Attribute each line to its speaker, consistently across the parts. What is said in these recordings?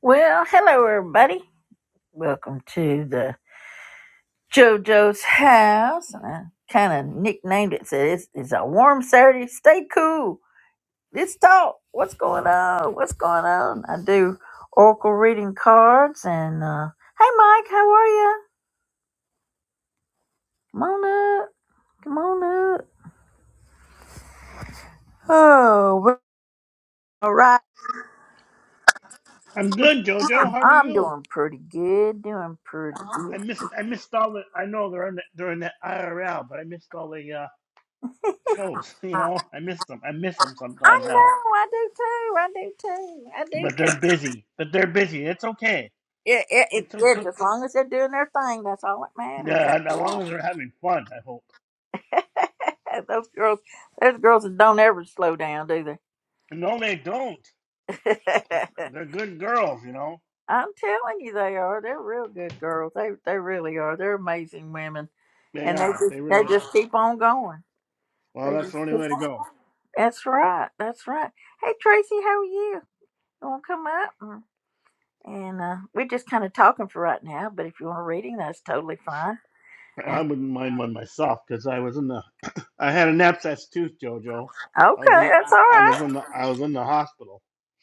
Speaker 1: Well, hello everybody. Welcome to the JoJo's house. And I kind of nicknamed it. Said it's, it's a warm Saturday. Stay cool. Let's talk. What's going on? What's going on? I do oracle reading cards. And uh, hey, Mike, how are you? Come on up. Come on up. Oh, well, all right.
Speaker 2: I'm good, Jojo. How are
Speaker 1: I'm
Speaker 2: you?
Speaker 1: doing pretty good. Doing pretty
Speaker 2: I
Speaker 1: good.
Speaker 2: missed I missed all the I know they're in the, they're in the IRL, but I missed all the uh, shows. You know, I missed them. I miss them
Speaker 1: I
Speaker 2: sometimes now,
Speaker 1: know. I do too. I do too. I do
Speaker 2: but
Speaker 1: too.
Speaker 2: they're busy. But they're busy. It's okay.
Speaker 1: It, it, it,
Speaker 2: It's, o- o-
Speaker 1: it's as
Speaker 2: o-
Speaker 1: long as they're doing their thing, that's all that matters.
Speaker 2: yeah, and as long as
Speaker 1: Yeah.
Speaker 2: they're having fun. I hope.
Speaker 1: those girls, those girls that don't ever slow down, do
Speaker 2: No, they don't.
Speaker 1: they?
Speaker 2: But they're good girls. You know,
Speaker 1: I'm telling you, they are. They're real good girls. They they really are. They're amazing women,
Speaker 2: they
Speaker 1: and they
Speaker 2: are.
Speaker 1: just
Speaker 2: They
Speaker 1: they
Speaker 2: really are.
Speaker 1: just keep on going.
Speaker 2: Well,
Speaker 1: They
Speaker 2: that's
Speaker 1: just
Speaker 2: the only way
Speaker 1: keep
Speaker 2: to
Speaker 1: on.
Speaker 2: go.
Speaker 1: That's right. That's right. Hey Tracy, how are you? You want to come up? And and, uh, we're just kind of talking for right now. But if you want a reading, that's totally fine.
Speaker 2: I
Speaker 1: And-
Speaker 2: wouldn't mind one myself because I was in the I had an abscess tooth, Jojo. I was
Speaker 1: Okay,
Speaker 2: in
Speaker 1: that's all
Speaker 2: I I was in the
Speaker 1: right.
Speaker 2: I was in the hospital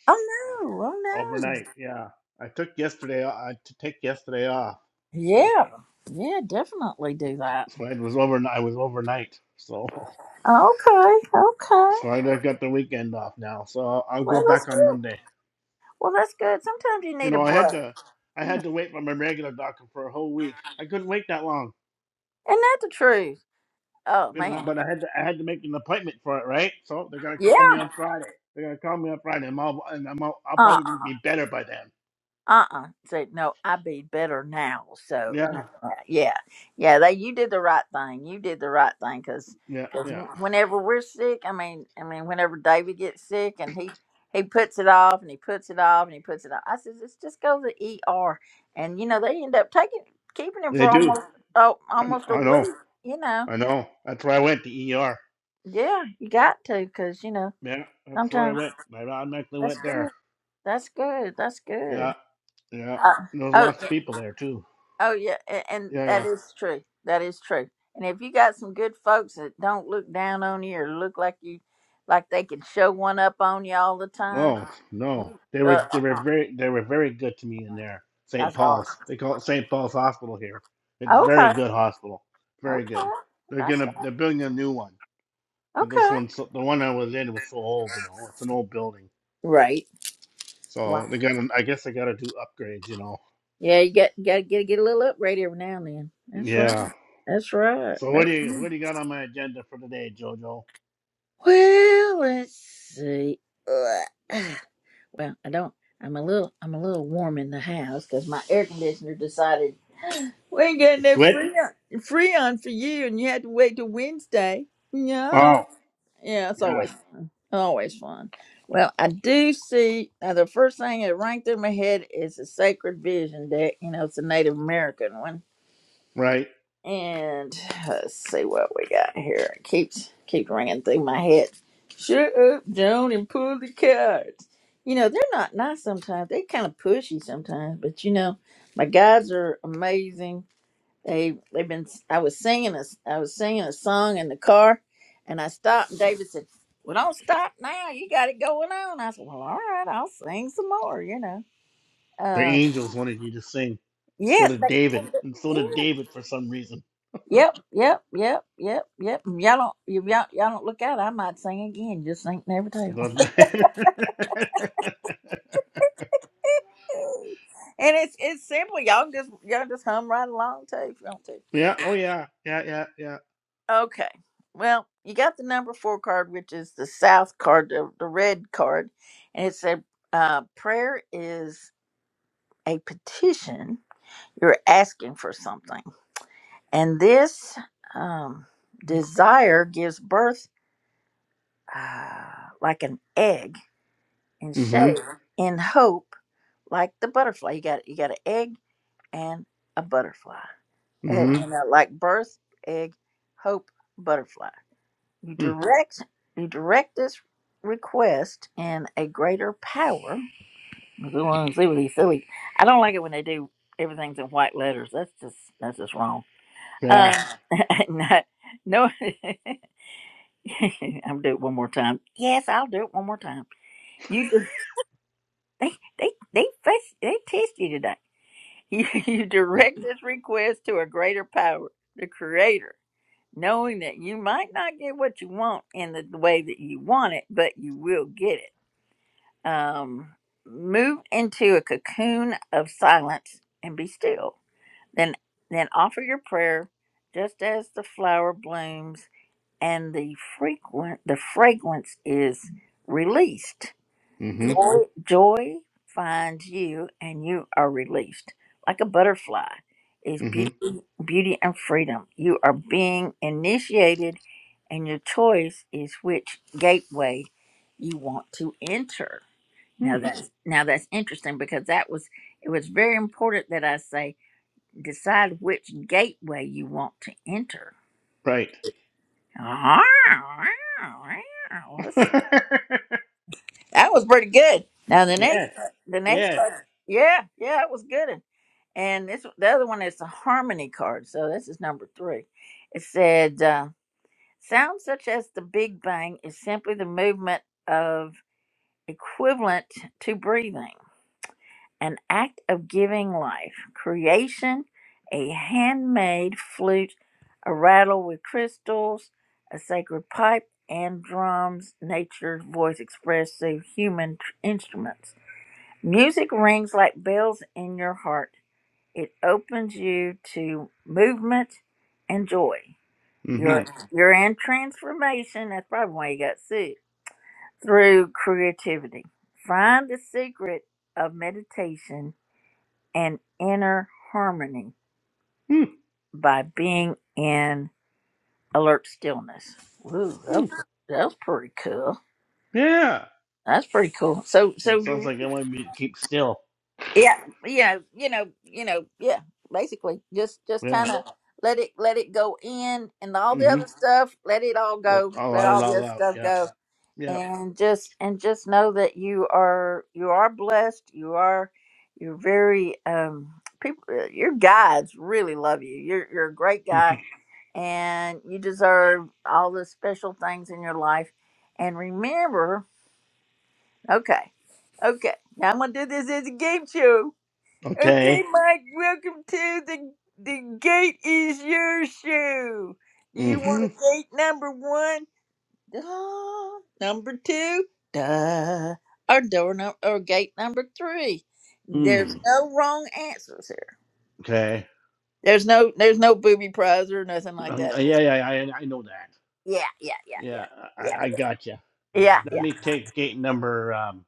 Speaker 1: Oh
Speaker 2: or
Speaker 1: no, oh no.
Speaker 2: overnight. Yeah, I took yesterday. I had to take yesterday off, so
Speaker 1: Yeah, yeah, definitely do that.
Speaker 2: so it was over. I was overnight, so
Speaker 1: Okay, okay.
Speaker 2: so I got the weekend off now. So I'll, I'll go
Speaker 1: Well, that's
Speaker 2: back on
Speaker 1: good.
Speaker 2: Monday.
Speaker 1: Well, that's good. Sometimes you
Speaker 2: You
Speaker 1: need a
Speaker 2: know, I
Speaker 1: break.
Speaker 2: had to I
Speaker 1: You know,
Speaker 2: had to wait for my regular doctor for a whole week. I couldn't wait that long,
Speaker 1: isn't that the truth? Oh
Speaker 2: you know.
Speaker 1: man.
Speaker 2: But I had to I had to make an appointment for it, right? So they're gonna
Speaker 1: Yeah.
Speaker 2: call me on Friday. They're gonna call me on Friday. I'm and I'm all, I'll
Speaker 1: Uh.
Speaker 2: probably
Speaker 1: Uh.
Speaker 2: be better by then.
Speaker 1: uh-uh said no i be better now so no,
Speaker 2: Yeah,
Speaker 1: uh, yeah yeah they you did the right thing you did the right thing because
Speaker 2: yeah,
Speaker 1: because
Speaker 2: yeah.
Speaker 1: whenever we're sick i mean i mean whenever david gets sick and he he puts it off and he puts it off and he puts it off i says let's just go to the er and you know they end up taking keeping him
Speaker 2: They
Speaker 1: for
Speaker 2: do.
Speaker 1: almost oh
Speaker 2: I, kn-
Speaker 1: almost a
Speaker 2: I know.
Speaker 1: week you know
Speaker 2: I know. That's why I went to ER.
Speaker 1: yeah you got to because you know
Speaker 2: Yeah, that's where I
Speaker 1: sometimes
Speaker 2: went. I automatically
Speaker 1: that's
Speaker 2: went
Speaker 1: good
Speaker 2: there.
Speaker 1: that's good that's good
Speaker 2: Yeah, yeah.
Speaker 1: uh,
Speaker 2: There's lots of
Speaker 1: oh
Speaker 2: people there too.
Speaker 1: Oh yeah, a- and
Speaker 2: Yeah,
Speaker 1: that
Speaker 2: yeah.
Speaker 1: is true. That is true. And if you got some good folks that don't look down on you or look like you, like they can show one up on you all the time,
Speaker 2: Oh no, they were
Speaker 1: uh,
Speaker 2: they were very they were very good to me in there. St.
Speaker 1: that's awesome.
Speaker 2: Paul's. They call it St. Paul's Hospital here. It's very
Speaker 1: Okay,
Speaker 2: good hospital. Very
Speaker 1: okay,
Speaker 2: good. They're
Speaker 1: that's
Speaker 2: gonna they're building a new one because this
Speaker 1: okay.
Speaker 2: one's so- the one I was in was so old. You know, it's an old building.
Speaker 1: Right. Wow.
Speaker 2: So they got to I guess they got to do upgrades. You know.
Speaker 1: Yeah, you got got to get get a little upgrade every now and then. That's right.
Speaker 2: Yeah.
Speaker 1: That's right.
Speaker 2: So what do
Speaker 1: That's
Speaker 2: you
Speaker 1: right.
Speaker 2: what do you got on my agenda for today, Jojo?
Speaker 1: Well, let's see. Ugh. Well, I don't. I'm a little. I'm a little warm in the house because my air conditioner decided We ain't
Speaker 2: To
Speaker 1: getting that
Speaker 2: quit?
Speaker 1: free on, free on for you, and you had to wait till Wednesday. Yeah,
Speaker 2: Oh,
Speaker 1: yeah, it's
Speaker 2: yeah.
Speaker 1: always fun. Always fun. Well, I do see now. The first thing that rang through my head is the Sacred Vision deck. You know, it's a Native American one.
Speaker 2: right?
Speaker 1: And let's see what we got here. It keeps keeps ringing through my head. Shut up, Joan, and pull the cards. You know, they're not nice sometimes. They kind of pushy sometimes, but you know, my guides are amazing they they've been. I was singing a I was singing a song in the car, and I stopped. And David said, "Well, don't stop now. You got it going on." I said, "Well, all right. I'll sing some more." You know.
Speaker 2: The
Speaker 1: Uh,
Speaker 2: angels wanted you to sing. So
Speaker 1: yeah.
Speaker 2: did David. And so
Speaker 1: They,
Speaker 2: did David for some reason.
Speaker 1: yeah. Yep. Yep. Yep. Yep. Yep. And Y'all don't. you- Y'all, y'all don't look out. I might sing again. Just ain't never tell. and
Speaker 2: But-
Speaker 1: it's it's simple. Y'all just y'all just hum right along too if you want to.
Speaker 2: yeah. Oh yeah. Yeah. Yeah. Yeah.
Speaker 1: Okay. Well, you got the number four card, which is the south card, the, the red card. And it said, uh, prayer is a petition. You're asking for something. And this um, desire gives birth uh, like an egg in shape,
Speaker 2: Mm-hmm.
Speaker 1: Uh-huh. in hope, like the butterfly. You got you got an egg and a butterfly. Eh, You
Speaker 2: Mm-hmm.
Speaker 1: know, like birth, egg, hope, butterfly. You
Speaker 2: Mm.
Speaker 1: direct you direct this request in a greater power. I want to see what he's silly. I don't like it when they do everything's in white letters. That's just that's just wrong. Um,
Speaker 2: Yeah.
Speaker 1: not, no, I'm do it one more time. Yes, I'll do it one more time. You di- they they they fess- they test you today. You, you direct this request to a greater power, the Creator knowing that you might not get what you want in the way that you want it, but you will get it. Um, move into a cocoon of silence and be still. Then, then offer your prayer, just as the flower blooms and the frequent the fragrance is released.
Speaker 2: Mm-hmm.
Speaker 1: Joy, joy finds you, and you are released like a butterfly. Is beauty,
Speaker 2: Mm-hmm.
Speaker 1: beauty and freedom. You are being initiated, and your choice is which gateway you want to enter. Now
Speaker 2: Mm.
Speaker 1: that's now that's interesting because that was it was very important that I say decide which gateway you want to enter.
Speaker 2: Right.
Speaker 1: That was pretty good. Now the next
Speaker 2: yes.
Speaker 1: the next
Speaker 2: Yes.
Speaker 1: card, yeah, yeah, it was good. And this the other one is the harmony card. So this is number three. It said uh, sounds such as the Big Bang is simply the movement of equivalent to breathing. an act of giving life, creation, a handmade flute, a rattle with crystals, a sacred pipe, and drums, nature's voice expressed through human tr- instruments. Music rings like bells in your heart. It opens you to movement and joy.
Speaker 2: Mm-hmm.
Speaker 1: You're, Mhm. you're in transformation. That's probably why you got sick. Through creativity. Find the secret of meditation and inner harmony
Speaker 2: Mm.
Speaker 1: by being in alert stillness. Ooh, that,
Speaker 2: Mm.
Speaker 1: that's pretty cool.
Speaker 2: Yeah.
Speaker 1: That's pretty cool. So,
Speaker 2: It
Speaker 1: so
Speaker 2: sounds like I want me to keep still.
Speaker 1: yeah, you know, you know, you know, yeah. Basically, just just
Speaker 2: Yeah.
Speaker 1: kind of let it let it go in, and all the
Speaker 2: Mm-hmm.
Speaker 1: other stuff. Let it all
Speaker 2: Let
Speaker 1: go.
Speaker 2: all
Speaker 1: Let
Speaker 2: out it
Speaker 1: all the
Speaker 2: all
Speaker 1: other
Speaker 2: out.
Speaker 1: stuff
Speaker 2: Yeah.
Speaker 1: go,
Speaker 2: Yeah.
Speaker 1: and just and just know that you are you are blessed. You are you're very um people. Your guides really love you. You're you're a great guy and you deserve all the special things in your life. And remember, okay, okay, now I'm gonna do this as a game show. Okay,
Speaker 2: okay.
Speaker 1: Mike, welcome to the the gate is your shoe. Do you want
Speaker 2: Mm-hmm.
Speaker 1: a gate number one? Duh. Number two? Duh. Or door num or gate number three. There's
Speaker 2: Mm.
Speaker 1: no wrong answers here.
Speaker 2: Okay.
Speaker 1: There's no there's no booby prize or nothing like
Speaker 2: Um,
Speaker 1: that.
Speaker 2: yeah, yeah, I, I know that.
Speaker 1: Yeah, yeah, yeah,
Speaker 2: Yeah,
Speaker 1: yeah.
Speaker 2: I, I got you.
Speaker 1: Yeah, yeah,
Speaker 2: Let me take gate number. Um,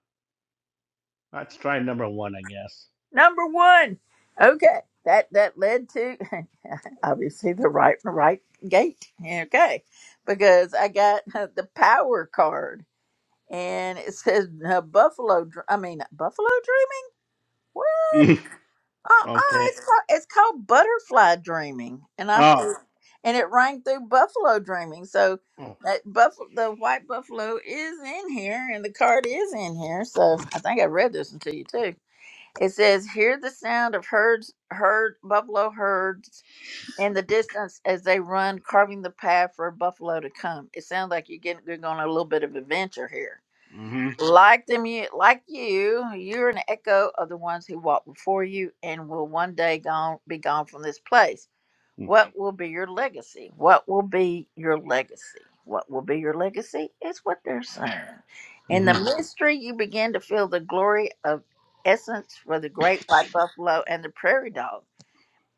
Speaker 2: let's try number one, I guess.
Speaker 1: Number one. Okay. That that led to obviously the right right gate. Okay. Because I got uh, the power card and it says uh, Buffalo Dr- I mean Buffalo Dreaming? Well, uh-uh,
Speaker 2: okay.
Speaker 1: it's called, it's called Butterfly Dreaming. And I said
Speaker 2: Oh.
Speaker 1: and it rang through Buffalo Dreaming. So
Speaker 2: oh.
Speaker 1: that buffalo, the white buffalo is in here and the card is in here. So I think I read this one to you too. It says, "Hear the sound of herds, herd buffalo herds in the distance as they run, carving the path for a buffalo to come." It sounds like you're getting you're going on a little bit of adventure here.
Speaker 2: Mm-hmm.
Speaker 1: Like them, you like you, you're an echo of the ones who walked before you, and will one day gone be gone from this place. What will be your legacy? What will be your legacy? What will be your legacy is what they're saying. In the
Speaker 2: Mm-hmm.
Speaker 1: mystery, you begin to feel the glory of essence for the great white buffalo and the prairie dog,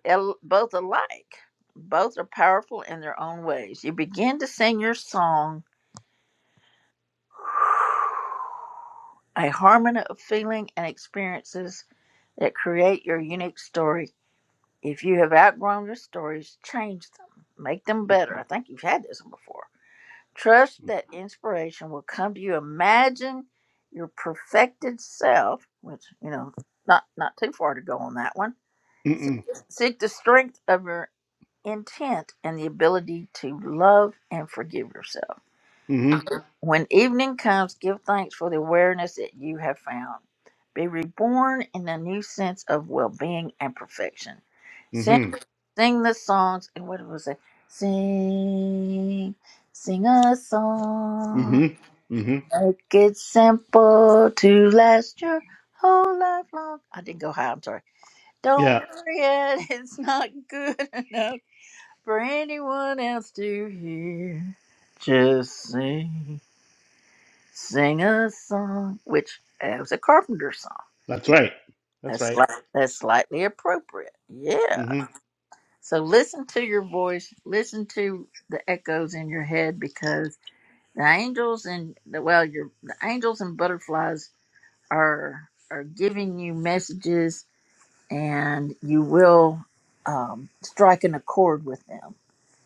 Speaker 1: el- both alike. Both are powerful in their own ways. You begin to sing your song, a harmony of feeling and experiences that create your unique story if you have outgrown your stories, change them. Make them better. I think you've had this one before. Trust that inspiration will come to you. Imagine your perfected self, which, you know, not, not too far to go on that one. Seek
Speaker 2: Mm-hmm.
Speaker 1: seek the strength of your intent and the ability to love and forgive yourself.
Speaker 2: Mm-hmm.
Speaker 1: When evening comes, give thanks for the awareness that you have found. Be reborn in a new sense of well being and perfection. Send
Speaker 2: Mm-hmm.
Speaker 1: sing the songs and what was it sing sing a song
Speaker 2: Mm-hmm. Mm-hmm.
Speaker 1: make it simple to last your whole life long i didn't go high i'm sorry don't
Speaker 2: Yeah,
Speaker 1: worry it it's not good enough for anyone else to hear just sing sing a song which uh, was a carpenter song
Speaker 2: that's right. That's
Speaker 1: that's
Speaker 2: right.
Speaker 1: like that's slightly appropriate yeah
Speaker 2: Mm-hmm.
Speaker 1: So listen to your voice, listen to the echoes in your head because the angels and the well your the angels and butterflies are are giving you messages and you will um, strike an accord with them.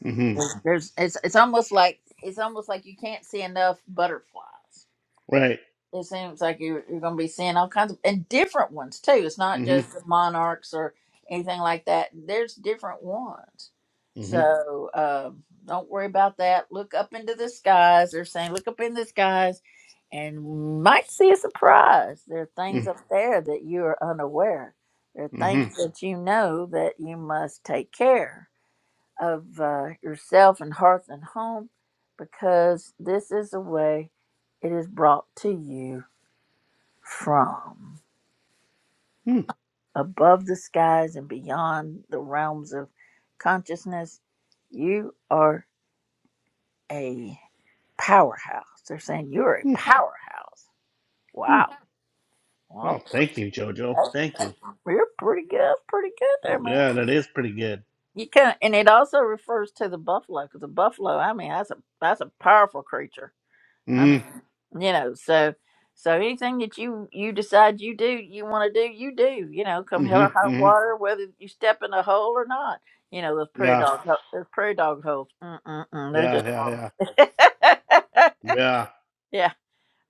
Speaker 2: Mm-hmm.
Speaker 1: There's it's it's almost like it's almost like you can't see enough butterflies
Speaker 2: Right.
Speaker 1: it seems like you're, you're going to be seeing all kinds of and different ones too. It's not just
Speaker 2: Mm-hmm.
Speaker 1: the monarchs or anything like that. There's different ones.
Speaker 2: Mm-hmm.
Speaker 1: So um, don't worry about that. Look up into the skies. They're saying look up in the skies and you might see a surprise. There are things up there that you are unaware. There are
Speaker 2: Mm-hmm.
Speaker 1: things that you know that you must take care of uh, yourself and hearth and home because this is the way it is brought to you from
Speaker 2: Mm-hmm.
Speaker 1: above the skies and beyond the realms of consciousness. You are a powerhouse. They're saying you're a powerhouse.
Speaker 2: Mm-hmm.
Speaker 1: Wow. Well,
Speaker 2: Well, thank you, Jojo.
Speaker 1: that's-
Speaker 2: Thank you.
Speaker 1: you're pretty good. pretty good there, man.
Speaker 2: Yeah, that is pretty good.
Speaker 1: You can, and it also refers to the buffalo because the buffalo. I mean, that's a that's a powerful creature. I mean,
Speaker 2: Mm-hmm.
Speaker 1: you know, so so anything that you you decide you do, you want to do, you do. You know, come hell or
Speaker 2: Mm-hmm.
Speaker 1: high
Speaker 2: Mm-hmm.
Speaker 1: water, whether you step in a hole or not. You know those prairie
Speaker 2: Yeah.
Speaker 1: dog ho- those prairie dog holes. Mm-mm-mm, they're
Speaker 2: Yeah.
Speaker 1: just
Speaker 2: Yeah. Yeah.
Speaker 1: horrible.
Speaker 2: Yeah.
Speaker 1: yeah.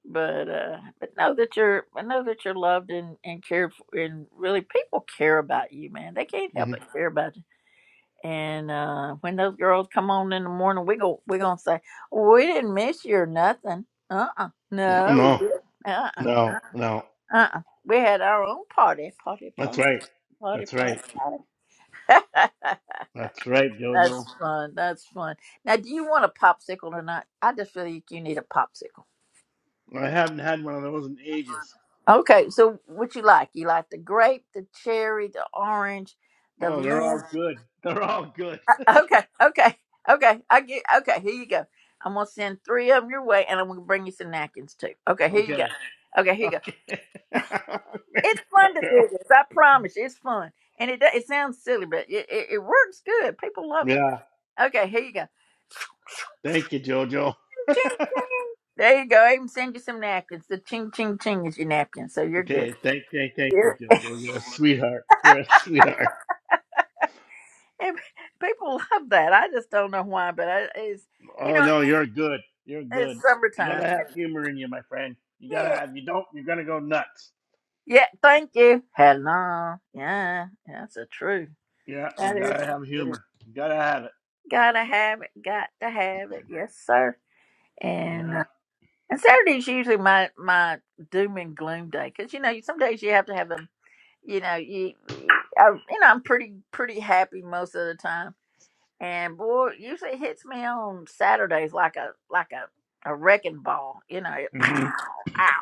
Speaker 1: But uh, but know that you're I know that you're loved and and cared for, and really people care about you, man. They can't help
Speaker 2: hmm
Speaker 1: but care about you and uh, when those girls come on in the morning, we go we gonna say "Well, we didn't miss you or nothing. Uh uh
Speaker 2: No,
Speaker 1: no, we
Speaker 2: no,
Speaker 1: did. Uh uh
Speaker 2: no. no.
Speaker 1: uh uh. We had our own party, party,
Speaker 2: That's
Speaker 1: party,
Speaker 2: right.
Speaker 1: party,
Speaker 2: That's right.
Speaker 1: party, party.
Speaker 2: That's right, Jojo.
Speaker 1: That's fun. That's fun. Now, do you want a popsicle or not? I just feel like you need a popsicle.
Speaker 2: I haven't had one of those in ages.
Speaker 1: Okay, so what you like? You like the grape, the cherry, the orange, the
Speaker 2: Oh, they're
Speaker 1: lemon.
Speaker 2: all good. They're all good.
Speaker 1: Okay, okay, okay. I get. Okay, here you go. I'm gonna send three of them your way, and I'm gonna bring you some napkins too. Okay, here you go.
Speaker 2: Okay.
Speaker 1: Okay, here you go.
Speaker 2: Okay.
Speaker 1: It's
Speaker 2: Thanks,
Speaker 1: fun to
Speaker 2: Jojo.
Speaker 1: do this. I promise, you, it's fun, and it do- it sounds silly, but it, it, it works good. People love it.
Speaker 2: Yeah.
Speaker 1: Okay, here you go.
Speaker 2: Thank you, Jojo.
Speaker 1: Ching ching. There you go. I even send you some napkins. The ching ching ching is your napkin, so you're good.
Speaker 2: Okay. Thank, thank, thank you,
Speaker 1: Yeah.
Speaker 2: Jojo. You're a sweetheart. You're a sweetheart.
Speaker 1: And people love that. I just don't know why, but I, it's you
Speaker 2: Oh
Speaker 1: know
Speaker 2: no, you're good. You're
Speaker 1: it's
Speaker 2: good. You
Speaker 1: summertime.
Speaker 2: gotta have humor in you, my friend. You gotta
Speaker 1: Yeah.
Speaker 2: have. You don't. You're gonna go nuts.
Speaker 1: Yeah, thank you. Hello. Yeah, that's a truth.
Speaker 2: Yeah.
Speaker 1: That
Speaker 2: You
Speaker 1: is
Speaker 2: gotta
Speaker 1: the
Speaker 2: have
Speaker 1: truth.
Speaker 2: humor. You gotta have it.
Speaker 1: Gotta have it. Got to have it. Yes, sir.
Speaker 2: Yeah.
Speaker 1: And uh, and Saturday's usually my my doom and gloom day because you know some days you have to have them. You know you, I, you know I'm pretty pretty happy most of the time. And boy, it usually hits me on Saturdays like a like a a wrecking ball. You know, ow,
Speaker 2: hmm
Speaker 1: ow.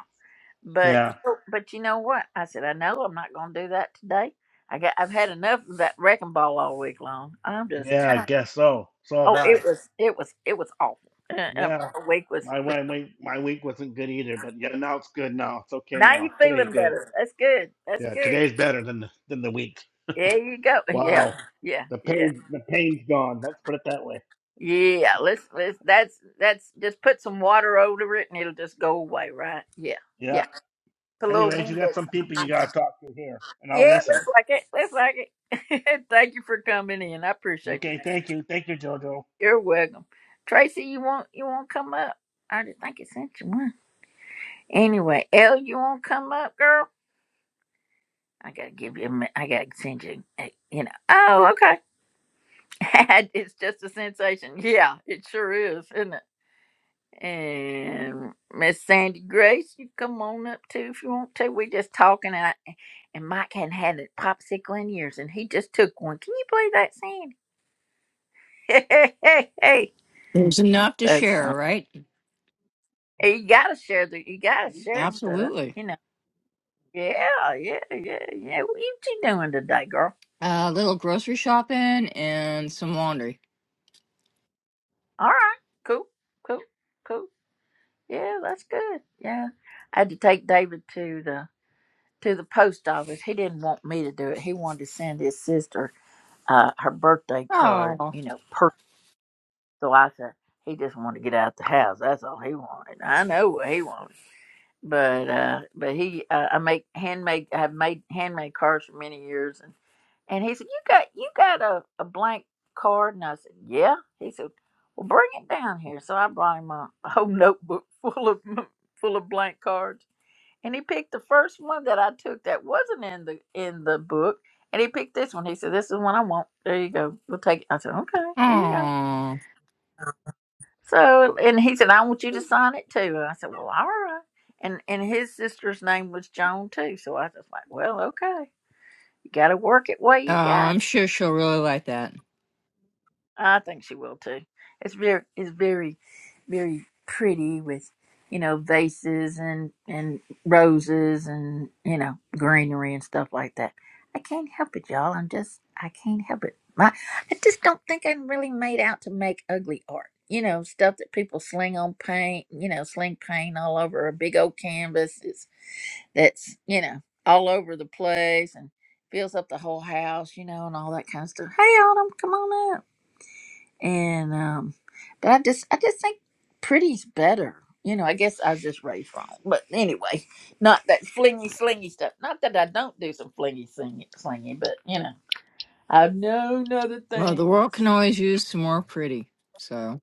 Speaker 1: But
Speaker 2: Yeah.
Speaker 1: but you know what? I said I know I'm not going to do that today. I got I've had enough of that wrecking ball all week long. I'm just
Speaker 2: Yeah, I guess so. So have
Speaker 1: oh it
Speaker 2: I.
Speaker 1: was it was it was awful. Uh, uh,
Speaker 2: Yeah.
Speaker 1: My week was
Speaker 2: My my week my week wasn't good either, but yeah, now it's good now. It's okay
Speaker 1: now you
Speaker 2: now. Today's
Speaker 1: feeling
Speaker 2: good.
Speaker 1: better. That's good. That's
Speaker 2: Yeah,
Speaker 1: good.
Speaker 2: today's better than the than the week.
Speaker 1: There you go. Yeah
Speaker 2: Wow.
Speaker 1: yeah
Speaker 2: The
Speaker 1: yeah
Speaker 2: pain the pain's gone. Let's put it that way.
Speaker 1: yeah. Let's let's that's that's just put some water over it and it'll just go away. Right? Yeah
Speaker 2: Yeah.
Speaker 1: yeah. Put a little
Speaker 2: Anyways, you
Speaker 1: window.
Speaker 2: got some people you gotta talk to here, and I'll
Speaker 1: Yeah,
Speaker 2: listen.
Speaker 1: looks like it. Looks like it. Thank you for coming in. I appreciate you, man.
Speaker 2: Okay, thank you. Thank you, Jojo.
Speaker 1: You're welcome. Tracy, you won't you won't come up? I just think it sent you one. Anyway, Elle, you won't come up, girl? I gotta give you a mi- I gotta send you a, you know. Oh, okay. it's just a sensation. Yeah, it sure is, isn't it? And Miss Sandy Grace, you come on up too if you want to. We just talking and, I, and Mike hadn't had a popsicle in years and he just took one. Can you believe that Sandy? Hey, hey, hey, hey.
Speaker 3: There's enough to
Speaker 1: That's
Speaker 3: share,
Speaker 1: fun.
Speaker 3: right?
Speaker 1: Hey, You gotta share the you gotta share stuff,
Speaker 3: Absolutely.
Speaker 1: You know. Yeah, yeah, yeah, yeah. What you two doing today, girl?
Speaker 3: A little grocery shopping and some laundry.
Speaker 1: All right, cool, cool, cool. Yeah, that's good. Yeah, I had to take David to the to the post office. He didn't want me to do it. He wanted to send his sister uh, her birthday card.
Speaker 3: Oh,
Speaker 1: You know, per. So I said he just wanted to get out the house. That's all he wanted. I know what he wanted. but uh but he uh, i make handmade i have made handmade cards for many years and and he said you got you got a, a blank card and i said yeah he said well bring it down here so i brought him a, a whole notebook full of full of blank cards and he picked the first one that i took that wasn't in the in the book and he picked this one he said this is the one i want there you go we'll take it i said okay there you go
Speaker 3: oh, oh!
Speaker 1: so, and he said, I want you to sign it too. And I said, Well, all right. And and his sister's name was Joan too. So I was like, Well, okay. You got to work it way you got it.
Speaker 3: I'm sure she'll really like that.
Speaker 1: I think she will too. It's very, it's very, very pretty with, you know, vases and and roses and you know greenery and stuff like that. I can't help it, y'all. I'm just, I can't help it. My, I just don't think I'm really made out to make ugly art. You know, stuff that people sling on paint. You know, sling paint all over a big old canvas. It's that's you know all over the place and fills up the whole house, you know, and all that kind of stuff. Hey, Autumn, come on up and um but i just i just think pretty's better you know i guess i was just raised wrong but anyway not that flingy slingy stuff not that i don't do some flingy slingy, slingy but you know i've known other
Speaker 3: Well, the world can
Speaker 1: things
Speaker 3: always use some more pretty. So,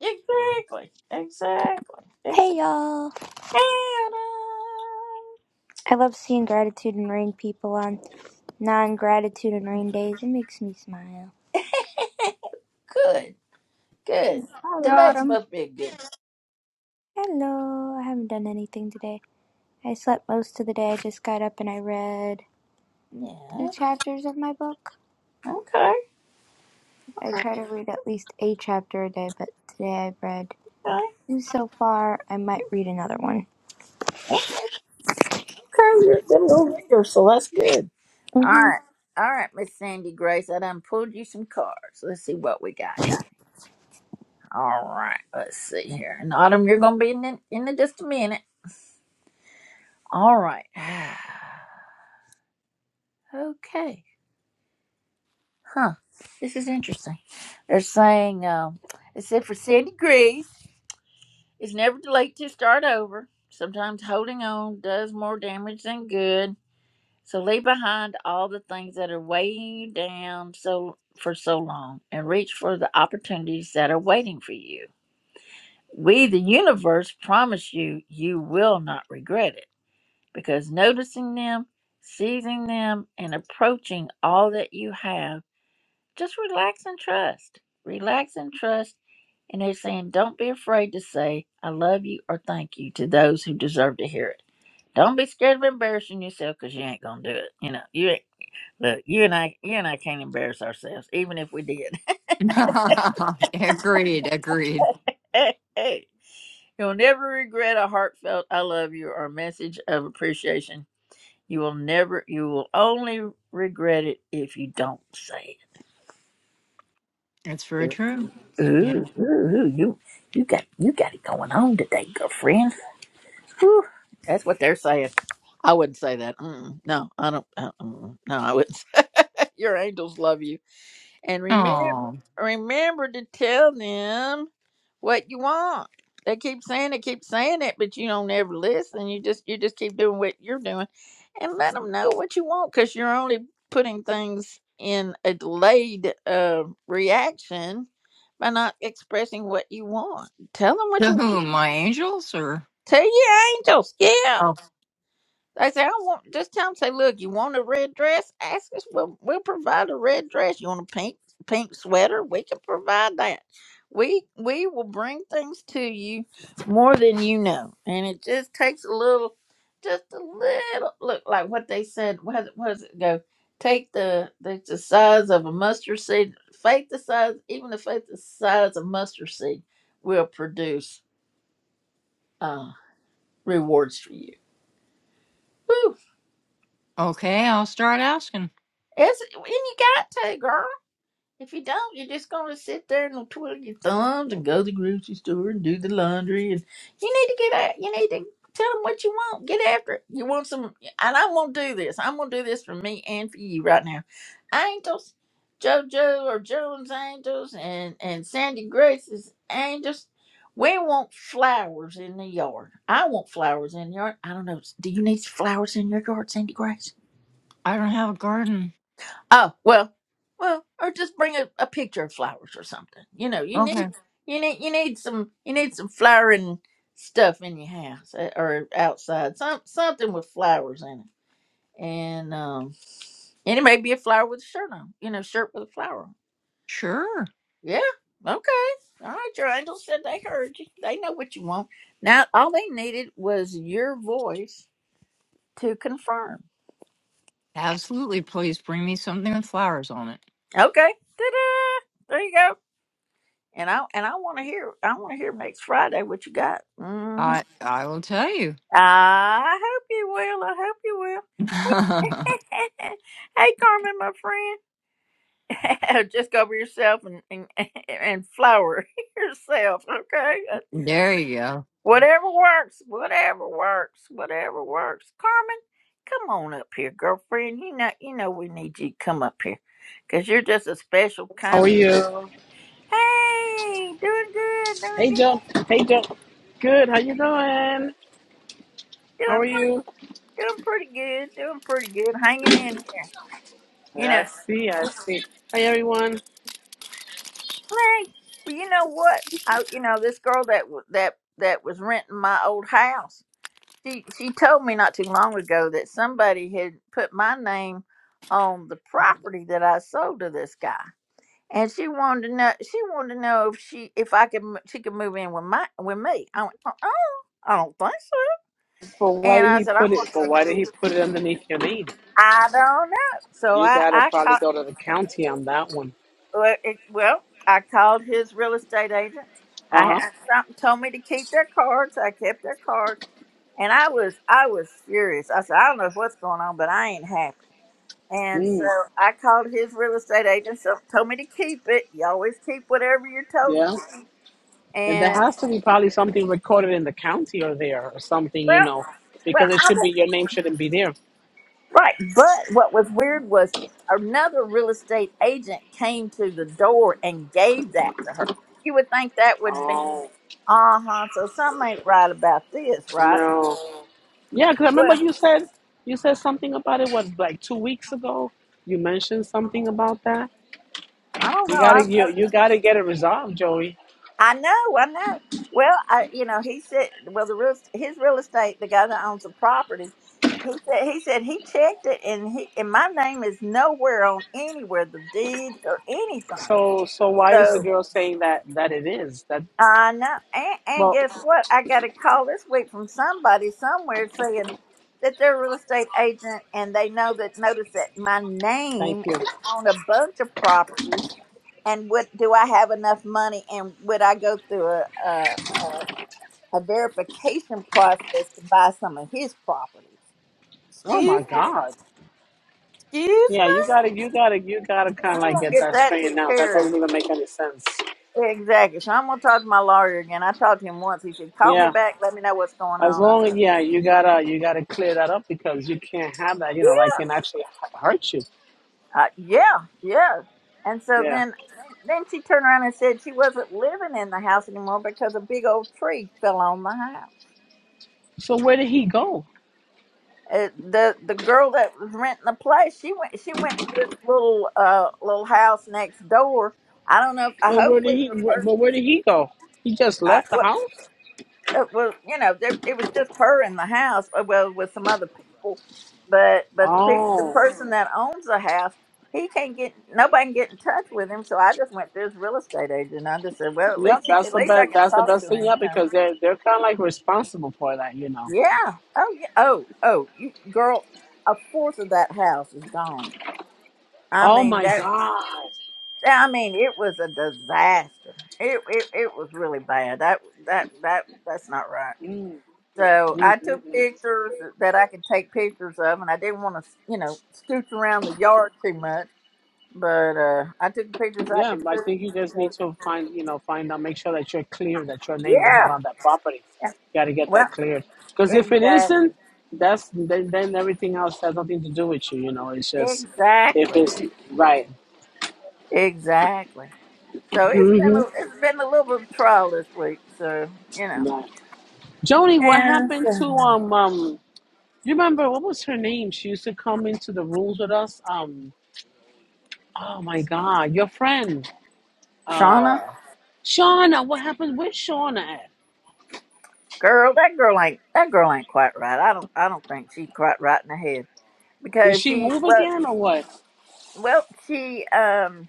Speaker 1: exactly exactly
Speaker 4: Hey
Speaker 1: exactly
Speaker 4: y'all!
Speaker 1: And, uh,
Speaker 4: I love seeing gratitude and rain people on non gratitude and rain days. It makes me smile.
Speaker 1: good good
Speaker 5: Hi,
Speaker 4: Yeah.
Speaker 1: today's
Speaker 5: Autumn.
Speaker 1: supposed to be a good
Speaker 4: Hello! I haven't done anything today. I slept most of the day. I just got up and I read
Speaker 1: yeah
Speaker 4: two chapters of my book.
Speaker 1: okay
Speaker 4: I try to read at least a chapter a day, but today I've read
Speaker 1: okay
Speaker 4: two so far. I might read another one.
Speaker 1: okay you're a good little reader so that's good All
Speaker 4: Mhm.
Speaker 1: right. All right, Miss Sandy Grace, I done pulled you some cards. Let's see what we got here. All right, let's see here. And Autumn, you're gonna be in the, in the just a minute. All right. Okay. Huh. This is interesting. They're saying, um, it said for Sandy Grace, it's never too late to start over. Sometimes holding on does more damage than good. So leave behind all the things that are weighing you down so for so long and reach for the opportunities that are waiting for you. We, the universe, promise you, you will not regret it because noticing them, seizing them, and approaching all that you have, just relax and trust. Relax and trust. And they're saying, don't be afraid to say, I love you or thank you to those who deserve to hear it. Don't be scared of embarrassing yourself because you ain't going to do it. You know, you ain't, look, you and I, you and I can't embarrass ourselves, even if we did.
Speaker 3: agreed, agreed.
Speaker 1: You'll never regret a heartfelt I love you or a message of appreciation. You will never, you will only regret it if you don't say
Speaker 3: That's very
Speaker 1: it.
Speaker 3: true.
Speaker 1: Ooh,
Speaker 3: Yeah.
Speaker 1: ooh, ooh, you, you got, you got it going on today, girlfriend. Whew, that's what they're saying. I wouldn't say that. Mm-mm, no, I don't. Uh, mm, no, I wouldn't. Say, your angels love you and remember
Speaker 3: Oh,
Speaker 1: remember to tell them what you want. They keep saying it, keep saying it, but you don't ever listen. You just you just keep doing what you're doing, and let them know what you want because you're only putting things in a delayed uh, reaction by not expressing what you want. Tell them what
Speaker 3: to
Speaker 1: you want.
Speaker 3: whom? My angels or?
Speaker 1: Tell your angels, yeah.
Speaker 3: Oh,
Speaker 1: They say, I want, just tell them, say, look, you want a red dress? Ask us. We'll, we'll provide a red dress. You want a pink pink sweater? We can provide that. We we will bring things to you more than you know. And it just takes a little, just a little, look, like what they said. What, what does it go? Take the, the, the size of a mustard seed, faith the size, even the faith the size of mustard seed will produce uh, rewards for you. Woo!
Speaker 3: okay. I'll start asking.
Speaker 1: It's, and you got to, girl. If you don't, you're just gonna sit there and twiddle your thumbs and go to the grocery store and do the laundry and you need to get out. You need to tell them what you want. Get after it. You want some, and I'm gonna do this. I'm gonna do this for me and for you right now. Angels, JoJo or Jones Angels and and Sandy Grace's Angels. We want flowers in the yard. I want flowers in the yard. I don't know. Do you need flowers in your yard, Sandy Grace?
Speaker 3: I don't have a garden.
Speaker 1: Oh well, well, or just bring a, a picture of flowers or something. You know, you need
Speaker 3: Okay.
Speaker 1: you need you need some you need some flowering stuff in your house eh, or outside. Some something with flowers in it, and um, and it may be a flower with a shirt on. You know, shirt with a flower. on.
Speaker 3: Sure.
Speaker 1: Yeah. Okay. All right. Your angels said they heard you. They know what you want. Now all they needed was your voice to confirm.
Speaker 3: Absolutely. Please bring me something with flowers on it.
Speaker 1: Okay. Ta-da! There you go And I and I want to hear I want to hear next Friday what you got. hmm
Speaker 3: I I will tell you.
Speaker 1: I hope you will. I hope you will. hey, Carmen, my friend, just go be yourself and and, and flower yourself. Okay,
Speaker 3: there you go.
Speaker 1: whatever works, whatever works, whatever works. Carmen, come on up here, girlfriend. You know you know we need you to come up here because you're just a special
Speaker 6: How
Speaker 1: kind
Speaker 6: are
Speaker 1: of friend.
Speaker 6: you?
Speaker 1: Hey, doing good, doing
Speaker 6: Hey,
Speaker 1: good,
Speaker 6: Joe. Hey, Joe. Good. How you doing? How are
Speaker 1: doing
Speaker 6: you?
Speaker 1: Doing pretty good. Doing pretty good. Hanging in. there. You
Speaker 6: I
Speaker 1: know.
Speaker 6: see. I see. Hey, everyone.
Speaker 1: Hey, well, you know what? I, you know, this girl that w- that that was renting my old house. She she told me not too long ago that somebody had put my name on the property that I sold to this guy, and she wanted to know. She wanted to know if she if I could m- she could move in with my with me. I went, uh I don't think so.
Speaker 6: For why
Speaker 1: And
Speaker 6: did
Speaker 1: I
Speaker 6: he
Speaker 1: said, I'm
Speaker 6: put it? For why
Speaker 1: gonna.
Speaker 6: did he put it underneath your name?
Speaker 1: I don't know. So
Speaker 6: You
Speaker 1: I
Speaker 6: gotta
Speaker 1: I called.
Speaker 6: probably go to the county on that one.
Speaker 1: Well, it, well, I called his real estate agent.
Speaker 6: Uh
Speaker 1: I
Speaker 6: huh.
Speaker 1: had something told me to keep their cards. I kept their cards, and I was I was furious. I said, I don't know what's going on, but I ain't happy. And so
Speaker 6: Mm,
Speaker 1: I called his real estate agent. So told me to keep it. You always keep whatever you're told
Speaker 6: yeah.
Speaker 1: to keep.
Speaker 6: And there
Speaker 1: And
Speaker 6: has to be probably something recorded in the county or there or something, you
Speaker 1: well,
Speaker 6: know,
Speaker 1: well,
Speaker 6: because it
Speaker 1: I
Speaker 6: should be your name shouldn't be there.
Speaker 1: Right. But what was weird was another real estate agent came to the door and gave that to her. You would think that would be, uh
Speaker 6: Oh
Speaker 1: huh. So something ain't right about this, right?
Speaker 6: no. Yeah, because I remember
Speaker 1: Well,
Speaker 6: you said you said something about it. What like two weeks ago? You mentioned something about that.
Speaker 1: I don't know.
Speaker 6: You
Speaker 1: I,
Speaker 6: gotta
Speaker 1: uh,
Speaker 6: you you gotta get it resolved, Joey.
Speaker 1: I know. I know. Well, I, you know, he said, well, the real his real estate, the guy that owns the property, he said he said he checked it and he and my name is nowhere on anywhere the deeds or anything.
Speaker 6: So so why is the
Speaker 1: So.
Speaker 6: girl saying that that it is that?
Speaker 1: I know. And, and
Speaker 6: Well,
Speaker 1: guess what? I got a call this week from somebody somewhere saying that they're a real estate agent and they know that, notice that my
Speaker 6: thank
Speaker 1: name
Speaker 6: you.
Speaker 1: is on a bunch of properties. And what do I have enough money? And would I go through a, a, a, a verification process to buy some of his properties?
Speaker 6: Oh
Speaker 1: Excuse
Speaker 6: my
Speaker 1: me?
Speaker 6: God.
Speaker 1: Excuse
Speaker 6: Yeah, you
Speaker 1: me?
Speaker 6: gotta you gotta you gotta kind
Speaker 1: I'm
Speaker 6: of like
Speaker 1: going to
Speaker 6: get
Speaker 1: get
Speaker 6: that
Speaker 1: that
Speaker 6: straightened
Speaker 1: took
Speaker 6: out. That
Speaker 1: care of.
Speaker 6: doesn't even make any sense.
Speaker 1: Exactly. So I'm going to talk to my lawyer again. I talked to him once. He said, call me
Speaker 6: Yeah.
Speaker 1: back. Let me know what's going
Speaker 6: As
Speaker 1: on. I
Speaker 6: long as
Speaker 1: said,
Speaker 6: yeah,
Speaker 1: "Okay."
Speaker 6: you gotta you gotta clear that up because you can't have that. You know, that
Speaker 1: yeah,
Speaker 6: can actually h- hurt you.
Speaker 1: uh, yeah, yeah. And so
Speaker 6: Yeah.
Speaker 1: then, then she turned around and said she wasn't living in the house anymore because a big old tree fell on the house.
Speaker 6: So where did he go?
Speaker 1: Uh, the the girl that was renting the place, she went she went to this little uh little house next door. I don't know. If, I
Speaker 6: And where did
Speaker 1: hopefully
Speaker 6: he?
Speaker 1: the
Speaker 6: wh-
Speaker 1: person.
Speaker 6: But where did he go? He just
Speaker 1: I,
Speaker 6: left the
Speaker 1: What?
Speaker 6: house.
Speaker 1: uh, well, you know, there, it was just her in the house. uh, Well, with some other people, but but the pe- the
Speaker 6: Oh,
Speaker 1: person that owns the house, he can't get nobody can get in touch with him. So I just went to his real estate agent. and I just said, well, at
Speaker 6: yep.
Speaker 1: least he,
Speaker 6: That's
Speaker 1: at
Speaker 6: the
Speaker 1: least I
Speaker 6: best.
Speaker 1: can
Speaker 6: That's the
Speaker 1: talk to
Speaker 6: best thing.
Speaker 1: him.
Speaker 6: Yeah,
Speaker 1: You know?
Speaker 6: because they're they're kind of like responsible for that, you know.
Speaker 1: Yeah. Oh yeah. Oh oh, you girl, a fourth of that house is gone. I
Speaker 6: Oh
Speaker 1: mean
Speaker 6: my
Speaker 1: that.
Speaker 6: God.
Speaker 1: I mean, it was a disaster. It it, it was really bad. That that that that's not right.
Speaker 6: Mm,
Speaker 1: So
Speaker 6: mm,
Speaker 1: I
Speaker 6: mm,
Speaker 1: took
Speaker 6: mm.
Speaker 1: pictures that I could take pictures of, and I didn't want to, you know, scooch around the yard too much. But uh, I took the pictures I
Speaker 6: Yeah,
Speaker 1: could
Speaker 6: I think you
Speaker 1: take.
Speaker 6: just need to find you know find out, make sure that you're clear that your name is not
Speaker 1: Yeah.
Speaker 6: on that property.
Speaker 1: yeah.
Speaker 6: You got to get
Speaker 1: Well,
Speaker 6: that cleared because if it
Speaker 1: exactly,
Speaker 6: isn't, that's then, then everything else has nothing to do with you. You know, it's just if
Speaker 1: exactly,
Speaker 6: it's right.
Speaker 1: exactly. So it's been a,
Speaker 6: Mm-hmm.
Speaker 1: it's been a little bit of trial this week. So you know,
Speaker 6: Joni, what
Speaker 1: and
Speaker 6: happened to
Speaker 1: so,
Speaker 6: um um? You remember what was her name? She used to come into the rooms with us. Um. Oh my God, your friend,
Speaker 1: Shauna,
Speaker 6: uh, Shauna. What happened? Where's Shauna at?
Speaker 1: girl, that girl ain't that girl ain't quite right. I don't I don't think she's quite right in the head
Speaker 6: Did
Speaker 1: because
Speaker 6: she
Speaker 1: she
Speaker 6: move
Speaker 1: well
Speaker 6: again or what?
Speaker 1: well she um.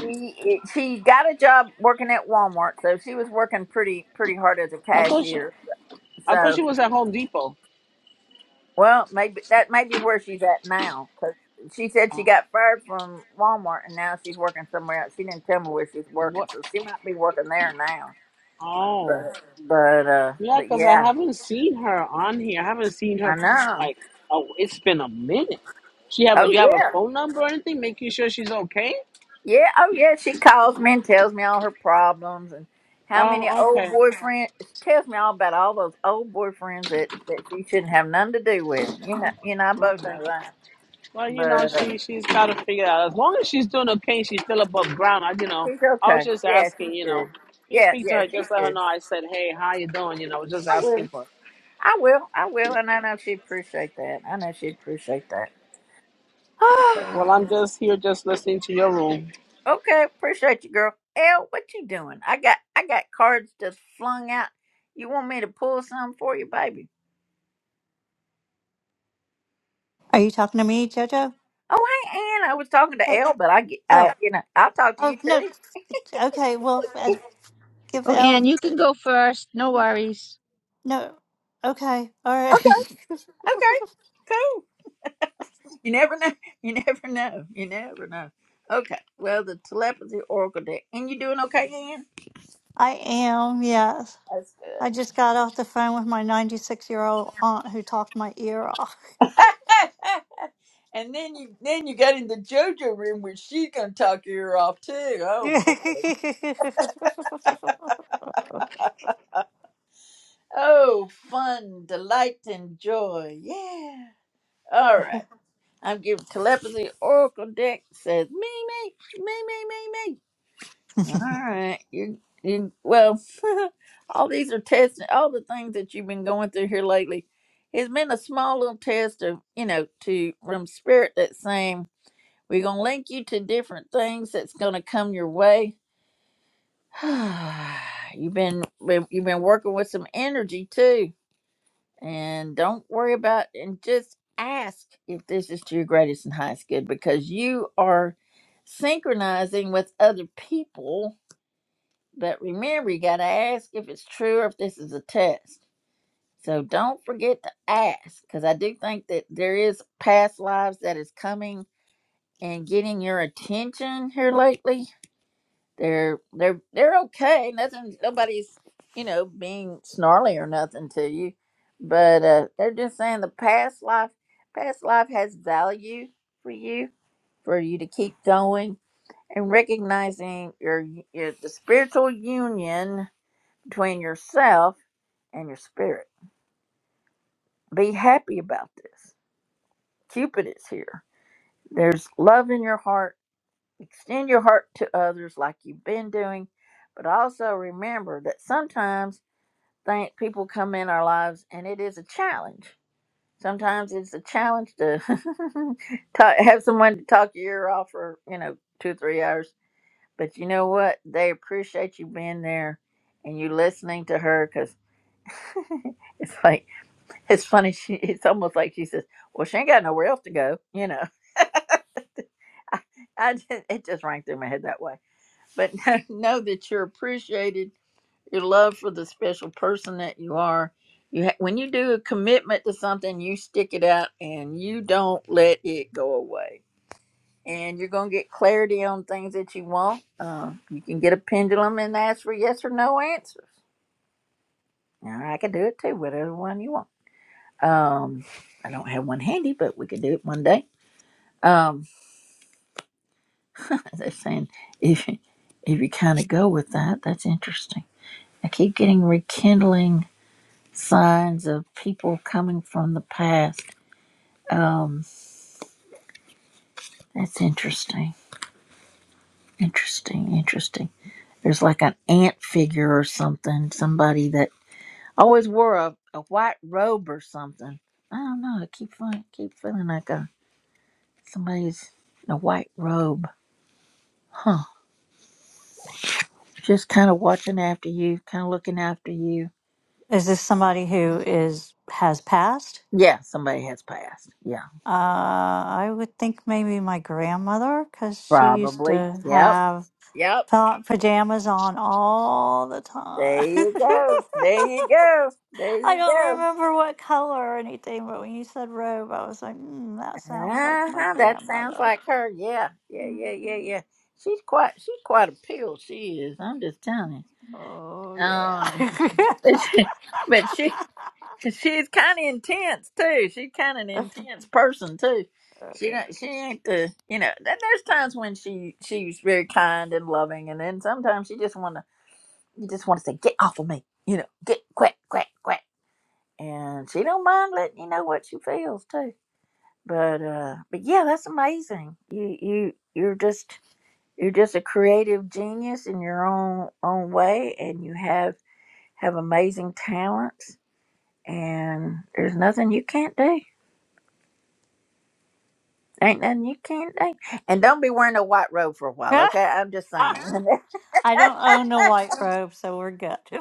Speaker 1: She she got a job working at Walmart, so she was working pretty pretty hard as a
Speaker 6: I thought she,
Speaker 1: cashier.
Speaker 6: I thought
Speaker 1: So,
Speaker 6: she was at Home Depot.
Speaker 1: well, maybe that may be where she's at now because she said she
Speaker 6: Uh,
Speaker 1: got fired from Walmart and now she's working somewhere else. She didn't tell me where she's working,
Speaker 6: what?
Speaker 1: so she might be working there now.
Speaker 6: Oh,
Speaker 1: But but uh,
Speaker 6: yeah,
Speaker 1: but
Speaker 6: because I
Speaker 1: yeah,
Speaker 6: haven't seen her on here. I haven't seen
Speaker 1: I
Speaker 6: her
Speaker 1: know.
Speaker 6: like. Oh, it's been a minute. She have a
Speaker 1: Oh
Speaker 6: you have a
Speaker 1: yeah.
Speaker 6: phone number or anything? Making sure she's okay.
Speaker 1: Yeah, oh yeah, she calls me and tells me all her problems and how many
Speaker 6: Oh,
Speaker 1: old
Speaker 6: okay,
Speaker 1: boyfriends. She tells me all about all those old boyfriends that that she shouldn't have nothing to do with. You know, you and I both
Speaker 6: okay.
Speaker 1: know that.
Speaker 6: Well, you know,
Speaker 1: But uh,
Speaker 6: she she's got to figure it out. As long as she's doing okay, she's still above ground. I, you know,
Speaker 1: she's
Speaker 6: I was
Speaker 1: okay.
Speaker 6: just
Speaker 1: Yeah,
Speaker 6: asking.
Speaker 1: she's
Speaker 6: You
Speaker 1: good.
Speaker 6: know, if you
Speaker 1: Yeah,
Speaker 6: speak to
Speaker 1: yeah,
Speaker 6: her,
Speaker 1: she's
Speaker 6: just let her
Speaker 1: good.
Speaker 6: know. I said, hey, how you doing? You know, just
Speaker 1: I will.
Speaker 6: asking for.
Speaker 1: I will. I will. And I know she'd appreciate that. I know she'd appreciate that.
Speaker 6: Okay, well, I'm just here, just listening to your room.
Speaker 1: okay, appreciate you, girl. Elle, what you doing? I got I got cards just flung out. You want me to pull some for you, baby?
Speaker 7: Are you talking to me, JoJo?
Speaker 1: Oh, hey, Ann. I was talking to
Speaker 7: Hey,
Speaker 1: Elle, but I, get- I,
Speaker 7: oh,
Speaker 1: you know, I'll talk to
Speaker 7: oh
Speaker 1: you
Speaker 7: no.
Speaker 1: too.
Speaker 7: Okay, well, I- give
Speaker 5: Oh,
Speaker 7: L.
Speaker 5: Anne, you can go first. No worries.
Speaker 7: No, okay, all
Speaker 1: Okay,
Speaker 7: right.
Speaker 1: okay, cool. You never know. You never know. You never know. Okay. Well, the telepathy oracle deck, and you doing okay, Ann?
Speaker 7: I am. Yes,
Speaker 1: That's
Speaker 7: I
Speaker 1: good.
Speaker 7: just got off the phone with my ninety-six-year-old aunt who talked my ear off.
Speaker 1: and then you, then you got in the JoJo room, where she's gonna talk your ear off too. Oh boy. Oh, fun, delight, and joy. Yeah. All right. I'm giving telepathy oracle deck. Says me, me, me, me, me, me. All right. You you well, all these are tests all the things that you've been going through here lately. It's been a small little test of, you know, to from spirit that's saying we're gonna link you to different things that's gonna come your way. you've been been- you've been working with some energy too. And don't worry about and just ask if this is to your greatest and highest good because you are synchronizing with other people but remember, you got to ask if it's true or if this is a test. So don't forget to ask, because I do think that there is past lives that is coming and getting your attention here lately. They're they're they're okay. Nothing, nobody's you know being snarly or nothing to you, but uh, they're just saying the past life past life has value for you for you to keep going and recognizing your, your the spiritual union between yourself and your spirit. Be happy about this. Cupid is here. There's love in your heart. Extend your heart to others like you've been doing, but also remember that sometimes think people come in our lives and it is a challenge. Sometimes it's a challenge to talk, have someone to talk your ear off for, you know, two, or three hours. But you know what? They appreciate you being there and you listening to her because it's like It's funny. She. It's almost like she says, "Well, she ain't got nowhere else to go." You know, I, I just, it just rang through my head that way. But know, know that you're appreciated. Your love for the special person that you are. You ha- when you do a commitment to something, you stick it out and you don't let it go away. And you're gonna get clarity on things that you want. Uh, you can get a pendulum and ask for yes or no answers. Now I can do it too, whatever one you want. Um, I don't have one handy, but we could do it one day Um, they're saying if if you kind of go with that, that's interesting. I keep getting rekindling signs of people coming from the past. Um, that's interesting. Interesting. Interesting. There's like an ant figure or something. Somebody that always wore a, a white robe or something. I don't know. I keep feeling, keep feeling like a somebody's in a white robe. Huh. Just kind of watching after you, kind of looking after you
Speaker 7: is this somebody who is has passed?
Speaker 1: Yeah, somebody has passed. Yeah,
Speaker 7: Uh, I would think maybe my grandmother, because she used
Speaker 1: probably.
Speaker 7: to
Speaker 1: Yep,
Speaker 7: have.
Speaker 1: yep.
Speaker 7: Pa- pajamas on all the time.
Speaker 1: There you go. There you go. There
Speaker 7: I
Speaker 1: you
Speaker 7: don't
Speaker 1: go.
Speaker 7: remember what color or anything, but when you said robe, I was like, mm, that sounds like my
Speaker 1: Uh-huh. That sounds
Speaker 7: grandmother.
Speaker 1: like her. Yeah, yeah,
Speaker 7: hmm
Speaker 1: yeah, yeah, yeah. She's quite. She's quite a pill. She is. I'm just telling
Speaker 7: Oh,
Speaker 1: you.
Speaker 7: yeah.
Speaker 1: Um, but she, but she she's kind of intense too. She's kind of an intense person too. She don't- she ain't the you know. there- There's times when she she's very kind and loving, and then sometimes she just want to You just want to say, get off of me. You know, get quack, quack, quack. And she don't mind letting you know what she feels too. But uh but yeah, that's amazing. You you you're just you're just a creative genius in your own own way and you have have amazing talents and there's nothing you can't do. Ain't nothing you can't do. And don't be wearing a white robe for a while, okay? I'm just saying.
Speaker 7: I don't own a white robe, so we're good.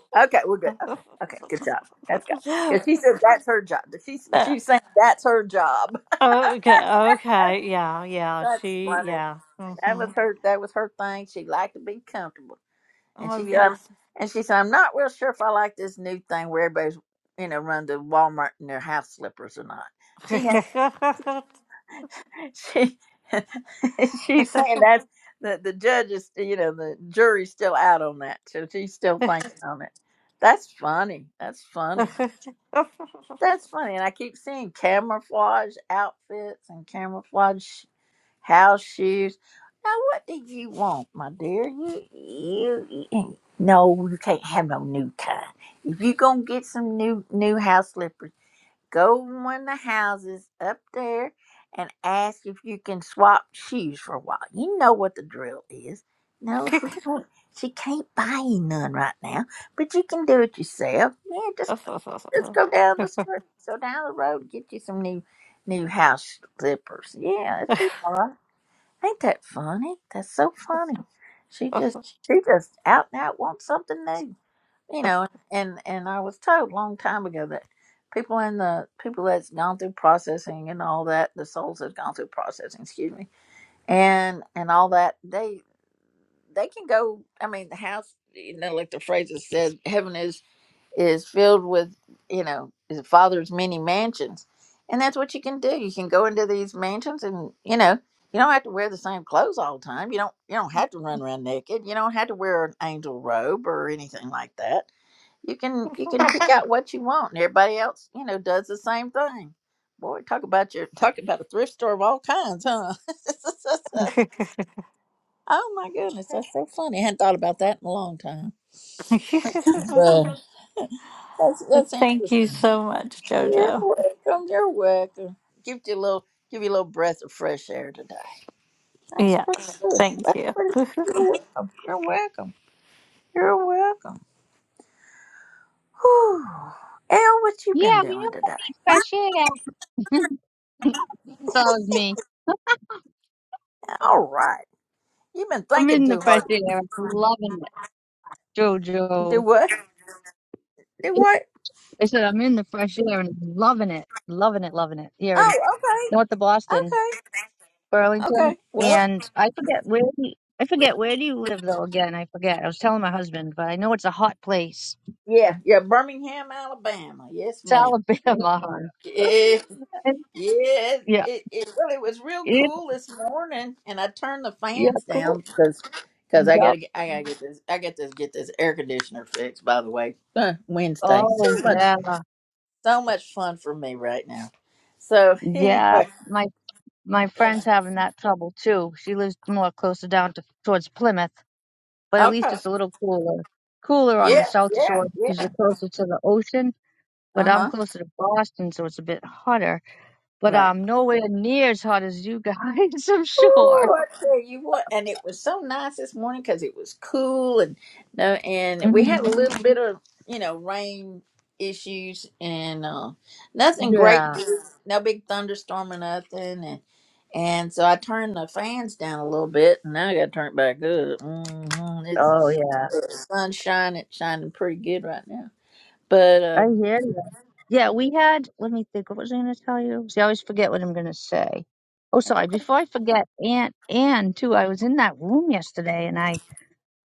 Speaker 1: okay, we're good. Okay, okay, good job. Let's go. Because she said that's her job. She's she's saying that's her job.
Speaker 7: okay,
Speaker 1: That's
Speaker 7: okay, yeah, yeah,
Speaker 1: that's
Speaker 7: she,
Speaker 1: funny.
Speaker 7: yeah.
Speaker 1: That
Speaker 7: hmm
Speaker 1: was her. That was her thing. She liked to be comfortable, and
Speaker 7: Oh,
Speaker 1: she said,
Speaker 7: yes.
Speaker 1: and she said, "I'm not real sure if I like this new thing where everybody's, you know, run to Walmart in their house slippers or not." She
Speaker 7: Thank
Speaker 1: had, she, she's saying that's the the judge is, you know, the jury's still out on that, so she's still thinking on it. That's funny. That's funny. That's funny. And I keep seeing camouflage outfits and camouflage house shoes. Now, what did you want, my dear? You, you, you no, you can't have no new kind. If you gonna get some new new house slippers, go one of the houses up there and ask if you can swap shoes for a while. You know what the drill is. No, she, she can't buy you none right now, but you can do it yourself. Yeah, just just go down the street, go down the road, and get you some new new house slippers. Yeah, it'd be all right. Ain't that funny? That's so funny. She just she just out and out wants something new. You know, and and I was told a long time ago that people in the people that's gone through processing and all that, the souls that's gone through processing, excuse me, and and all that, they they can go I mean the house you know, like the phrase that says, heaven is is filled with you know his father's many mansions and that's what you can do you can go into these mansions and you know you don't have to wear the same clothes all the time you don't you don't have to run around naked you don't have to wear an angel robe or anything like that you can you can pick out what you want and everybody else you know does the same thing boy talk about your talk about a thrift store of all kinds huh oh my goodness that's so funny i hadn't thought about that in a long time but that's, that's
Speaker 7: you
Speaker 1: interesting
Speaker 7: so much,
Speaker 1: You're
Speaker 7: Jojo.
Speaker 1: welcome. You're welcome. Give you a little, give you a little breath of fresh air today. That's pretty
Speaker 7: Yes,
Speaker 1: good.
Speaker 7: thank you.
Speaker 1: Pretty- You're welcome. You're welcome. You're welcome. Whew. El, what you been
Speaker 5: Yeah, we have
Speaker 1: doing
Speaker 5: to
Speaker 1: today?
Speaker 5: be fresh air. That was me.
Speaker 1: All right. You've been
Speaker 5: I'm
Speaker 1: thinking
Speaker 5: in the
Speaker 1: too
Speaker 5: fresh
Speaker 1: hard.
Speaker 5: air. I'm loving it,
Speaker 1: Do
Speaker 5: Jojo.
Speaker 1: what? Do what?
Speaker 5: I said I'm in the fresh air and loving it, loving it, loving it here in
Speaker 1: Oh,
Speaker 5: north of Boston,
Speaker 1: okay. Okay.
Speaker 5: Burlington,
Speaker 1: Okay. Well,
Speaker 5: and I forget where. do I forget where do you live though? Again, I forget. I was telling my husband, but I know it's a hot place.
Speaker 1: yeah, yeah. Birmingham, Alabama. Yes,
Speaker 5: It's
Speaker 1: ma'am.
Speaker 5: Alabama. hon.
Speaker 1: Yes.
Speaker 5: And,
Speaker 1: Yes,
Speaker 5: yeah,
Speaker 1: it, it really was real
Speaker 5: it
Speaker 1: cool this morning, and I turned the
Speaker 5: yeah
Speaker 1: fans down
Speaker 5: cool.
Speaker 1: because because I gotta
Speaker 5: Yep.
Speaker 1: get I gotta get this I got to get this air conditioner fixed. By the way, Uh, Wednesday
Speaker 5: Oh
Speaker 1: so much
Speaker 5: yeah.
Speaker 1: so much fun for me right now. So
Speaker 5: Yeah,
Speaker 1: anyway,
Speaker 5: my my
Speaker 1: you
Speaker 5: friend's
Speaker 1: know,
Speaker 5: having that trouble too. She lives more closer down to towards Plymouth, but at least
Speaker 1: okay,
Speaker 5: it's a little cooler. Cooler on the
Speaker 1: yeah,
Speaker 5: South
Speaker 1: yeah,
Speaker 5: Shore because
Speaker 1: yeah,
Speaker 5: you're closer to the ocean, but
Speaker 1: uh
Speaker 5: I'm
Speaker 1: huh,
Speaker 5: closer to Boston, so it's a bit hotter. But
Speaker 1: right.
Speaker 5: um, nowhere near as hot as you guys, I'm sure.
Speaker 1: Ooh, I tell you what, and it was so nice this morning because it was cool, and no, and we had
Speaker 5: hmm
Speaker 1: a little bit of you know rain issues, and uh, nothing great,
Speaker 5: Yeah.
Speaker 1: no big thunderstorm or nothing, and and so I turned the fans down a little bit, and now I got to turn it back up. hmm
Speaker 5: Oh
Speaker 1: It's
Speaker 5: yeah.
Speaker 1: the sun's shining, it's shining pretty good right now, but
Speaker 5: I
Speaker 1: um,
Speaker 5: hear you. Yeah, we had. Let me think. What was I going to tell you? See, I always forget what I'm going to say. Oh,
Speaker 1: it's
Speaker 5: sorry.
Speaker 1: okay.
Speaker 5: Before I forget, Aunt Anne too. I was in that room yesterday, and I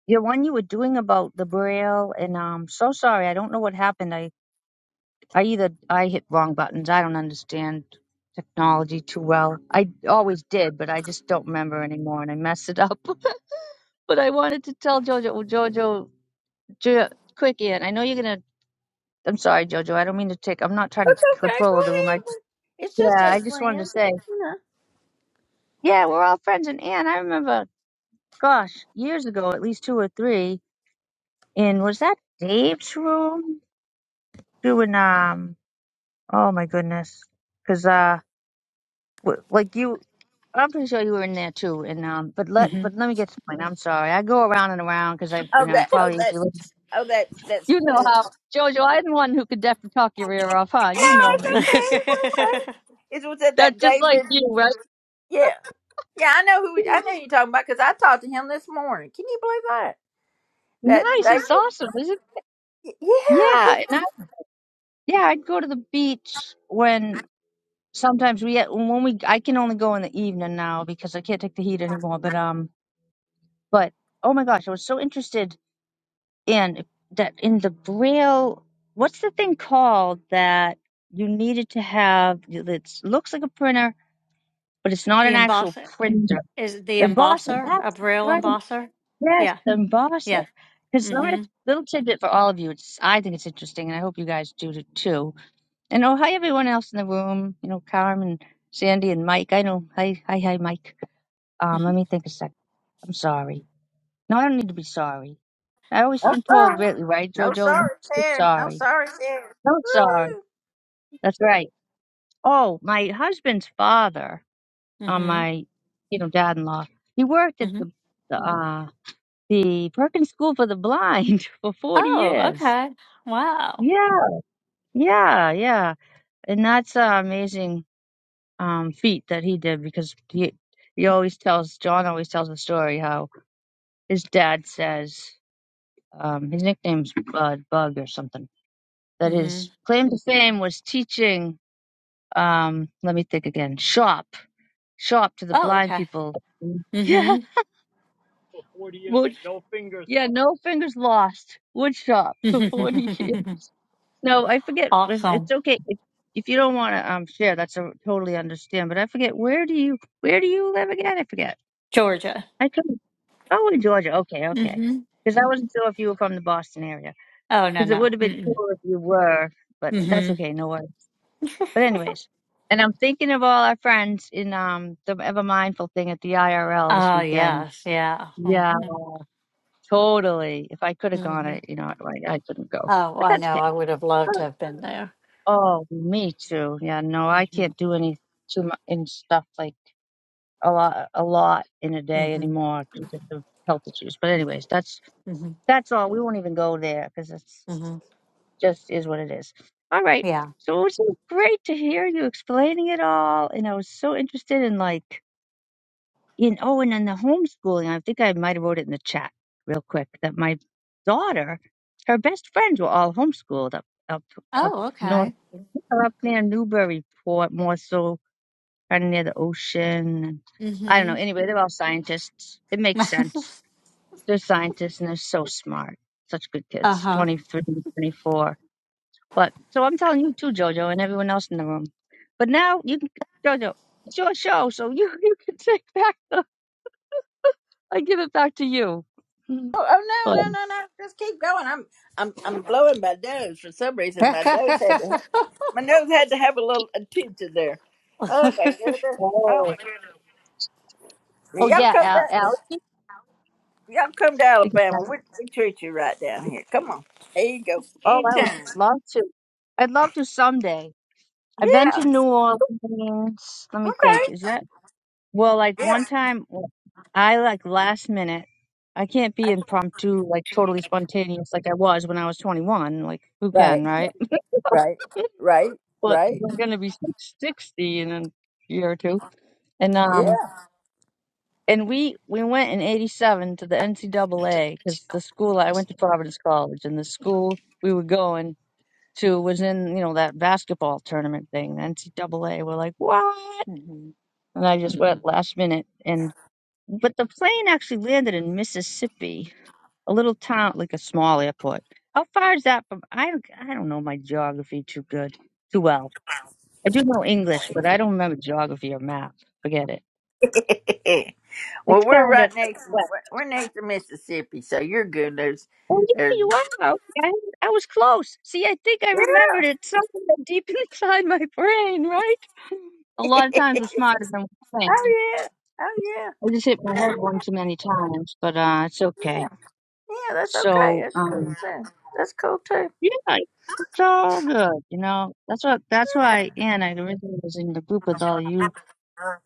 Speaker 5: The one you were doing about the braille, and um, so sorry, I don't know what happened. I, I either I hit wrong buttons. I don't understand technology too well. I always did, but I just don't remember anymore, and I messed it up. but I wanted to tell Jojo, well, Jojo, jo, quick, Ian. I know you're gonna. I'm sorry, Jojo. I don't mean to take. I'm not trying to
Speaker 1: It's
Speaker 5: take
Speaker 1: okay. Go
Speaker 5: control of the room. I just,
Speaker 1: ahead. It's just
Speaker 5: yeah,
Speaker 1: us
Speaker 5: I just wanted to
Speaker 1: friends, and,
Speaker 5: say,
Speaker 1: you know.
Speaker 5: yeah, we're all friends. And Anne, I remember, gosh, years ago, at least two or three. And was that Dave's room doing um? Oh my goodness. Cause uh w- like you I'm pretty sure you were in there too and um but let
Speaker 7: Mhm.
Speaker 5: but let me get to the point. I'm sorry. I go around and around because I you
Speaker 1: Oh,
Speaker 5: know
Speaker 1: that. Oh,
Speaker 5: probably if
Speaker 1: that.
Speaker 5: you look-
Speaker 1: Oh, that.
Speaker 5: you know
Speaker 1: That's.
Speaker 5: how Jojo, I'm the one who could definitely talk your ear off, huh?
Speaker 1: No,
Speaker 5: You know
Speaker 1: it's
Speaker 5: me.
Speaker 1: okay. It's okay. It was at that
Speaker 5: That's just like
Speaker 1: David.
Speaker 5: you, right?
Speaker 1: Yeah, yeah. I know who. I know who you're talking about because I talked to him this morning. Can you believe that? That
Speaker 5: Nice, it's
Speaker 1: David.
Speaker 5: awesome, is it?
Speaker 1: Yeah.
Speaker 5: Yeah,
Speaker 1: He,
Speaker 5: and I, yeah, I'd go to the beach when sometimes we uh, when we I can only go in the evening now because I can't take the heat anymore, but um but oh my gosh, I was so interested and that in the braille what's the thing called that you needed to have that looks like a printer but it's not
Speaker 7: the
Speaker 5: an actual
Speaker 7: embosser
Speaker 5: printer
Speaker 7: is the
Speaker 5: embosser
Speaker 7: embosser a
Speaker 5: that's
Speaker 7: braille
Speaker 5: right
Speaker 7: embosser?
Speaker 5: yes
Speaker 7: Yeah,
Speaker 5: the embosser
Speaker 7: yeah.
Speaker 5: because a
Speaker 7: Mhm.
Speaker 5: little tidbit for all of you it's i think it's interesting and i hope you guys do it too and oh hi everyone else in the room you know carmen sandy and mike i know hi hi hi mike um
Speaker 7: hmm
Speaker 5: let me think a 2nd i'm sorry no i don't need to be sorry i always
Speaker 1: no
Speaker 5: been told
Speaker 1: sorry.
Speaker 5: lately right
Speaker 1: No
Speaker 5: jojo
Speaker 1: sorry, sir. No
Speaker 5: sorry
Speaker 1: sorry, sir.
Speaker 5: Oh, sorry.
Speaker 1: Woo-hoo.
Speaker 5: That's right. Oh, my husband's father on
Speaker 7: hmm
Speaker 5: my, you know, dad-in-law. He worked at
Speaker 7: hmm
Speaker 5: the the uh, the Perkins School for the Blind for forty
Speaker 7: Oh,
Speaker 5: years.
Speaker 7: okay. Wow.
Speaker 5: Yeah, yeah, yeah. And that's an amazing um, feat that he did because he he always tells John always tells a story how his dad says um, his nickname's Bud Bug or something that
Speaker 7: hmm
Speaker 5: his claim to fame was teaching. Um, let me think again. Shop Show up to the
Speaker 7: Oh,
Speaker 5: blind
Speaker 7: okay.
Speaker 5: people.
Speaker 7: Mm-hmm.
Speaker 5: Yeah. Wood. Yeah. No fingers lost. Wood shop for forty years. No, I forget. If, it's
Speaker 7: awesome.
Speaker 5: okay if, if you don't want to um share. That's a, totally understand. But I forget where do you where do you live again? I forget.
Speaker 7: Georgia.
Speaker 5: I couldn't. Oh, in Georgia. Okay. Okay.
Speaker 7: hmm
Speaker 5: Because I wasn't sure if you were from the Boston area.
Speaker 7: Oh, no,
Speaker 5: Because it
Speaker 7: no.
Speaker 5: would have been cool if you were. But that's
Speaker 7: Mm-hmm.
Speaker 5: okay. No worries. But anyways. And I'm thinking of all our friends in um the Ever Mindful thing at the IRL this
Speaker 7: Oh,
Speaker 5: weekend.
Speaker 7: yes. Yeah.
Speaker 5: Yeah.
Speaker 7: hmm
Speaker 5: Totally. If I could have gone,
Speaker 7: hmm
Speaker 5: I, you know, I, I couldn't go,
Speaker 7: Oh,
Speaker 5: but
Speaker 7: I
Speaker 5: that's
Speaker 7: know. I
Speaker 5: okay.
Speaker 7: would have loved to have been there.
Speaker 5: Oh, me too. Yeah, no, I
Speaker 7: hmm
Speaker 5: can't do any too much in stuff like a lot, a lot in a day
Speaker 7: hmm
Speaker 5: anymore because of health issues. But anyways, that's
Speaker 7: hmm
Speaker 5: that's all. We won't even go there because it's
Speaker 7: hmm
Speaker 5: just is what it is. All right.
Speaker 7: Yeah.
Speaker 5: So it was so great to hear you explaining it all, and I was so interested in like And oh, and then the homeschooling, I think I might have wrote it in the chat real quick that my daughter, her best friends were all homeschooled up up up
Speaker 7: Oh,
Speaker 5: north
Speaker 7: okay.
Speaker 5: or up near Newburyport, more so kind of near the ocean. I don't know.
Speaker 7: hmm
Speaker 5: Anyway, they're all scientists. It makes sense. They're scientists and they're so smart. Such good kids,
Speaker 7: uh-huh.
Speaker 5: 23, 24. But so I'm telling you too, Jojo, and everyone else in the room. But now you can, Jojo, it's your show, so you, you can take back. the. I give it back to you. Mm.
Speaker 1: Oh, oh
Speaker 5: But-
Speaker 1: no, no, no, no. Just keep going. I'm, I'm, I'm blowing my nose for some reason. My nose had to. Have, my nose had to have a little attention there. Oh my goodness. Oh my
Speaker 5: oh,
Speaker 1: goodness.
Speaker 5: oh
Speaker 1: Y'all
Speaker 5: yeah,
Speaker 1: come
Speaker 5: Al,
Speaker 1: down.
Speaker 5: Allie.
Speaker 1: Y'all come to
Speaker 5: We can
Speaker 1: Alabama.
Speaker 5: have-
Speaker 1: We, we treat you right down here. Come on. There you go.
Speaker 5: Oh, I would
Speaker 1: Anytime.
Speaker 5: love to. I'd love to someday. I've been
Speaker 1: Yeah.
Speaker 5: to New Orleans. Let me think.
Speaker 1: Okay.
Speaker 5: Is that well? Like
Speaker 1: Yeah.
Speaker 5: one time, I like last minute. I can't be impromptu, like totally spontaneous, like I was when I was 21. Like who
Speaker 1: Right.
Speaker 5: can, right?
Speaker 1: Right. Right.
Speaker 5: But 'cause
Speaker 1: Right.
Speaker 5: I'm gonna be like, 60 in a year or two, and um.
Speaker 1: Yeah.
Speaker 5: and we we went in '87 to the NCAA because the school I went to Providence College, and the school we were going to was in you know that basketball tournament thing, the NCAA. We're like, what?
Speaker 7: Mhm.
Speaker 5: And I just went last minute, and but the plane actually landed in Mississippi, a little town like a small airport. How far is that from? I don't I don't know my geography too good, too well. I do know English, but I don't remember geography or map. Forget it. It's
Speaker 1: Well, we're
Speaker 5: kind of
Speaker 1: right next. We're
Speaker 5: west.
Speaker 1: we're next to Mississippi, so you're good. There's,
Speaker 5: Oh, yeah,
Speaker 1: there's.
Speaker 5: you are. Okay. I I was close. See, I think I remembered it. Something that deep inside my brain, right? A
Speaker 1: oh
Speaker 5: lot of times
Speaker 1: yeah,
Speaker 5: we're smarter than we
Speaker 1: oh
Speaker 5: think.
Speaker 1: yeah,
Speaker 5: I just hit my head
Speaker 1: oh
Speaker 5: one too many times, but uh, it's
Speaker 1: yeah.
Speaker 5: okay.
Speaker 1: Yeah, that's okay.
Speaker 5: So,
Speaker 1: That's cool
Speaker 5: um,
Speaker 1: too. That's cool too.
Speaker 5: yeah, it's all good. You know, that's what that's why. And I originally was in the group with all you,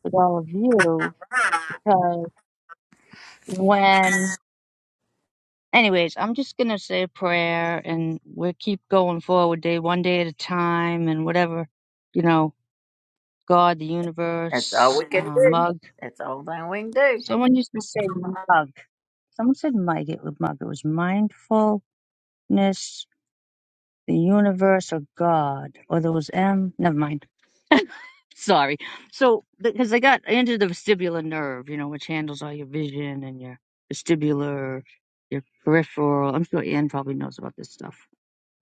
Speaker 5: with all of you, because when anyways, I'm just gonna say a prayer and we'll keep going forward day one day at a time and whatever, you know, God, the
Speaker 1: That's all
Speaker 5: universe,
Speaker 1: we can
Speaker 5: uh,
Speaker 1: do.
Speaker 5: mug.
Speaker 1: That's all thing we can do.
Speaker 5: Someone used to say mug. Someone said mug. It was mug. It was mindfulness, the universe, or God, or there was M. Never mind. Sorry. So because I got into the vestibular nerve, you know, which handles all your vision and your vestibular, your peripheral. I'm sure Ann probably knows about this stuff.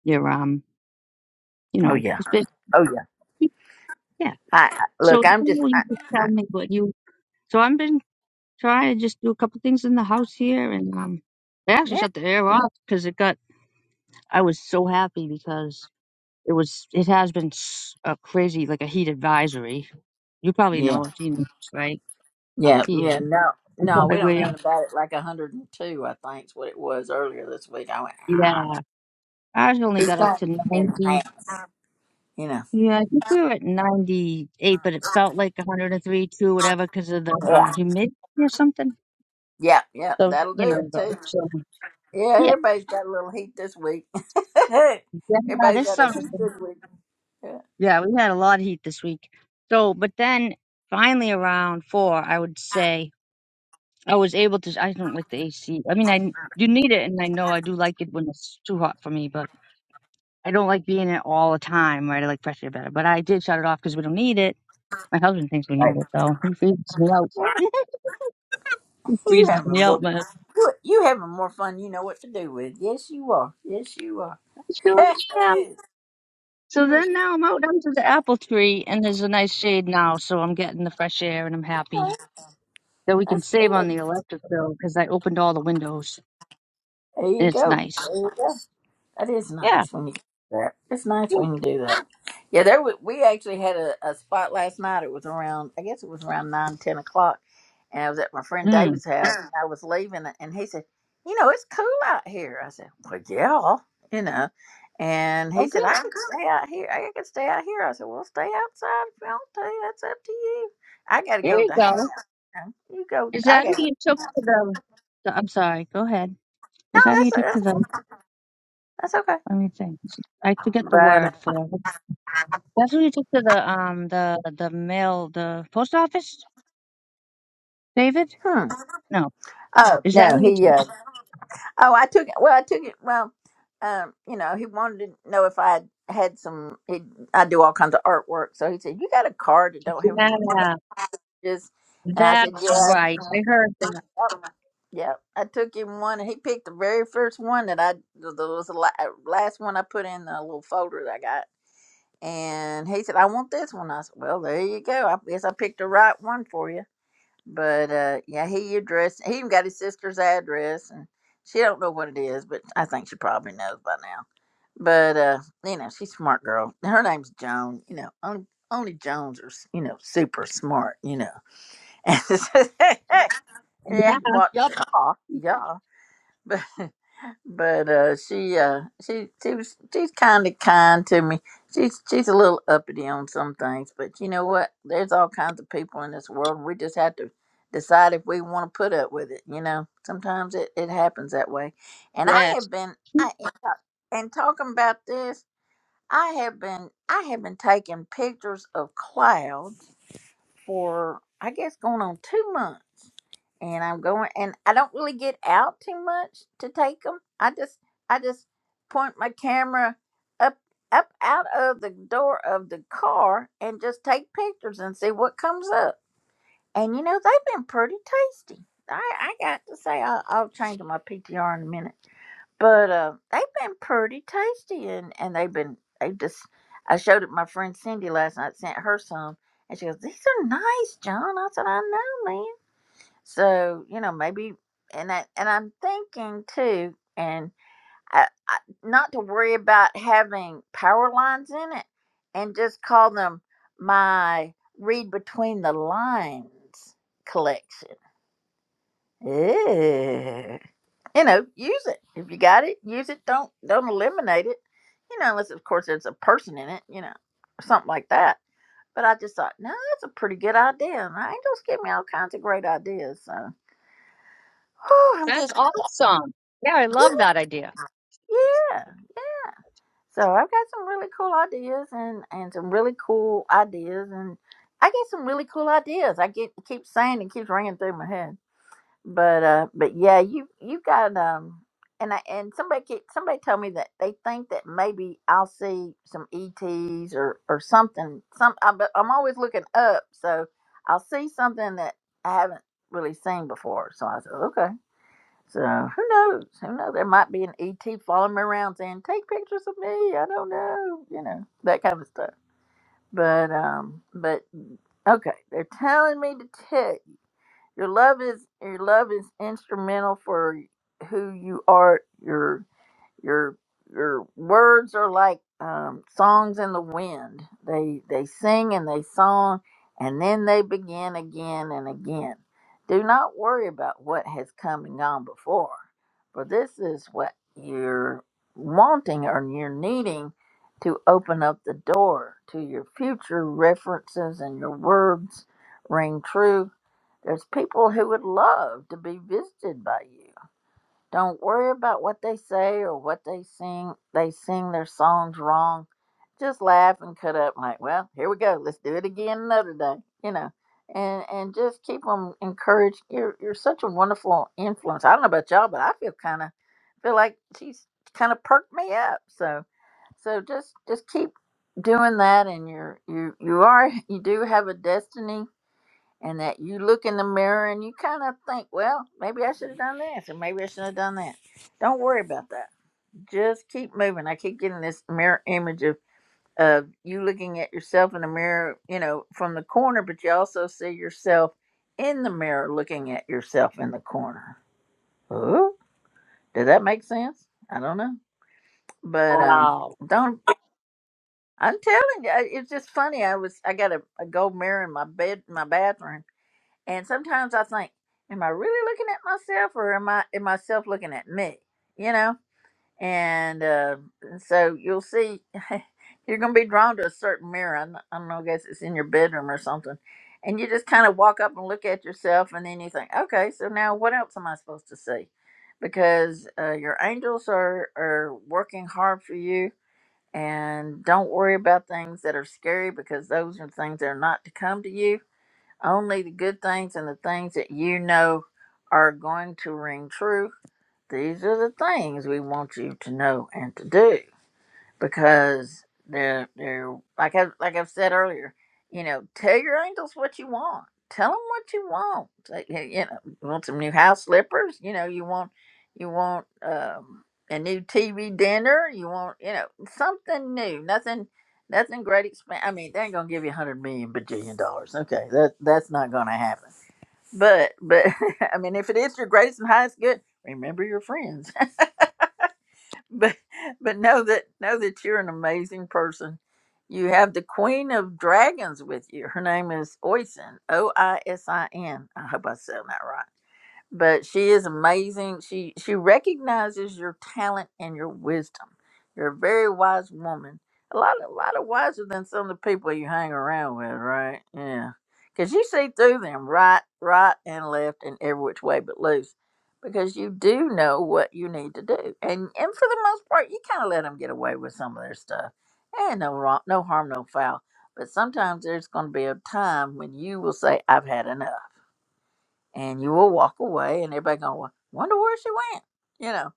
Speaker 5: Your um you
Speaker 1: Oh
Speaker 5: know,
Speaker 1: yeah.
Speaker 5: especially, yeah.
Speaker 1: I I-
Speaker 5: So
Speaker 1: look. I'm just.
Speaker 5: oh,
Speaker 1: I,
Speaker 5: you just
Speaker 1: I,
Speaker 5: tell me what you. So I've been trying to just do a couple things in the house here, and um, I actually
Speaker 1: yeah.
Speaker 5: shut the air off because it got. I was so happy because it was. It has been s- a crazy, like a heat advisory. You probably
Speaker 1: Yeah.
Speaker 5: know it, you know, right up
Speaker 1: Yeah. Yeah.
Speaker 5: here.
Speaker 1: No.
Speaker 5: That's
Speaker 1: No,
Speaker 5: why
Speaker 1: we don't know
Speaker 5: we-
Speaker 1: nothing about it. Like 102, I think, is what it was earlier this week. I went.
Speaker 5: Yeah,
Speaker 1: I don't.
Speaker 5: ours only
Speaker 1: It's
Speaker 5: got up
Speaker 1: gonna
Speaker 5: to
Speaker 1: come in the
Speaker 5: ninety.
Speaker 1: hand, you know.
Speaker 5: Yeah, I think we were at ninety-eight, but it felt like one hundred and three, two, whatever, because of the
Speaker 1: Yeah.
Speaker 5: uh, humidity or something.
Speaker 1: Yeah. Yeah.
Speaker 5: So
Speaker 1: That'll
Speaker 5: you
Speaker 1: do it
Speaker 5: know, the
Speaker 1: too.
Speaker 5: ozone
Speaker 1: Yeah.
Speaker 5: Yeah,
Speaker 1: Everybody's got a little heat this week.
Speaker 5: yeah, yeah,
Speaker 1: everybody's
Speaker 5: this
Speaker 1: got a
Speaker 5: summer's
Speaker 1: heat this
Speaker 5: been,
Speaker 1: week. Yeah.
Speaker 5: yeah, we had a lot of heat this week. So, but then finally around four, I would say I was able to. I don't like the AC. I mean, I you need it, and I know I do like it when it's too hot for me, but I don't like being in it all the time, right? I like pressure better. But I did shut it off because we don't need it. My husband thinks we need
Speaker 1: Like,
Speaker 5: it though. He freezes me out. he
Speaker 1: you
Speaker 5: freezes
Speaker 1: having
Speaker 5: me out,
Speaker 1: more.
Speaker 5: man.
Speaker 1: You you having more fun? You know what to do with. Yes, you are. Yes, you are.
Speaker 5: I sure am. So
Speaker 1: You're.
Speaker 5: then now I'm out under the apple tree, and there's a nice shade now, so I'm getting the fresh air, and I'm happy. that we can
Speaker 1: That's
Speaker 5: save on
Speaker 1: good.
Speaker 5: the electric bill because I opened all the windows
Speaker 1: There
Speaker 5: and
Speaker 1: you
Speaker 5: it's
Speaker 1: go.
Speaker 5: nice.
Speaker 1: There you go. That is
Speaker 5: Yeah.
Speaker 1: nice when you do that. It's nice
Speaker 5: yeah.
Speaker 1: when you do that. Yeah, there we, we actually had a, a spot last night. It was around, I guess it was around nine, ten o'clock, and I was at my friend
Speaker 5: Mm.
Speaker 1: David's house. and I was leaving, and he said, "You know, it's cool out here." I said, "Well, yeah, you know." And he
Speaker 5: Oh, good.
Speaker 1: said, "I can stay out here. I can stay out here." I said, "Well, stay outside if you want to. That's up to you. I got to
Speaker 5: There
Speaker 1: go
Speaker 5: you
Speaker 1: to house.
Speaker 5: go.
Speaker 1: You know, you go.
Speaker 5: Is
Speaker 1: I
Speaker 5: that who
Speaker 1: got to. go."
Speaker 5: you took to the? the- I'm sorry. Go ahead.
Speaker 1: No,
Speaker 5: Is that who
Speaker 1: that's
Speaker 5: you took to
Speaker 1: that's
Speaker 5: the?
Speaker 1: that's okay."
Speaker 5: Let me think. I forget the
Speaker 1: But uh,
Speaker 5: word for. it. That's who you took to the um the the mail the post office. David?
Speaker 1: hmm.
Speaker 5: No.
Speaker 1: Oh
Speaker 5: Is that
Speaker 1: no,
Speaker 5: who you
Speaker 1: he.
Speaker 5: took?
Speaker 1: Uh, oh, I took it. Well, I took it. Well, um, you know, he wanted to know if I had some. He, I do all kinds of artwork, so he said, "You got a card that don't have any
Speaker 5: Yeah.
Speaker 1: messages?" And I said,
Speaker 5: That's
Speaker 1: "Yeah,
Speaker 5: right. I heard that.
Speaker 1: I- yeah." I took him one, and he picked the very first one that I. The, the was the la- uh, last one I put in the little folder that I got, and he said, "I want this one." I said, "Well, there you go. I guess I picked the right one for you." But uh, yeah, he addressed. He even got his sister's address, and she don't know what it is, but I think she probably knows by now. But uh, you know, she's a smart girl. Her name's Joan. You know, only only Jones are s- you know super smart. You know, yeah,
Speaker 5: Yeah.
Speaker 1: what?
Speaker 5: Yep.
Speaker 1: Yeah, yeah. But but uh, she uh, she she was she's kind of kind to me. She's she's a little uppity on some things, but you know what? There's all kinds of people in this world. We just have to decide if we want to put up with it. You know, sometimes it it happens that way. And I
Speaker 5: Yes.
Speaker 1: have been I and talking about this, I have been I have been taking pictures of clouds for I guess going on two months and I'm going and I don't really get out too much to take them. I just I just point my camera up up out of the door of the car and just take pictures and see what comes up. And you know they've been pretty tasty. I I got to say I'll, I'll change my PTR in a minute, but uh, they've been pretty tasty and and they've been they just I showed it my friend Cindy last night. Sent her some and she goes these are nice, John. I said I know, man. So you know maybe and I and I'm thinking too, and I, I, not to worry about having power lines in it, and just call them my read between the lines collection. Ew. You know, use it if you got it. Use it. Don't don't eliminate it. You know, unless of course there's a person in it. You know, or something like that. But I just thought, no, that's a pretty good idea. And the angels give me all kinds of great ideas. So, whew, I'm just
Speaker 5: That's awesome. Yeah, I love that idea.
Speaker 1: Yeah. So I've got some really cool ideas and and some really cool ideas and I get some really cool ideas. I get keep saying it keeps ringing through my head. But uh but yeah, you you got um and I and somebody keep, somebody told me that they think that maybe I'll see some ETs or or something. Some I, but I'm always looking up, so I'll see something that I haven't really seen before. So I said, okay. So who knows? Who knows? There might be an ET following me around saying, "Take pictures of me." I don't know, you know that kind of stuff. But um, but okay, they're telling me to tell you, your love is your love is instrumental for who you are. Your your your words are like um, songs in the wind. They they sing and they song, and then they begin again and again. Do not worry about what has come and gone before, for this is what you're wanting or you're needing to open up the door to your future references and your words ring true. There's people who would love to be visited by you. Don't worry about what they say or what they sing. They sing their songs wrong. Just laugh and cut up. Like, well, here we go. Let's do it again another day. You know, and and just keep them encouraged. You're you're such a wonderful influence. I don't know about y'all, but I feel kind of feel like she's kind of perked me up. So so just just keep doing that. And you're you you are you do have a destiny and that you look in the mirror and you kind of think, well, maybe I should have done this, or maybe I shouldn't have done that. Don't worry about that. Just keep moving. I keep getting this mirror image of of you looking at yourself in the mirror, you know, from the corner, but you also see yourself in the mirror looking at yourself in the corner. Ooh, does that make sense? I don't know, but um,
Speaker 5: Wow.
Speaker 1: don't. I'm telling you, I- it's just funny. I was I got a, a gold mirror in my bed, my bathroom, And sometimes I think, am I really looking at myself or am I am myself looking at me? You know? And uh, so you'll see you're gonna be drawn to a certain mirror. I don't I don't know, I guess it's in your bedroom or something. And you just kind of walk up and look at yourself, and then you think, okay, so now what else am I supposed to see? Because uh, your angels are, are working hard for you, and don't worry about things that are scary because those are things that are not to come to you only the good things and the things that you know are going to ring true. These are the things we want you to know and to do because they're they're like I like I've said earlier, you know, tell your angels what you want. Tell them what you want. Like, You you know, you want some new house slippers. You know, you want you want um, a new TV dinner. You want you know something new. Nothing nothing great expense. I mean, they ain't gonna give you a hundred million bajillion dollars. Okay, that that's not gonna happen. But but I mean, if it is your greatest and highest good, remember your friends. but but know that know that you're an amazing person. You have the Queen of Dragons with you. Her name is Oisin. O I S I N. I hope I said that right but she is amazing. She she recognizes your talent and your wisdom. You're a very wise woman. A lot a lot of wiser than some of the people you hang around with, right? Yeah. Cause you see through them right, right and left and every which way but loose. Because you do know what you need to do. And and for the most part you kinda let them get away with some of their stuff. And no wrong no harm, no foul. But sometimes there's gonna be a time when you will say, I've had enough and you will walk away and everybody gonna wonder where she went you know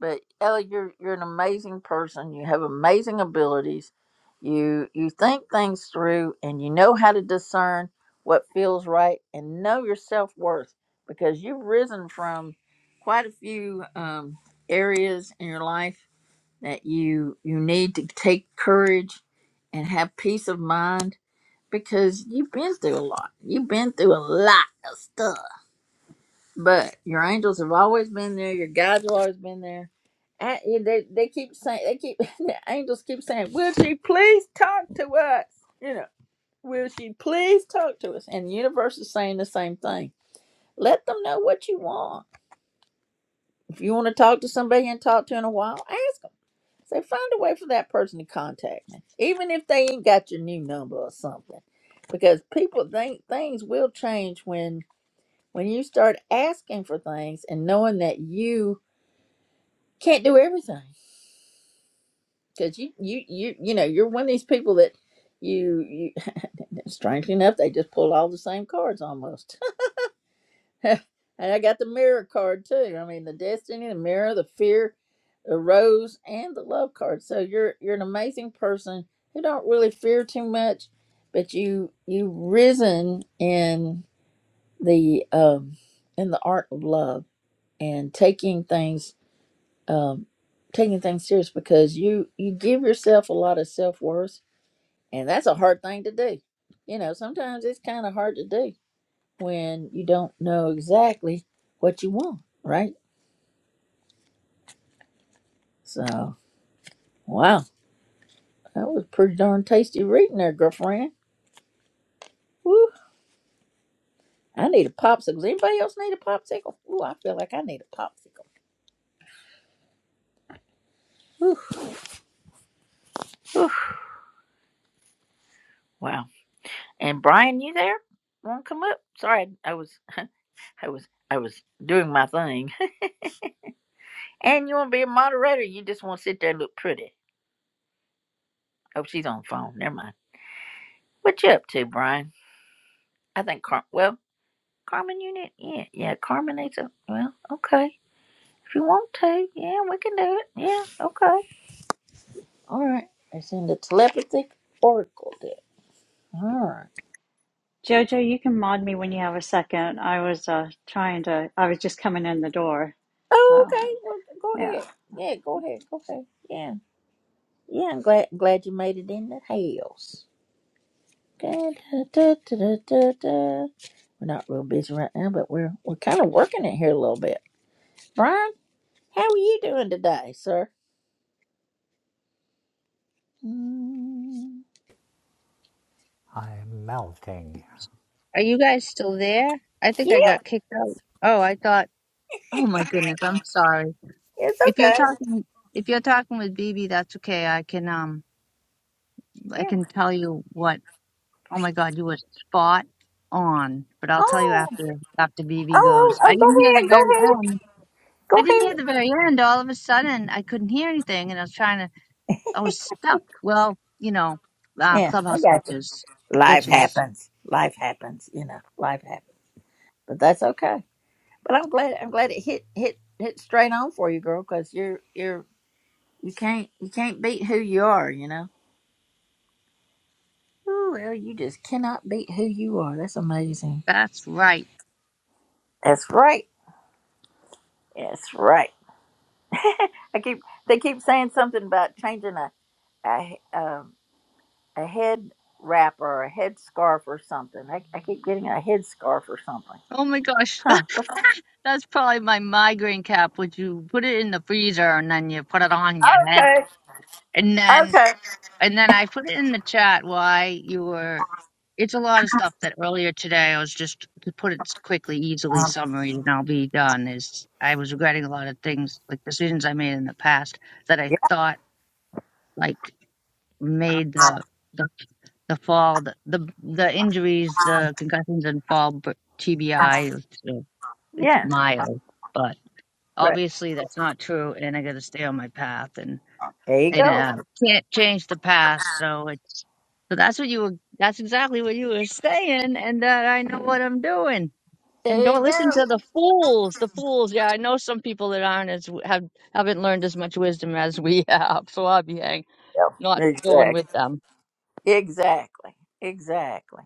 Speaker 1: but ellie you're you're an amazing person you have amazing abilities you you think things through and you know how to discern what feels right and know your self-worth because you've risen from quite a few um, areas in your life that you you need to take courage and have peace of mind because you've been through a lot you've been through a lot of stuff but your angels have always been there. Your guides have always been there. And yeah, they they keep saying they keep the angels keep saying, "Will she please talk to us?" You know, "Will she please talk to us?" And the universe is saying the same thing. Let them know what you want. If you want to talk to somebody you haven't talked to in a while, ask them. Say, find a way for that person to contact me, even if they ain't got your new number or something, because people think things will change when when you start asking for things and knowing that you can't do everything because you you you you know you're one of these people that you you strangely enough they just pull all the same cards almost and i got the mirror card too i mean the destiny the mirror the fear the rose and the love card so you're you're an amazing person who don't really fear too much but you you've risen in the um in the art of love and taking things um, taking things serious because you you give yourself a lot of self worth, and that's a hard thing to do. You know, sometimes it's kind of hard to do when you don't know exactly what you want, right? So, wow, that was pretty darn tasty reading there, girlfriend. Woo! I need a popsicle. Does anybody else need a popsicle? Ooh, I feel like I need a popsicle. Whew, whew. Wow. And Brian, you there? Want to come up? Sorry, I was, I was, I was doing my thing And you want to be a moderator? You just want to sit there and look pretty. Oh, she's on the phone. Never mind. What you up to, Brian? I think Car. Well, Carmen, you need. Yeah, yeah. Carmen needs a. Well, okay. If you want to, yeah, we can do it. Yeah, okay. All right. It's in the telepathic oracle deck. All right.
Speaker 7: Jojo, you can mod me when you have a second. I was uh, trying to, I was just coming in the door.
Speaker 1: Oh,
Speaker 7: So,
Speaker 1: okay. Well, go
Speaker 7: yeah.
Speaker 1: ahead. Yeah, go ahead. Go ahead. Yeah. Yeah, I'm glad glad you made it in the house. Da-da-da-da-da-da. We're not real busy right now, but we're we're kind of working it here a little bit. Brian, how are you doing today, sir? Mm,
Speaker 8: I'm melting.
Speaker 5: Are you guys still there? I think
Speaker 1: yeah.
Speaker 5: I got kicked out. Oh, I thought. Oh my
Speaker 1: Oh my
Speaker 5: goodness, I'm
Speaker 1: God.
Speaker 5: sorry.
Speaker 1: It's
Speaker 5: If you're
Speaker 1: okay.
Speaker 5: talking, if you're talking with BB, that's okay. I can um, I
Speaker 1: Yeah.
Speaker 5: can tell you what. Oh my God, you were spot on. But I'll tell you
Speaker 1: Oh.
Speaker 5: after after
Speaker 1: Oh,
Speaker 5: BB
Speaker 1: oh,
Speaker 5: goes. I
Speaker 1: oh,
Speaker 5: didn't hear the
Speaker 1: go
Speaker 5: very
Speaker 1: ahead.
Speaker 5: end.
Speaker 1: Go
Speaker 5: I didn't
Speaker 1: ahead. Go
Speaker 5: hear
Speaker 1: ahead.
Speaker 5: the very end. All of a sudden, I couldn't hear anything, and I was trying to. I was stuck. Well, you know, uh,
Speaker 1: Yeah, I
Speaker 5: clubhouse
Speaker 1: got you.
Speaker 5: glitches.
Speaker 1: Life
Speaker 5: Glitches.
Speaker 1: happens. Life happens. You know, life happens. But that's okay. But I'm glad. I'm glad it hit hit hit straight on for you, girl. Because you're you're you can't you can't beat who you are. You know. Oh, well, you just cannot beat who you are. That's amazing.
Speaker 5: That's right.
Speaker 1: That's right. That's right. I keep they keep saying something about changing a a um, a head wrap or a head scarf or something. I, I keep getting a head scarf or something.
Speaker 5: Oh my gosh.
Speaker 1: Huh? What's,
Speaker 5: That's probably my migraine cap, which you put it in the freezer and then you put it on your head.
Speaker 1: okay.
Speaker 5: And then
Speaker 1: Okay.
Speaker 5: and then I put it in the chat why you were it's a lot of stuff that earlier today I was just to put it quickly, easily
Speaker 1: Um,
Speaker 5: summary and I'll be done is I was regretting a lot of things, like decisions I made in the past that I
Speaker 1: Yeah.
Speaker 5: thought like made the the the fall the the, the injuries, the concussions and fall but TBI it's, it's
Speaker 1: Yeah.
Speaker 5: mild. but
Speaker 1: Right.
Speaker 5: obviously that's not true and i got to stay on my path and
Speaker 1: There you
Speaker 5: and
Speaker 1: go.
Speaker 5: uh, can't change the past so it's so that's what you were that's exactly what you were saying and that i know what i'm doing and
Speaker 1: There
Speaker 5: don't
Speaker 1: you go.
Speaker 5: listen to the fools the fools yeah i know some people that aren't as have haven't learned as much wisdom as we have so i'll be hang,
Speaker 1: Yep.
Speaker 5: not going
Speaker 1: Exactly.
Speaker 5: with them
Speaker 1: Exactly. Exactly.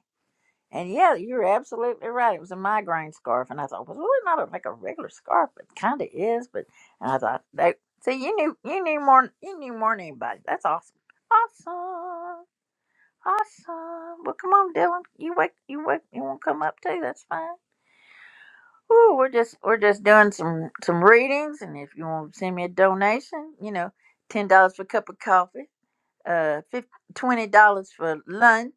Speaker 1: And yeah, you're absolutely right. It was a migraine scarf, and I thought, well, it's not like a regular scarf, but kind of is. But and I thought, they, see, you knew, you knew more, you knew more than anybody. That's awesome, awesome, awesome. Well, come on, Dylan, you wake, you wake, you want to come up too? That's fine. Ooh, we're just we're just doing some some readings, and if you want to send me a donation, you know, ten dollars for a cup of coffee, uh, fif- twenty dollars for lunch,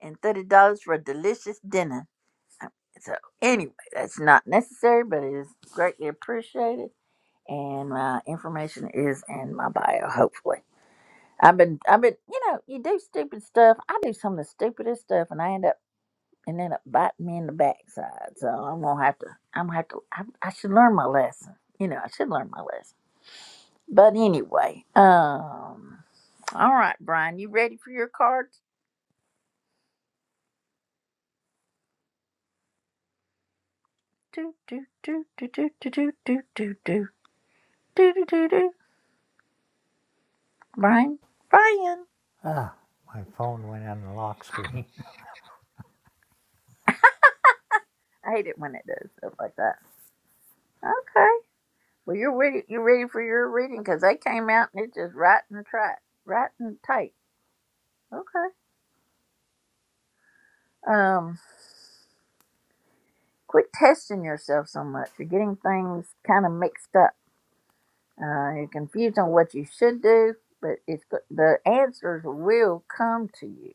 Speaker 1: and thirty dollars for a delicious dinner. So anyway, that's not necessary, but it is greatly appreciated. And my information is in my bio. Hopefully, I've been, I've been, you know, you do stupid stuff. I do some of the stupidest stuff, and I end up and end up biting me in the backside. So I'm gonna have to, I'm gonna have to, I, I should learn my lesson. You know, I should learn my lesson. But anyway, um, all right, Brian, you ready for your cards? Do do do do do do do do do do do do do do. Brian, Brian.
Speaker 8: Ah, my phone went on the lock screen.
Speaker 1: I hate it when it does stuff like that. Okay. Well, you're ready. You're ready for your reading because they came out and it's just right and tight, right and tight. Okay. Um, quit testing yourself so much. You're getting things kind of mixed up. Uh, you're confused on what you should do, but it's the answers will come to you.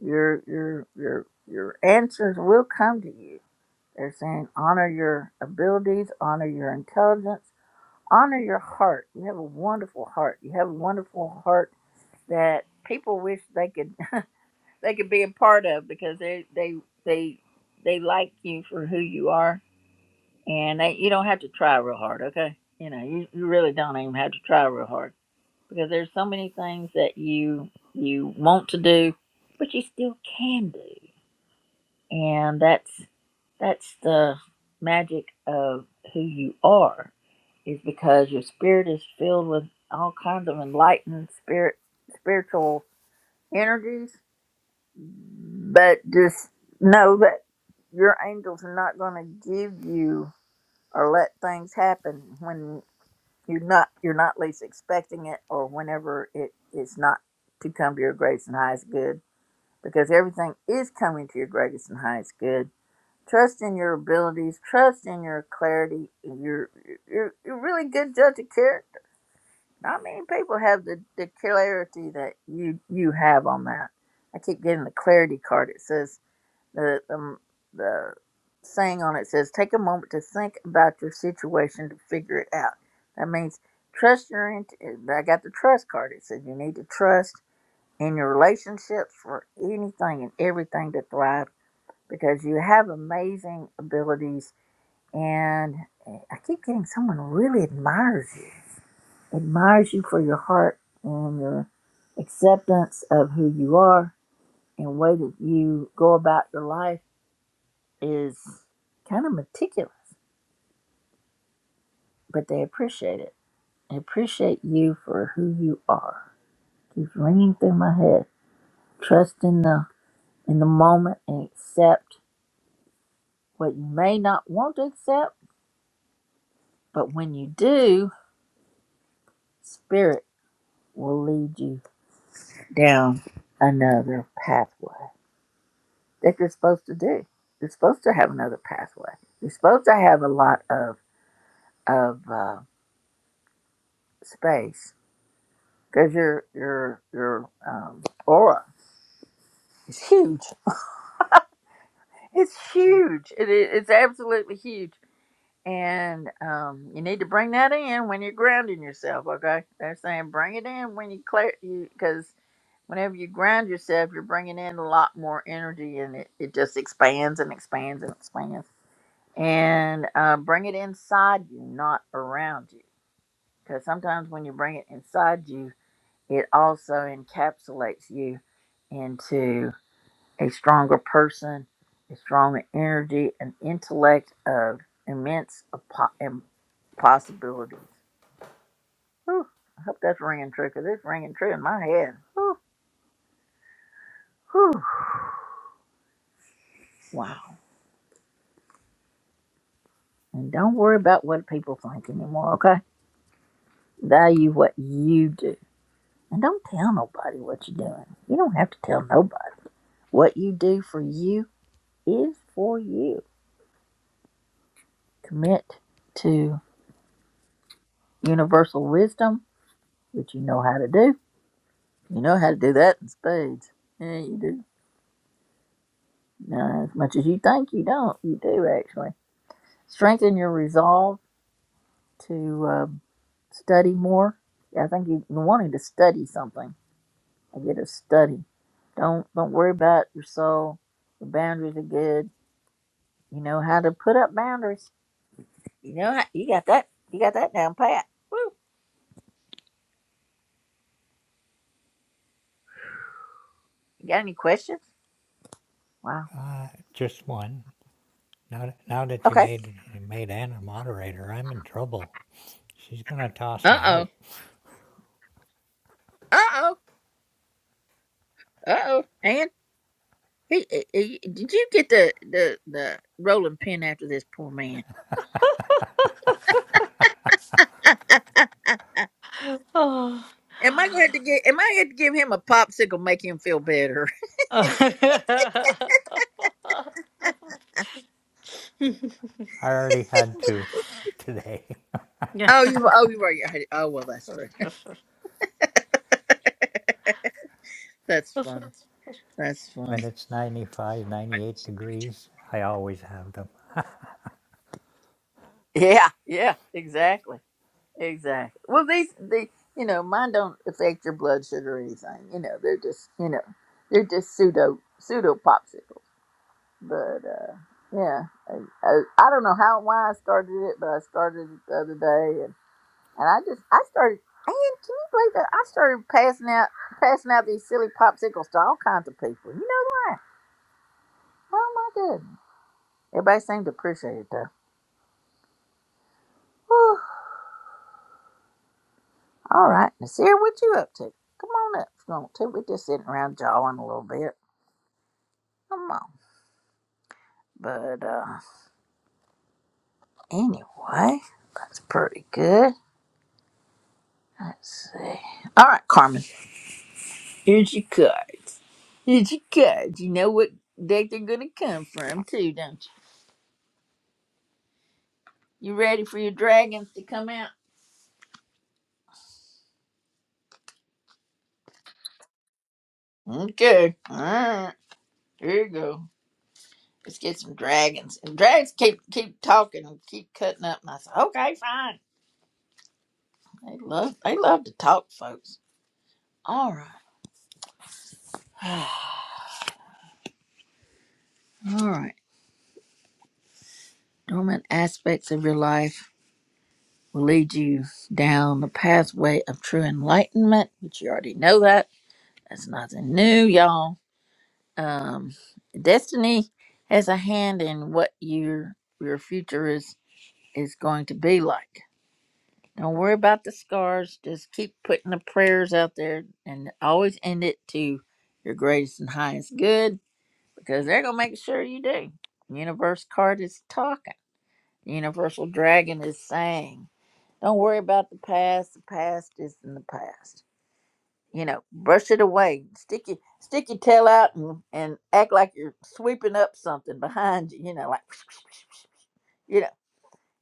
Speaker 1: Your your your your answers will come to you. They're saying honor your abilities, honor your intelligence, honor your heart. You have a wonderful heart. You have a wonderful heart that people wish they could they could be a part of because they they they they like you for who you are, and they, you don't have to try real hard. Okay, you know you, you really don't even have to try real hard because there's so many things that you you want to do, but you still can do and that's that's the magic of who you are is because your spirit is filled with all kinds of enlightened spirit spiritual energies but just know that your angels are not going to give you or let things happen when you're not you're not least expecting it or whenever it is not to come to your greatest and highest good because everything is coming to your greatest and highest good Trust in your abilities. Trust in your clarity. You're you're, you're a really good judge of character. Not many people have the, the clarity that you you have on that. I keep getting the clarity card. It says the the, the saying on it says take a moment to think about your situation to figure it out. That means trust your. int- I got the trust card. It said you need to trust in your relationships for anything and everything to thrive because you have amazing abilities and eh, I keep getting someone really admires you, admires you for your heart and your acceptance of who you are and way that you go about your life is kind of meticulous, but they appreciate it. They appreciate you for who you are. Keeps ringing through my head. Trust in the in the moment and accept what you may not want to accept, but when you do, spirit will lead you down another pathway that you're supposed to do. You're supposed to have another pathway. You're supposed to have a lot of of uh, space because your your your um, aura is huge. It's huge. It is, it's absolutely huge. And um, you need to bring that in when you're grounding yourself. Okay, they're saying bring it in when you clear you because whenever you ground yourself, you're bringing in a lot more energy, and it, it just expands and expands and expands and uh, bring it inside you, not around you. Because sometimes when you bring it inside you, it also encapsulates you into a stronger person, a stronger energy, an intellect of immense apo- im- possibilities. Whew, I hope that's ringing true because it's ringing true in my head. Whew, whew. Wow. And don't worry about what people think anymore, okay? Value what you do And don't tell nobody what you're doing. You don't have to tell nobody. What you do for you is for you. Commit to universal wisdom, which you know how to do. You know how to do that in spades. Yeah, you do. Now, as much as you think you don't, you do actually. Strengthen your resolve to um, study more. Yeah, I think you- are wanting to study something. I get a study. Don't don't worry about your soul. Your boundaries are good. You know how to put up boundaries You know, how- you got that. You got that down pat. Woo. You got any questions? Wow.
Speaker 8: Uh, just one. Now, now that you
Speaker 1: Okay.
Speaker 8: made you made Anna moderator, I'm in trouble. She's gonna toss
Speaker 1: Uh
Speaker 8: me
Speaker 1: oh.
Speaker 8: out.
Speaker 1: Uh oh. Uh oh. And he, he- he- did you get the the the rolling pin after this poor man? am I
Speaker 7: Oh.
Speaker 1: going to get? Am I going to to give him a popsicle, make him feel better?
Speaker 8: I already had two today.
Speaker 7: yeah.
Speaker 1: Oh, you. Oh, you right. Hey, Oh, well, that's true. That's funny. That's
Speaker 8: when
Speaker 1: funny.
Speaker 8: it's 95, 98 degrees, I always have them.
Speaker 1: Yeah. Yeah. Exactly. Exactly. Well, these they you know mine don't affect your blood sugar or anything. You know they're just you know they're just pseudo pseudo popsicles. But uh, yeah, I, I, I don't know how why I started it, but I started it the other day, and, and I just I started. And can you believe that I started passing out passing out these silly popsicles to all kinds of people? You know why? Oh my goodness! Everybody seemed to appreciate it though. All right, Nasir, what you up to? Come on up if you want to. We're just sitting around jawing a little bit. Come on. But uh anyway, that's pretty good. Let's see. All right, Carmen. Here's your cards. Here's your cards. You know what deck they're gonna come from too, don't you? You ready for your dragons to come out? Okay. All right. Here you go. Let's get some dragons. And dragons keep keep talking and keep cutting up and I said, Okay, fine. They love they love to talk, folks. All right. All right. Dormant aspects of your life will lead you down the pathway of true enlightenment, which you already know that. That's nothing new, y'all. Um, destiny has a hand in what your your future is is going to be like. Don't worry about the scars. Just keep putting the prayers out there and always end it to your greatest and highest good because they're gonna make sure you do. Universe card is talking. Universal Dragon is saying. Don't worry about the past. The past is in the past. You know, brush it away. Stick your stick your tail out and, and act like you're sweeping up something behind you. You know, like you know,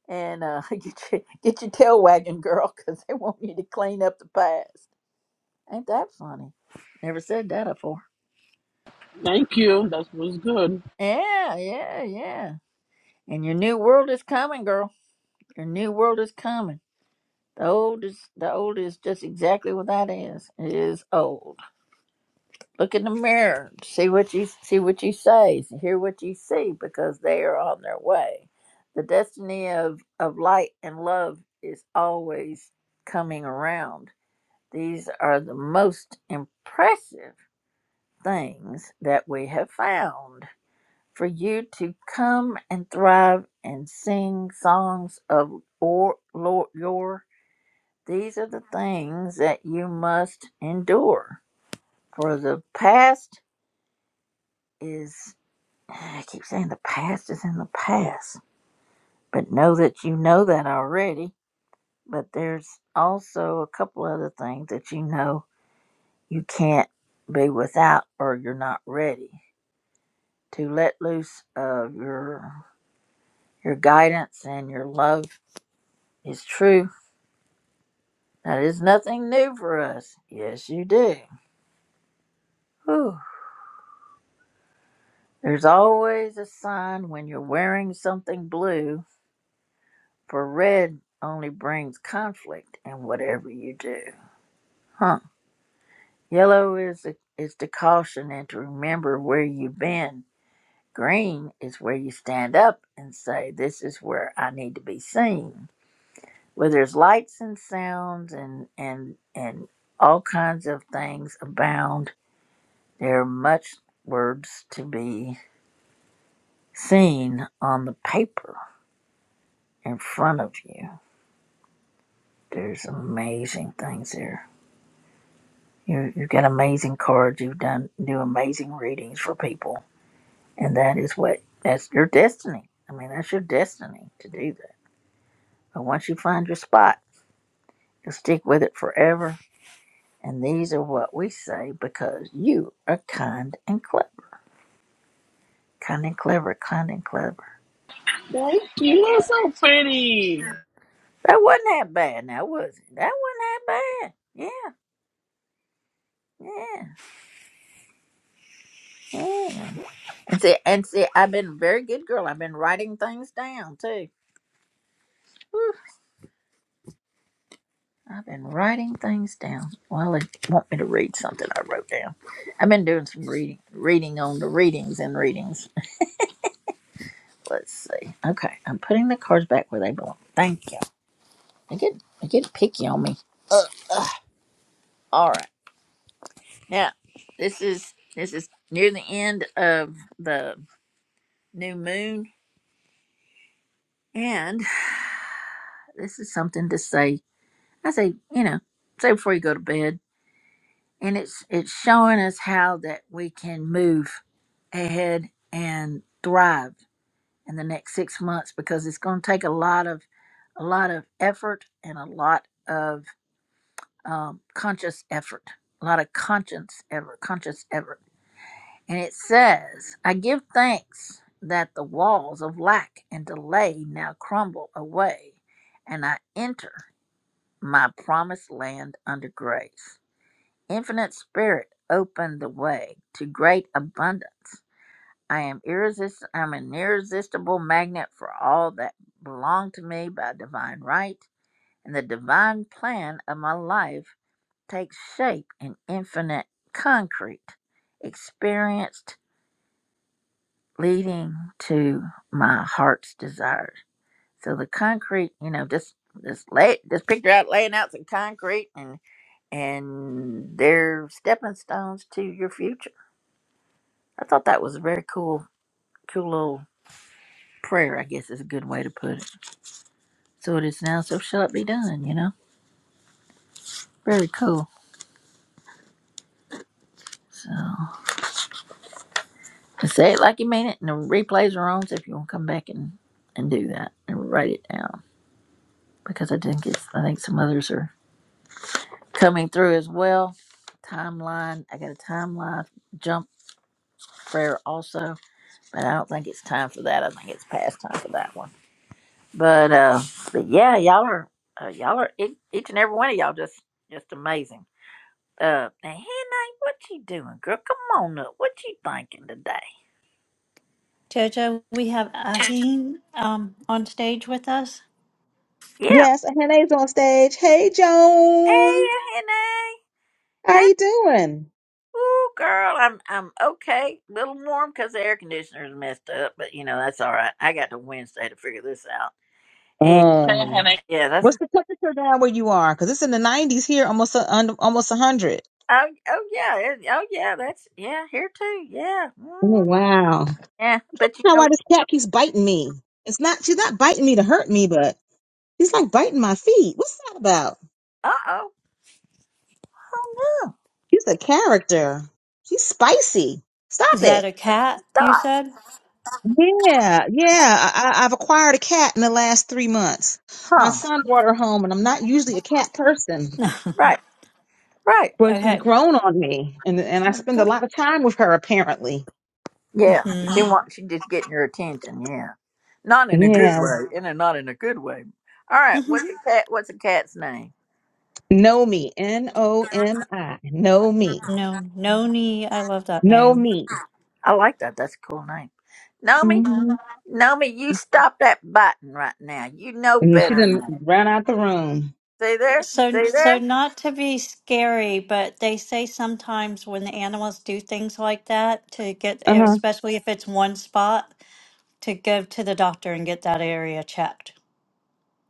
Speaker 1: and uh, get your get your tail wagging, girl, because they want you to clean up the past. Ain't that funny? Never said that before.
Speaker 6: Thank you. That was good.
Speaker 1: Yeah, yeah, yeah. And your new world is coming, girl. Your new world is coming. The old is the old is just exactly what that is. It is old. Look in the mirror, see what you see what you say, hear what you see, because they are on their way. The destiny of, of light and love is always coming around. These are the most impressive things that we have found for you to come and thrive and sing songs of or, lor, these are the things that you must endure. For the past is, I keep saying the past is in the past, but know that you know that already. But there's also a couple other things that you know you can't be without or you're not ready to let loose of your your guidance and your love is true. That is nothing new for us. Yes, you do. Whew. There's always a sign when you're wearing something blue, for red only brings conflict in whatever you do. Huh. Yellow is the, is the caution and to remember where you've been. Green is where you stand up and say, This is where I need to be seen. Where there's lights and sounds and, and, and all kinds of things abound, there are much words to be seen on the paper in front of you. There's amazing things there. You you have got amazing cards. You've done do amazing readings for people, and that is what that's your destiny. I mean, that's your destiny to do that. But once you find your spot, you will stick with it forever. And these are what we say because you are kind and clever, kind and clever, kind and clever.
Speaker 6: Thank you. You're so pretty.
Speaker 1: That wasn't that bad, now was it? That wasn't that bad. Yeah, yeah, yeah. And see, and see, I've been a very good girl. I've been writing things down too. Whew. I've been writing things down. Well, it want me to read something I wrote down. I've been doing some reading, reading on the readings and readings. Let's see. Okay, I'm putting the cards back where they belong. Thank you. They get they get picky on me. All right. Now this is this is near the end of the new moon, and this is something to say. I say you know say before you go to bed, and it's it's showing us how that we can move ahead and thrive in the next six months because it's going to take a lot of a lot of effort and a lot of um, conscious effort a lot of conscience effort conscious effort and it says i give thanks that the walls of lack and delay now crumble away and i enter my promised land under grace infinite spirit opened the way to great abundance I am irresistible. I'm an irresistible magnet for all that belong to me by divine right, and the divine plan of my life takes shape in infinite concrete, experienced, leading to my heart's desires. So the concrete, you know, just just lay just picture out laying out some concrete and and they're stepping stones to your future. I thought that was a very cool cool little prayer, I guess is a good way to put it. So it is now, so shall it be done, you know? Very cool. So say it like you mean it, and the replays are on, so if you want to come back and, and do that and write it down. Because I think it's I think some others are coming through as well. Timeline. I got a timeline jump prayer also. But I don't think it's time for that. I think it's past time for that one. But uh but yeah, y'all are uh, y'all are each each and every one of y'all just just amazing. Uh, now, Hannah, what you doing, girl? Come on up. What you thinking today?
Speaker 7: Jojo, we have Aheen um, on stage with us.
Speaker 1: Yeah.
Speaker 9: Yes, and Renee's on stage. Hey,
Speaker 1: Hey,
Speaker 9: Joan,
Speaker 1: Renee.
Speaker 9: how
Speaker 1: Hey,
Speaker 9: are you doing?
Speaker 1: Hey, ooh, girl. I'm I'm okay. A little warm because the air conditioner's messed up, but you know that's all right. I got to Wednesday to figure this out. And
Speaker 6: Okay,
Speaker 9: Oh,
Speaker 6: honey.
Speaker 1: yeah, that's
Speaker 9: what's the temperature down where you are? Because it's in the nineties here, almost a, un, almost one hundred.
Speaker 1: oh oh yeah it- oh yeah that's yeah here too yeah
Speaker 9: Oh
Speaker 1: mm,
Speaker 9: wow!
Speaker 1: yeah. But you
Speaker 9: Now
Speaker 1: know
Speaker 9: why this cat keeps biting me? It's not she's not biting me to hurt me, but she's like biting my feet. What's that about?
Speaker 1: uh oh
Speaker 9: She's a character. She's spicy. Stop
Speaker 7: Is that
Speaker 9: it.
Speaker 7: a cat, you
Speaker 1: stop
Speaker 7: said?
Speaker 9: Yeah, yeah. I, I- I've acquired a cat in the last three months. My
Speaker 1: huh
Speaker 9: son brought her home, and I'm not usually a cat person.
Speaker 7: okay.
Speaker 1: right right
Speaker 9: But she's
Speaker 7: Okay.
Speaker 9: grown on me, and and I spend a lot of time with her apparently.
Speaker 1: yeah she
Speaker 7: Mm-hmm.
Speaker 1: wants she just getting your attention yeah not in a good
Speaker 9: Yeah,
Speaker 1: way in a not in a good way. All right, what's the cat? What's the cat's name?
Speaker 9: know me, N O M I, know me,
Speaker 7: No, Noni, I love that
Speaker 9: know
Speaker 7: name.
Speaker 9: me.
Speaker 1: I like that. That's a cool name. Nomi,
Speaker 9: hmm
Speaker 1: Nomi, you stop that biting right now. You know
Speaker 9: And she
Speaker 1: better than
Speaker 9: didn't
Speaker 1: that.
Speaker 9: ran out the room.
Speaker 1: See there?
Speaker 7: So,
Speaker 1: See there?
Speaker 7: so not to be scary, but they say sometimes when the animals do things like that to get,
Speaker 9: Uh huh.
Speaker 7: especially if it's one spot. to go to the doctor and get that area checked.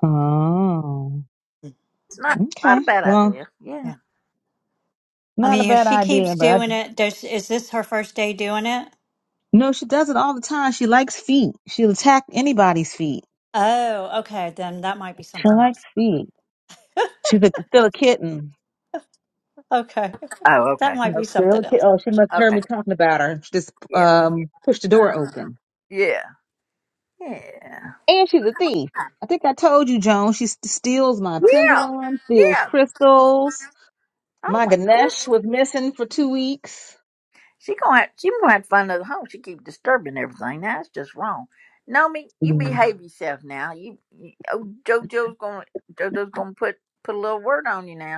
Speaker 9: Oh,
Speaker 1: It's not not a
Speaker 9: okay.
Speaker 1: bad
Speaker 9: Well,
Speaker 1: idea. Yeah.
Speaker 7: Yeah. I
Speaker 9: not a
Speaker 7: mean, if
Speaker 9: bad
Speaker 7: she keeps
Speaker 9: idea, but I,
Speaker 7: doing it, does is this her first day doing it?
Speaker 9: no, she does it all the time. She likes feet. She'll attack anybody's feet.
Speaker 7: Oh, okay. Then that might be
Speaker 9: She
Speaker 7: something
Speaker 9: likes
Speaker 7: else.
Speaker 9: feet. She's a, still a kitten.
Speaker 7: Okay.
Speaker 1: Oh,
Speaker 7: That
Speaker 1: okay.
Speaker 7: might be
Speaker 1: Okay.
Speaker 9: Still
Speaker 7: something
Speaker 9: a
Speaker 7: else.
Speaker 9: kitten. Oh, she must have heard
Speaker 1: Okay.
Speaker 9: me talking about her. She just
Speaker 1: Yeah.
Speaker 9: um pushed the door
Speaker 1: Uh,
Speaker 9: open.
Speaker 1: yeah. Yeah.
Speaker 9: And she's a thief. I think I told you, Joan. She st- steals my
Speaker 1: Yeah.
Speaker 9: pendulum, steals
Speaker 1: Yeah.
Speaker 9: crystals.
Speaker 1: Oh
Speaker 9: My
Speaker 1: my
Speaker 9: Ganesh
Speaker 1: goodness.
Speaker 9: was missing for two weeks.
Speaker 1: She gonna have, she gonna have to find another home. She keep disturbing everything. Now that's just wrong. Nomi, you
Speaker 9: Yeah,
Speaker 1: behave yourself now. You, you oh, JoJo's gonna JoJo's gonna put put a little word on you now.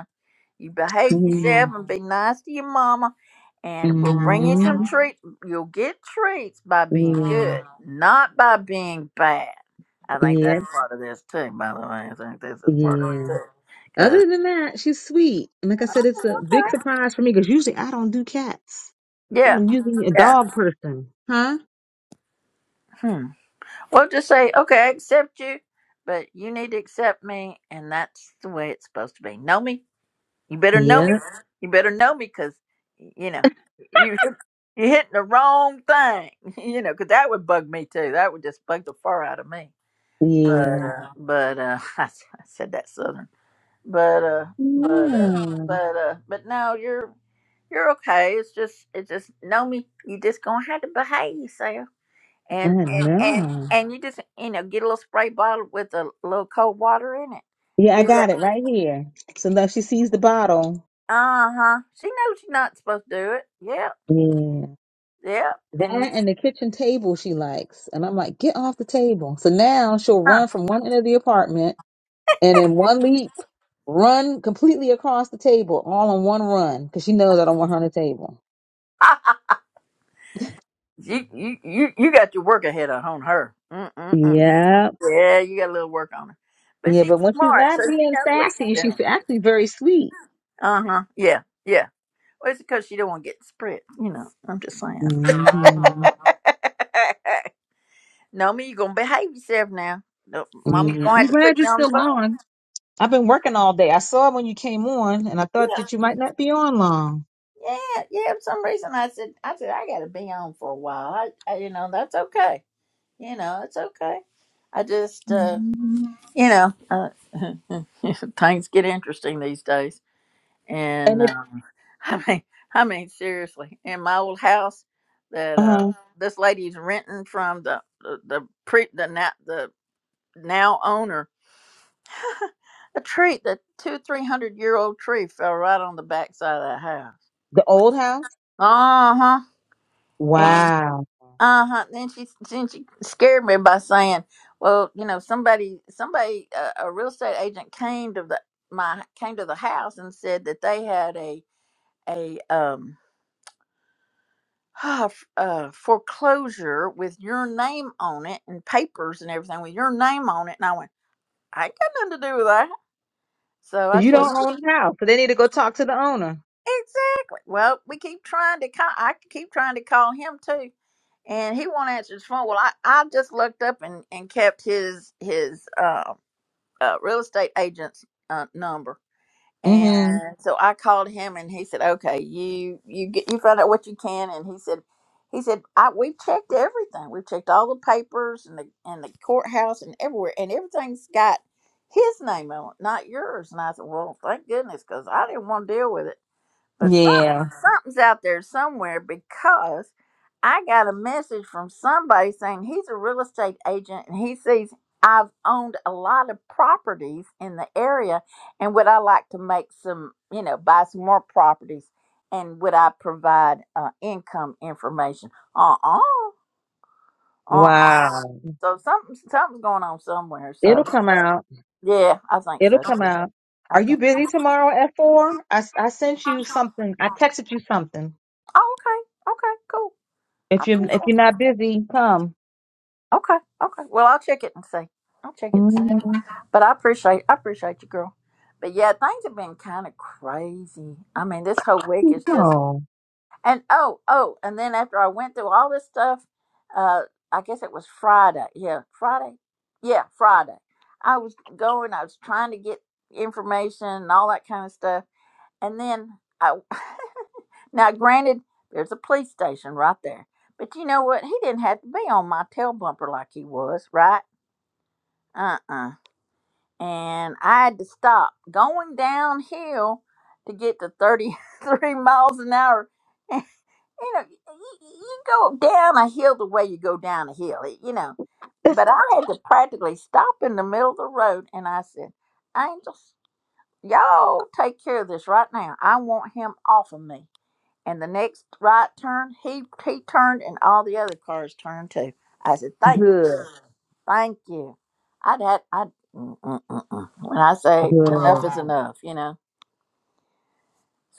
Speaker 1: You behave
Speaker 9: yeah,
Speaker 1: yourself and be nice to your mama, and we'll bring you some
Speaker 9: mm,
Speaker 1: treats. You'll get treats by being
Speaker 9: yeah,
Speaker 1: good, not by being bad. I think
Speaker 9: yeah,
Speaker 1: that's part of this too, by the way. I think this is part of
Speaker 9: yeah.
Speaker 1: it too. Because,
Speaker 9: Other than that, she's sweet. And like I said, it's a big
Speaker 1: okay.
Speaker 9: surprise for me because usually I don't do cats.
Speaker 1: Yeah,
Speaker 9: I'm usually a
Speaker 1: yeah.
Speaker 9: dog person, huh?
Speaker 1: Hmm. Well, just say, okay, I accept you, but you need to accept me, and that's the way it's supposed to be. Know me. You better know me.
Speaker 9: Yeah,
Speaker 1: You better know me because, you know. you. You hit the wrong thing, you know, 'cause that would bug me too. That would just bug the fur out of me. But
Speaker 9: yeah,
Speaker 1: uh, but uh, I, s- I said that southern. But uh, but uh,
Speaker 9: yeah.
Speaker 1: but uh, but no, you're you're okay. It's just it's just know me. You just gonna have to behave yourself, and
Speaker 9: I
Speaker 1: and and,
Speaker 9: know.
Speaker 1: and you just you know get a little spray bottle with a little cold water in it.
Speaker 9: Yeah,
Speaker 1: Do
Speaker 9: I
Speaker 1: that.
Speaker 9: got it right here. So now she sees the bottle.
Speaker 1: Uh huh. She knows she's not supposed to do it. Yep.
Speaker 9: Yeah.
Speaker 1: Yep.
Speaker 9: That
Speaker 1: And
Speaker 9: and the kitchen table she likes. And I'm like, get off the table. So now she'll run from one end of the apartment and in one leap, run completely across the table, all in one run, because she knows I don't want her on the table.
Speaker 1: huh. You you you you got your work ahead of on her. Mm-mm-mm.
Speaker 9: Yeah.
Speaker 1: Yeah, you got a little work on her, but
Speaker 9: Yeah,
Speaker 1: she's
Speaker 9: but when she's
Speaker 1: smart, so
Speaker 9: not
Speaker 1: she
Speaker 9: being
Speaker 1: knows what she's
Speaker 9: sassy, she's
Speaker 1: doing.
Speaker 9: actually very sweet.
Speaker 1: Uh huh. Yeah, yeah. Well, it's because she don't want to get spread. You know, I'm just saying.
Speaker 9: hmm
Speaker 1: no, me, you gonna behave yourself now. No, Mama's
Speaker 9: Yeah.
Speaker 1: gonna
Speaker 9: I'm
Speaker 1: have to
Speaker 9: glad
Speaker 1: put
Speaker 9: you're
Speaker 1: you on the
Speaker 9: still
Speaker 1: phone.
Speaker 9: on. I've been working all day. I saw when you came on and I thought
Speaker 1: Yeah,
Speaker 9: that you might not be on long.
Speaker 1: yeah, yeah. For some reason, I said, I said I gotta be on for a while. I, I you know, that's okay. You know, it's okay. I just, uh,
Speaker 9: Mhm.
Speaker 1: you know, uh, things get interesting these days. And
Speaker 9: And if
Speaker 1: uh, I mean, I mean, seriously, in my old house that uh,
Speaker 9: uh
Speaker 1: this lady's renting from the the the, pre, the now the now owner, a tree, the two three hundred year old tree fell right on the backside of that house.
Speaker 9: the old house?
Speaker 1: Uh huh. And
Speaker 9: Wow.
Speaker 1: Uh huh. Then she then she scared me by saying, "Well, you know, somebody somebody a, a real estate agent came to the my came to the house and said that they had a a um uh, foreclosure with your name on it and papers and everything with your name on it." And I went, "I ain't got nothing to do with that." So I
Speaker 9: 'Cause you don't
Speaker 1: just
Speaker 9: own the house. So they need to go talk to the owner.
Speaker 1: exactly. Well, we keep trying to call. I keep trying to call him too. And he won't answer his phone. Well, I, I just looked up and, and kept his his um uh, real estate agent's uh, number.
Speaker 9: hmm
Speaker 1: And so I called him, and he said, "Okay, you you get you find out what you can." And he said, "He said I we've checked everything. We've checked all the papers and the and the courthouse and everywhere, and everything's got his name on it, not yours." And I said, "Well, thank goodness, because I didn't want to deal with it." But some,
Speaker 9: Yeah.
Speaker 1: something's out there somewhere because I got a message from somebody saying he's a real estate agent and he sees I've owned a lot of properties in the area and would I like to make some, you know, buy some more properties and would I provide uh, income information? Uh-uh. Uh-uh. uh.
Speaker 9: Wow.
Speaker 1: So something something's going on somewhere.
Speaker 9: It'll
Speaker 1: So
Speaker 9: come out.
Speaker 1: yeah, I think
Speaker 9: It'll
Speaker 1: so
Speaker 9: come
Speaker 1: too.
Speaker 9: out.
Speaker 1: I
Speaker 9: Are you
Speaker 1: think. so.
Speaker 9: busy tomorrow at four? I, s- I sent you something. I texted you something.
Speaker 1: Oh, okay. Okay. Cool. I
Speaker 9: If you're
Speaker 1: appreciate.
Speaker 9: if you're not busy, come.
Speaker 1: Okay, okay. Well, I'll check it and see. I'll check it and see.
Speaker 9: hmm
Speaker 1: But I appreciate, I appreciate you, girl. But yeah, things have been kind of crazy. I mean, this whole week is just
Speaker 9: Oh,
Speaker 1: and oh, oh, and then after I went through all this stuff, uh, I guess it was Friday. Yeah, Friday. Yeah, Friday. I was going. I was trying to get information and all that kind of stuff, and then I. now, granted, there's a police station right there. But you know what? He didn't have to be on my tail bumper like he was, right? uh-uh and i had to stop going downhill to get to 33 miles an hour you know you, you go down a hill the way you go down a hill you know but i had to practically stop in the middle of the road and i said angels y'all take care of this right now i want him off of me and the next right turn he he turned and all the other cars turned too i said thank
Speaker 9: good,
Speaker 1: Thank you. I'd had I mm, mm, mm, mm. when I say enough
Speaker 9: good,
Speaker 1: is enough, you know.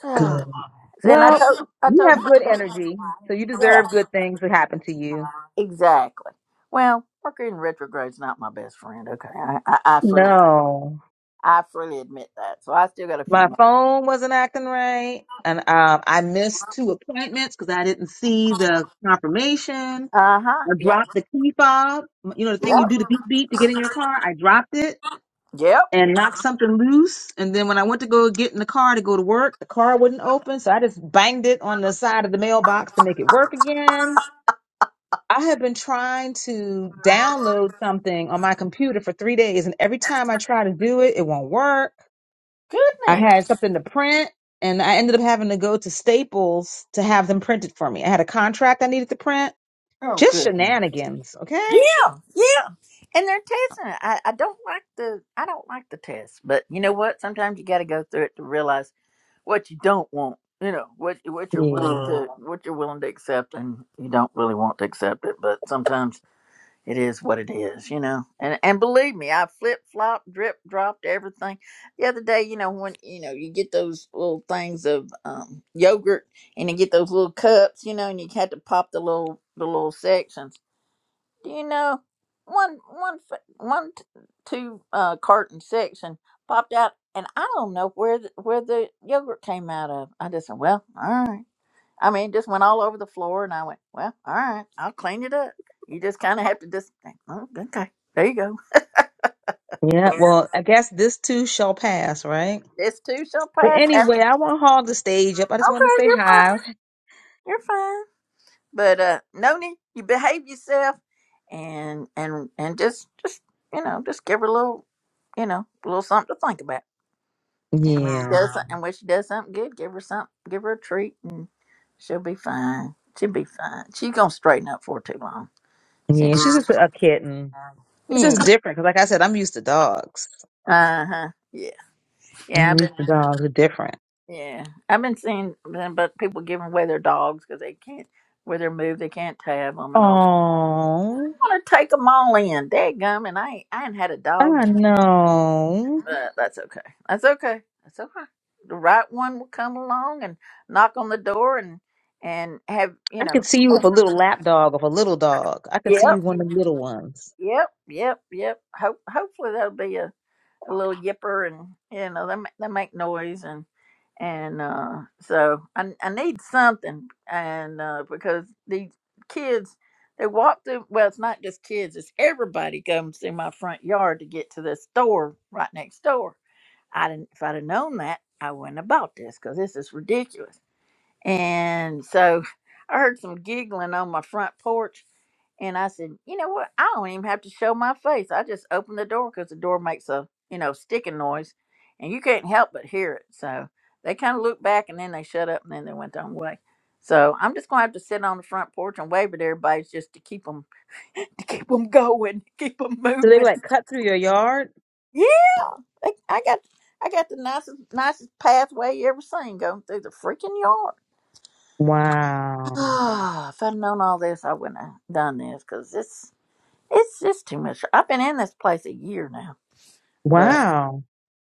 Speaker 1: So
Speaker 9: good.
Speaker 1: then I
Speaker 9: Well,
Speaker 1: told I
Speaker 9: you
Speaker 1: told
Speaker 9: have good
Speaker 1: friend
Speaker 9: energy, so you
Speaker 1: Dave, yeah,
Speaker 9: deserve good things to happen to you.
Speaker 1: exactly. Well, Mercury in retrograde's not my best friend. Okay, I, I, I freely
Speaker 9: No.
Speaker 1: I freely admit that. So I still got a few
Speaker 9: My
Speaker 1: more.
Speaker 9: phone wasn't acting right, and um, I missed two appointments because I didn't see the confirmation.
Speaker 1: Uh huh.
Speaker 9: I
Speaker 1: Yep.
Speaker 9: dropped the key fob. You know, the thing you do the beep beep to get in
Speaker 1: Yep.
Speaker 9: your car. I dropped it
Speaker 1: Yep.
Speaker 9: and knocked something loose. And then when I went to go get in the car to go to work, the car wouldn't open. So I just banged it on the side of the mailbox to make it work again. I have been trying to download something on my computer for three days, and every time I try to do it, it won't work. I
Speaker 1: Goodness.
Speaker 9: had something to print, and I ended up having to go to Staples to have them printed for me. I had a contract I needed to print.
Speaker 1: Oh
Speaker 9: Just
Speaker 1: goodness.
Speaker 9: shenanigans, okay?
Speaker 1: Yeah. And they're testing it. I, I don't like the I don't like the test, but you know what? Sometimes you got to go through it to realize what you don't want. You know what what you're willing
Speaker 9: Yeah.
Speaker 1: to what you're willing to accept, and you don't really want to accept it. But sometimes it is what it is, you know. And and believe me, I flip flop, drip dropped everything. The other day, you know when you know you get those little things of um, yogurt, and you get those little cups, you know, and you had to pop the little the little section. Do you know one one fa- one t- two uh, carton section popped out, and I don't know where the, where the yogurt came out of. I just said, well, all right. I mean, it just went all over the floor, and I went, well, all right, I'll clean it up. You just kind of have to just, think, oh, okay, there you go.
Speaker 9: Yeah. Well, I guess this too shall pass, right?
Speaker 1: This too shall
Speaker 9: But
Speaker 1: pass.
Speaker 9: anyway,
Speaker 1: After,
Speaker 9: I won't hog the stage up. I just wanted to
Speaker 1: okay,
Speaker 9: say
Speaker 1: you're
Speaker 9: hi.
Speaker 1: you're fine, but uh, Noni, you behave yourself, and and and just just you know just give her a little you know a little something to think about. And when she
Speaker 9: Yeah.
Speaker 1: does, some- and when she does something good, give her some, give her a treat, and she'll be fine. She'll be fine. She's gonna straighten up for too long.
Speaker 9: Yeah.
Speaker 1: Since
Speaker 9: She's just
Speaker 1: she's
Speaker 9: a kitten. It's
Speaker 1: yeah,
Speaker 9: just different because, like I said, I'm used to dogs.
Speaker 1: uh huh, yeah, yeah.
Speaker 9: I'm
Speaker 1: I've
Speaker 9: used
Speaker 1: been
Speaker 9: to dogs. They're different.
Speaker 1: yeah, I've been seeing them, but people giving away their dogs because they can't where they move, they can't tab them and all.
Speaker 9: Oh,
Speaker 1: I want to take them all in. Dadgum, and I ain't- I ain't had a dog.
Speaker 9: I
Speaker 1: in
Speaker 9: know.
Speaker 1: But that's okay. That's okay. That's okay. The right one will come along and knock on the door and and have you
Speaker 9: I
Speaker 1: know.
Speaker 9: could see you with a little lap dog of a little dog. I could see you
Speaker 1: Yep.
Speaker 9: one of the little ones.
Speaker 1: Yep. Yep. Yep. Hope hopefully that'll be a, a little yipper and you know they ma- they make noise and and uh, so I I need something and uh, because these kids they walk through well it's not just kids it's everybody comes through my front yard to get to this store right next door I didn't, if I'd have known that, I wouldn't have bought this because this is ridiculous. And so I heard some giggling on my front porch. And I said, you know what? I don't even have to show my face. I just open the door because the door makes a, you know, sticking noise and you can't help but hear it. So they kind of looked back and then they shut up and then they went their own way. So I'm just going to have to sit on the front porch and wave at everybody just to keep them, to keep them going, keep them
Speaker 9: So they would
Speaker 1: moving.
Speaker 9: like cut through your yard.
Speaker 1: Yeah. They, I got I got the nicest nicest pathway you ever seen going through the freaking yard.
Speaker 9: Wow.
Speaker 1: Ah, if I'd known all this, I wouldn't have done this because it's it's just too much. I've been in this place a year now, but
Speaker 9: Wow.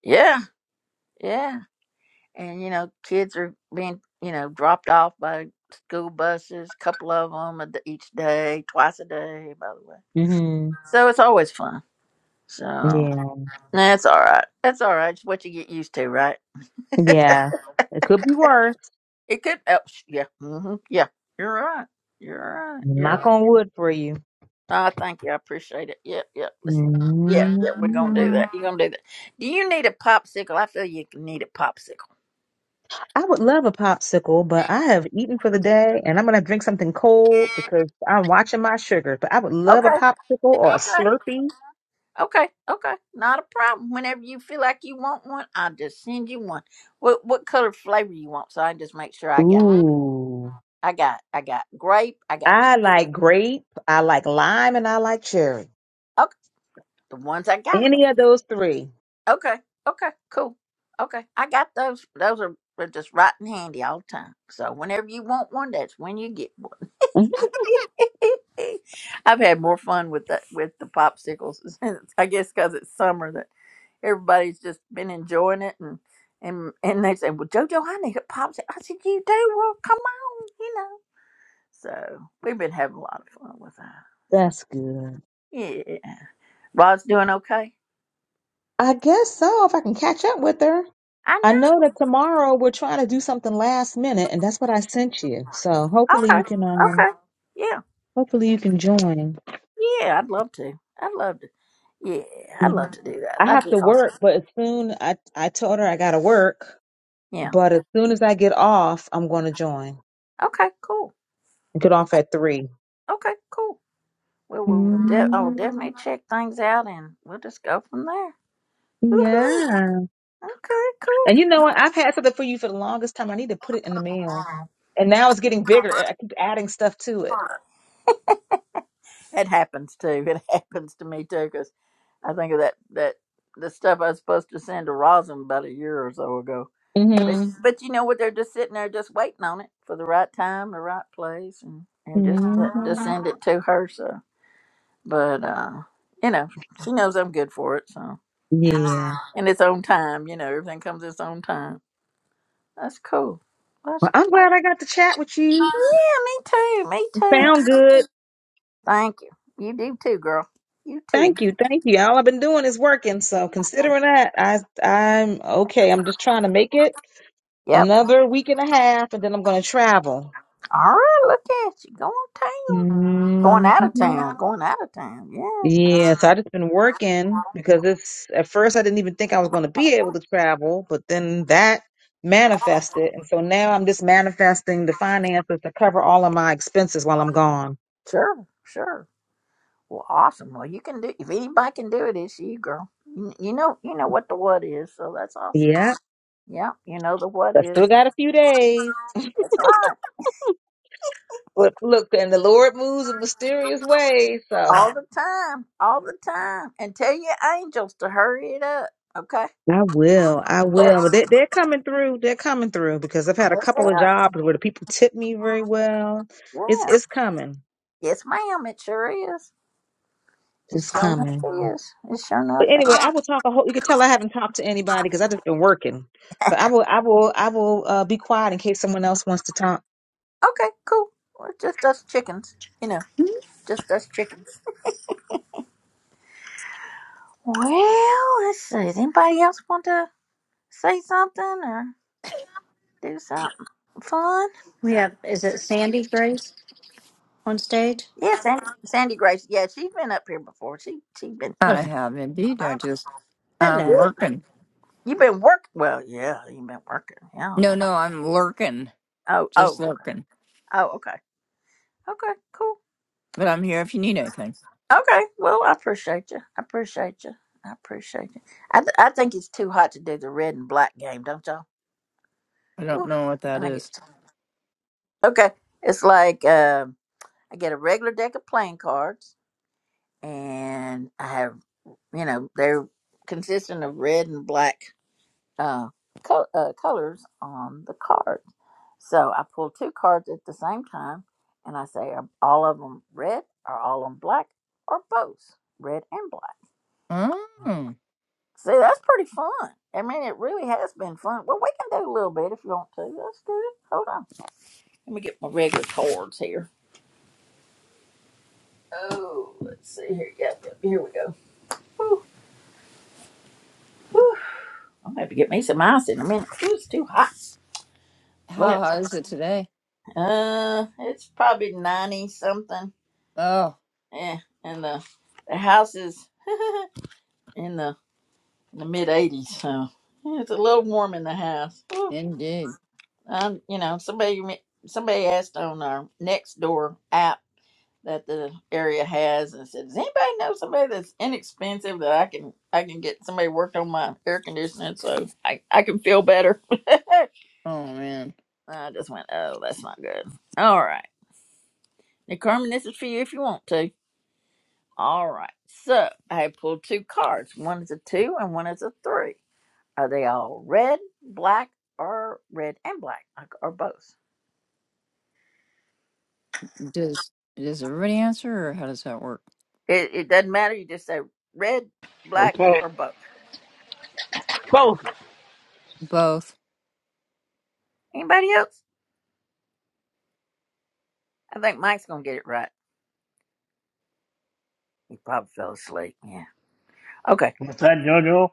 Speaker 1: yeah, yeah, and you know, kids are being you know dropped off by school buses, couple of them a d each day, twice a day, by the way.
Speaker 9: Mhm.
Speaker 1: So it's always fun. So
Speaker 9: Yeah.
Speaker 1: that's all right. That's all right. It's what you get used to, right?
Speaker 9: Yeah. It could be worse.
Speaker 1: It could. Oh, sh- yeah. hmm Yeah. You're right. You're right. You're.
Speaker 9: Knock
Speaker 1: Right.
Speaker 9: on wood for you.
Speaker 1: I thank you. I appreciate it. Yep. Yep. Let's, yeah. Yeah. We're gonna do
Speaker 9: Mhm.
Speaker 1: that. You're gonna do that. Do you need a popsicle? I feel you can need a popsicle.
Speaker 9: I would love a popsicle, but I have eaten for the day and I'm going to drink something cold because I'm watching my sugar. But I would love a
Speaker 1: Okay.
Speaker 9: popsicle or a
Speaker 1: Okay.
Speaker 9: Slurpee.
Speaker 1: Okay. Okay. Not a problem. Whenever you feel like you want one, I'll just send you one. What What color flavor you want? So I can just make sure I got.
Speaker 9: Ooh.
Speaker 1: I got. I got grape. I got.
Speaker 9: I like grape, I like lime, and I like cherry.
Speaker 1: Okay. The ones I got.
Speaker 9: Any of those 3
Speaker 1: Okay. Okay. Cool. Okay. I got those. Those are they're just right in handy all the time. So whenever you want one, that's when you get one.
Speaker 9: Mhm.
Speaker 1: I've had more fun with that with the popsicles. I guess because it's summer that everybody's just been enjoying it and and and they say, "Well, Jojo, I need a popsicle." I said, "You do? Well, come on, you know." So we've been having a lot of fun with that. So,
Speaker 9: That's good.
Speaker 1: yeah, Rod's doing okay.
Speaker 9: I guess so, if I can catch up with her.
Speaker 1: I
Speaker 9: I know that
Speaker 1: know.
Speaker 9: tomorrow we're trying to do something last minute, and that's what I sent you. So hopefully
Speaker 1: Okay.
Speaker 9: you can um
Speaker 1: Okay. Yeah.
Speaker 9: hopefully you can join.
Speaker 1: Yeah, I'd love to. I'd love to. Yeah, I'd
Speaker 9: Mm-hmm.
Speaker 1: love to do that.
Speaker 9: I
Speaker 1: That'd
Speaker 9: have to
Speaker 1: be awesome.
Speaker 9: work, but as soon I I told her I gotta work,
Speaker 1: Yeah.
Speaker 9: but as soon as I get off, I'm going to join.
Speaker 1: Okay, cool.
Speaker 9: I Get off at three.
Speaker 1: Okay, cool. Well, we'll, de- I'll
Speaker 9: Mm,
Speaker 1: definitely check things out and we'll just go from there. Woohoo.
Speaker 9: yeah.
Speaker 1: Okay,
Speaker 9: And you know
Speaker 1: cool.
Speaker 9: what? I've had something for you for the longest time. I need to put it in the mail, and now it's getting bigger. I keep adding stuff to it.
Speaker 1: It happens too. It happens to me too, 'cause I think of that that the stuff I was supposed to send to Rosin about a year or so ago. But
Speaker 9: Mhm.
Speaker 1: but you know what? They're just sitting there, just waiting on it for the right time, the right place, and and just to to
Speaker 9: Mhm.
Speaker 1: send it to her. So, but uh, you know, she knows I'm good for it. So,
Speaker 9: Yeah.
Speaker 1: in its own time, you know, everything comes its own time. That's cool. That's
Speaker 9: Well, I'm
Speaker 1: cool.
Speaker 9: glad I got to chat with you.
Speaker 1: Yeah, me
Speaker 9: You
Speaker 1: too. Me
Speaker 9: Sound good.
Speaker 1: too. Thank you. You do too, girl. You too.
Speaker 9: Thank you, thank you. All I've been doing is working, so considering that, I I'm okay. I'm just trying to make it.
Speaker 1: Yep.
Speaker 9: another week and a half, and then I'm going to travel.
Speaker 1: All right, look at you going town, going
Speaker 9: hmm
Speaker 1: out of town, going out of town. Yeah,
Speaker 9: Yeah, so I just been working because it's at first I didn't even think I was going to be able to travel, but then that manifested, and so now I'm just manifesting the finances to cover all of my expenses while I'm gone.
Speaker 1: sure, sure. Well, awesome. Well, you can do. If anybody can do it, it's you, girl. You you know, you know what the what is, so that's awesome.
Speaker 9: Yeah.
Speaker 1: Yeah, you know the what
Speaker 9: I still
Speaker 1: is.
Speaker 9: got a few days,
Speaker 1: That's right.
Speaker 9: but look, and the Lord moves in mysterious ways, so.
Speaker 1: All the time, all the time, and tell your angels to hurry it up. Okay.
Speaker 9: I will. I
Speaker 1: Yes,
Speaker 9: will. But they, they're coming through. They're coming through because I've had a couple of jobs where the people tip me very well. It's it's coming.
Speaker 1: yes, ma'am. It sure is. It
Speaker 9: It's
Speaker 1: sure
Speaker 9: coming.
Speaker 1: enough is. It sure
Speaker 9: But
Speaker 1: enough
Speaker 9: anyway,
Speaker 1: is.
Speaker 9: I will talk a whole. You can tell I haven't talked to anybody because I've just been working. But I will. I will. I will uh, be quiet in case someone else wants to talk.
Speaker 1: Okay, cool. Well, just us chickens. You know, just us chickens. Well, let's see. Does anybody else want to say something or do something fun?
Speaker 7: Yeah. Is it Sandy Grace on stage?
Speaker 1: Yeah, Sandy, Sandy Grace. Yeah, she's been up here before. She she been
Speaker 3: I
Speaker 7: Okay.
Speaker 3: have indeed. I just I'm
Speaker 7: Hello.
Speaker 3: lurking.
Speaker 1: you've been work. Well, yeah, you've been working. Yeah.
Speaker 3: No, no, I'm lurking.
Speaker 1: Oh oh
Speaker 3: Just
Speaker 1: okay.
Speaker 3: lurking.
Speaker 1: Oh okay. Okay. Cool.
Speaker 3: But I'm here if you need anything.
Speaker 1: Okay. Well, I appreciate you. I appreciate you. I appreciate you. I th- I think it's too hot to do the red and black game, don't y'all?
Speaker 3: I don't
Speaker 1: Ooh,
Speaker 3: know what
Speaker 1: I
Speaker 3: that
Speaker 1: think it's
Speaker 3: is.
Speaker 1: time. Okay. It's like um, I get a regular deck of playing cards, and I have, you know, they're consisting of red and black uh, co- uh, colors on the card. So I pull two cards at the same time, and I say, are all of them red, or all of them black, or both red and black.
Speaker 3: Oh,
Speaker 1: See, that's pretty fun. I mean, it really has been fun. Well, we can do a little bit if you want to. Let's do it. Hold on. Let me get my regular cards here. Oh, let's see here. Yep, yep. Here we go. Whew, whew. I'm gonna have to get me some ice in a minute. Ooh, it's too hot.
Speaker 3: how
Speaker 1: But
Speaker 3: hot is it today?
Speaker 1: uh, it's probably ninety something.
Speaker 3: Oh,
Speaker 1: Yeah, and the the house is in the in the mid eighties, so yeah, it's a little warm in the house. Whew.
Speaker 3: indeed.
Speaker 1: Um, you know, somebody somebody asked on our next door app that the area has and said, Does anybody know somebody that's inexpensive that I can I can get somebody worked on my air conditioning so I, I can feel better?
Speaker 3: Oh man,
Speaker 1: I just went, Oh, that's not good. All right. Now Carmen, this is for you if you want to. All right. So I have pulled two cards. One is a two and one is a three. Are they all red, black, or red and black? Like, Or both?
Speaker 3: does does everybody answer or how does that work?
Speaker 1: It it doesn't matter, you just say red, black,
Speaker 6: Okay.
Speaker 1: or both.
Speaker 6: Both
Speaker 3: Both.
Speaker 1: Anybody else? I think Mike's gonna get it right. He probably fell asleep. Yeah. Okay.
Speaker 2: What's that, Jojo?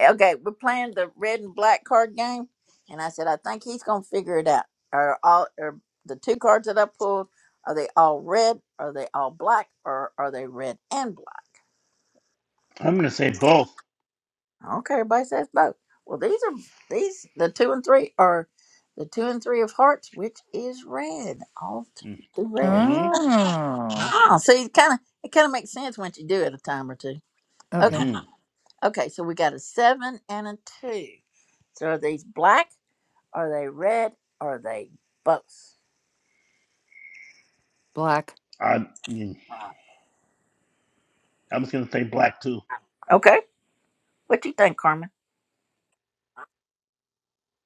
Speaker 1: Okay. We're playing the red and black card game, and I said I think he's gonna figure it out. Are all are the two cards that I pulled are they all red? Are they all black? Or are they red and black?
Speaker 2: I'm gonna say both.
Speaker 1: Okay. Everybody says both. Well, these are these the two and three are the two and three of hearts, which is red. All two red.
Speaker 2: Mm-hmm.
Speaker 3: Oh,
Speaker 1: Oh, see, it kind of it kind of makes sense once you do it a time or two. Okay.
Speaker 3: okay.
Speaker 2: Mm-hmm.
Speaker 1: Okay, so we got a seven and a two. So are these black? Are they red? Are they both?
Speaker 3: Black.
Speaker 2: I, I'm just gonna say black too.
Speaker 1: Okay, what do you think, Carmen?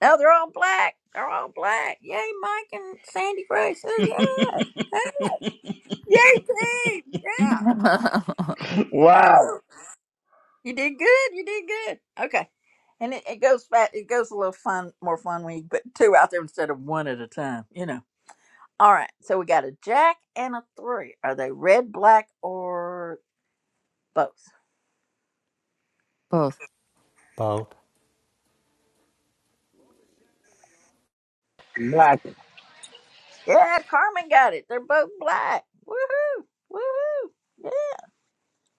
Speaker 1: No, they're all black. They're all black. Yay, Mike and Sandy Grace. Oh yeah. Hey, Yay, team. Yeah, that's
Speaker 2: wow.
Speaker 1: cool. You did good. You did good. Okay, and it, it goes fat. It goes a little fun, more fun when you put two out there instead of one at a time. You know. All right, so we got a jack and a three. Are they red, black, or both?
Speaker 3: Both.
Speaker 8: Both,
Speaker 6: black.
Speaker 1: Yeah, Carmen got it. They're both black. Woohoo! Woohoo! Yeah.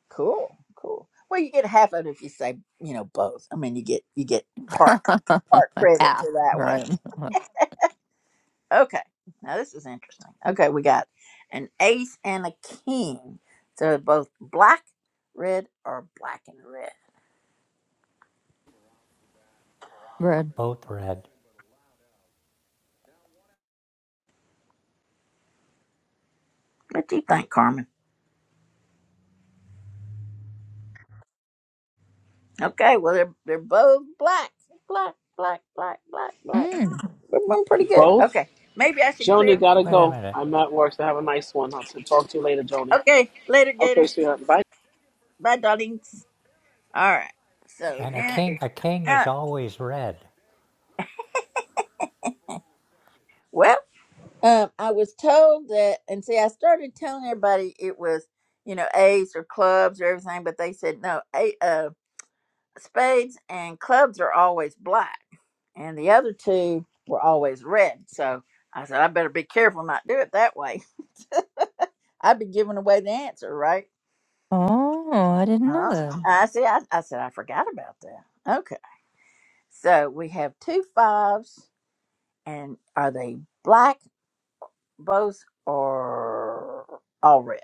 Speaker 1: Cool. Cool. Well, you get half of it if you say, you know, both. I mean, you get you get part part credit
Speaker 3: Half.
Speaker 1: for that one.
Speaker 3: Right.
Speaker 1: Okay. Now this is interesting. Okay, we got an ace and a king. So both black, red, or black and red.
Speaker 3: Right.
Speaker 8: both red.
Speaker 1: What do you think, Carmen? Okay, well they're they're both black. Black, black, black, black, black.
Speaker 3: Mm.
Speaker 1: We're doing pretty good.
Speaker 6: Both.
Speaker 1: Okay. Maybe I should
Speaker 6: Joni
Speaker 1: clear
Speaker 6: gotta
Speaker 8: Wait a
Speaker 6: go.
Speaker 8: minute.
Speaker 6: I'm at work, so have a nice one. I'll talk to you later, Joni.
Speaker 1: Okay, later, Gator.
Speaker 6: Okay, sweetheart. Bye.
Speaker 1: Bye, darlings. All right. So
Speaker 8: And a
Speaker 1: now
Speaker 8: king,
Speaker 1: it's
Speaker 8: a king
Speaker 1: uh,
Speaker 8: is always red.
Speaker 1: well, um, I was told that, and see, I started telling everybody it was, you know, A's or clubs or everything, but they said no. A, uh, spades and clubs are always black, and the other two were always red. So I said I better be careful not do it that way. I'd be giving away the answer, right?
Speaker 3: Oh, I didn't know
Speaker 1: uh
Speaker 3: that.
Speaker 1: I see. I, I said I forgot about that. Okay. So we have two fives, and are they black? both are all red.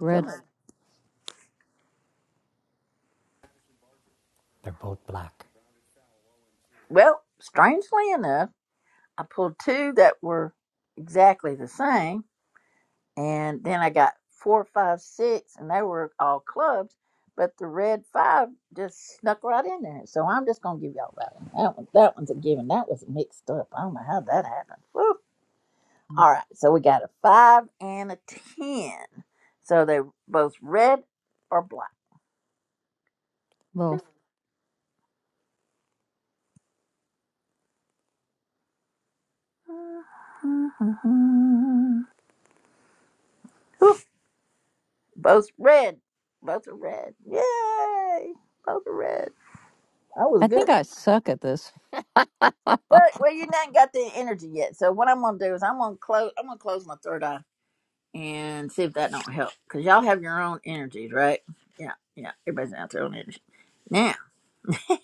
Speaker 3: Read
Speaker 1: Some of-
Speaker 8: They're both black.
Speaker 1: well, strangely enough, I pulled two that were exactly the same, and then I got four, five, six, and they were all clubs, but the red five just snuck right in there. So I'm just gonna give y'all that one. That one, that one's a given. That was mixed up. I don't know how that happened. Woo. All right, so we got a five and a ten. So they're both red or black.
Speaker 3: both.
Speaker 1: Both red. Both are red. Yay! Both are red. That was
Speaker 3: I
Speaker 1: good.
Speaker 3: think I suck at this.
Speaker 1: Well, well, you not got the energy yet. So what I'm gonna do is I'm gonna close. I'm gonna close my third eye and see if that don't help. Cause y'all have your own energies, right? Yeah, yeah. Everybody's out their own energy. Now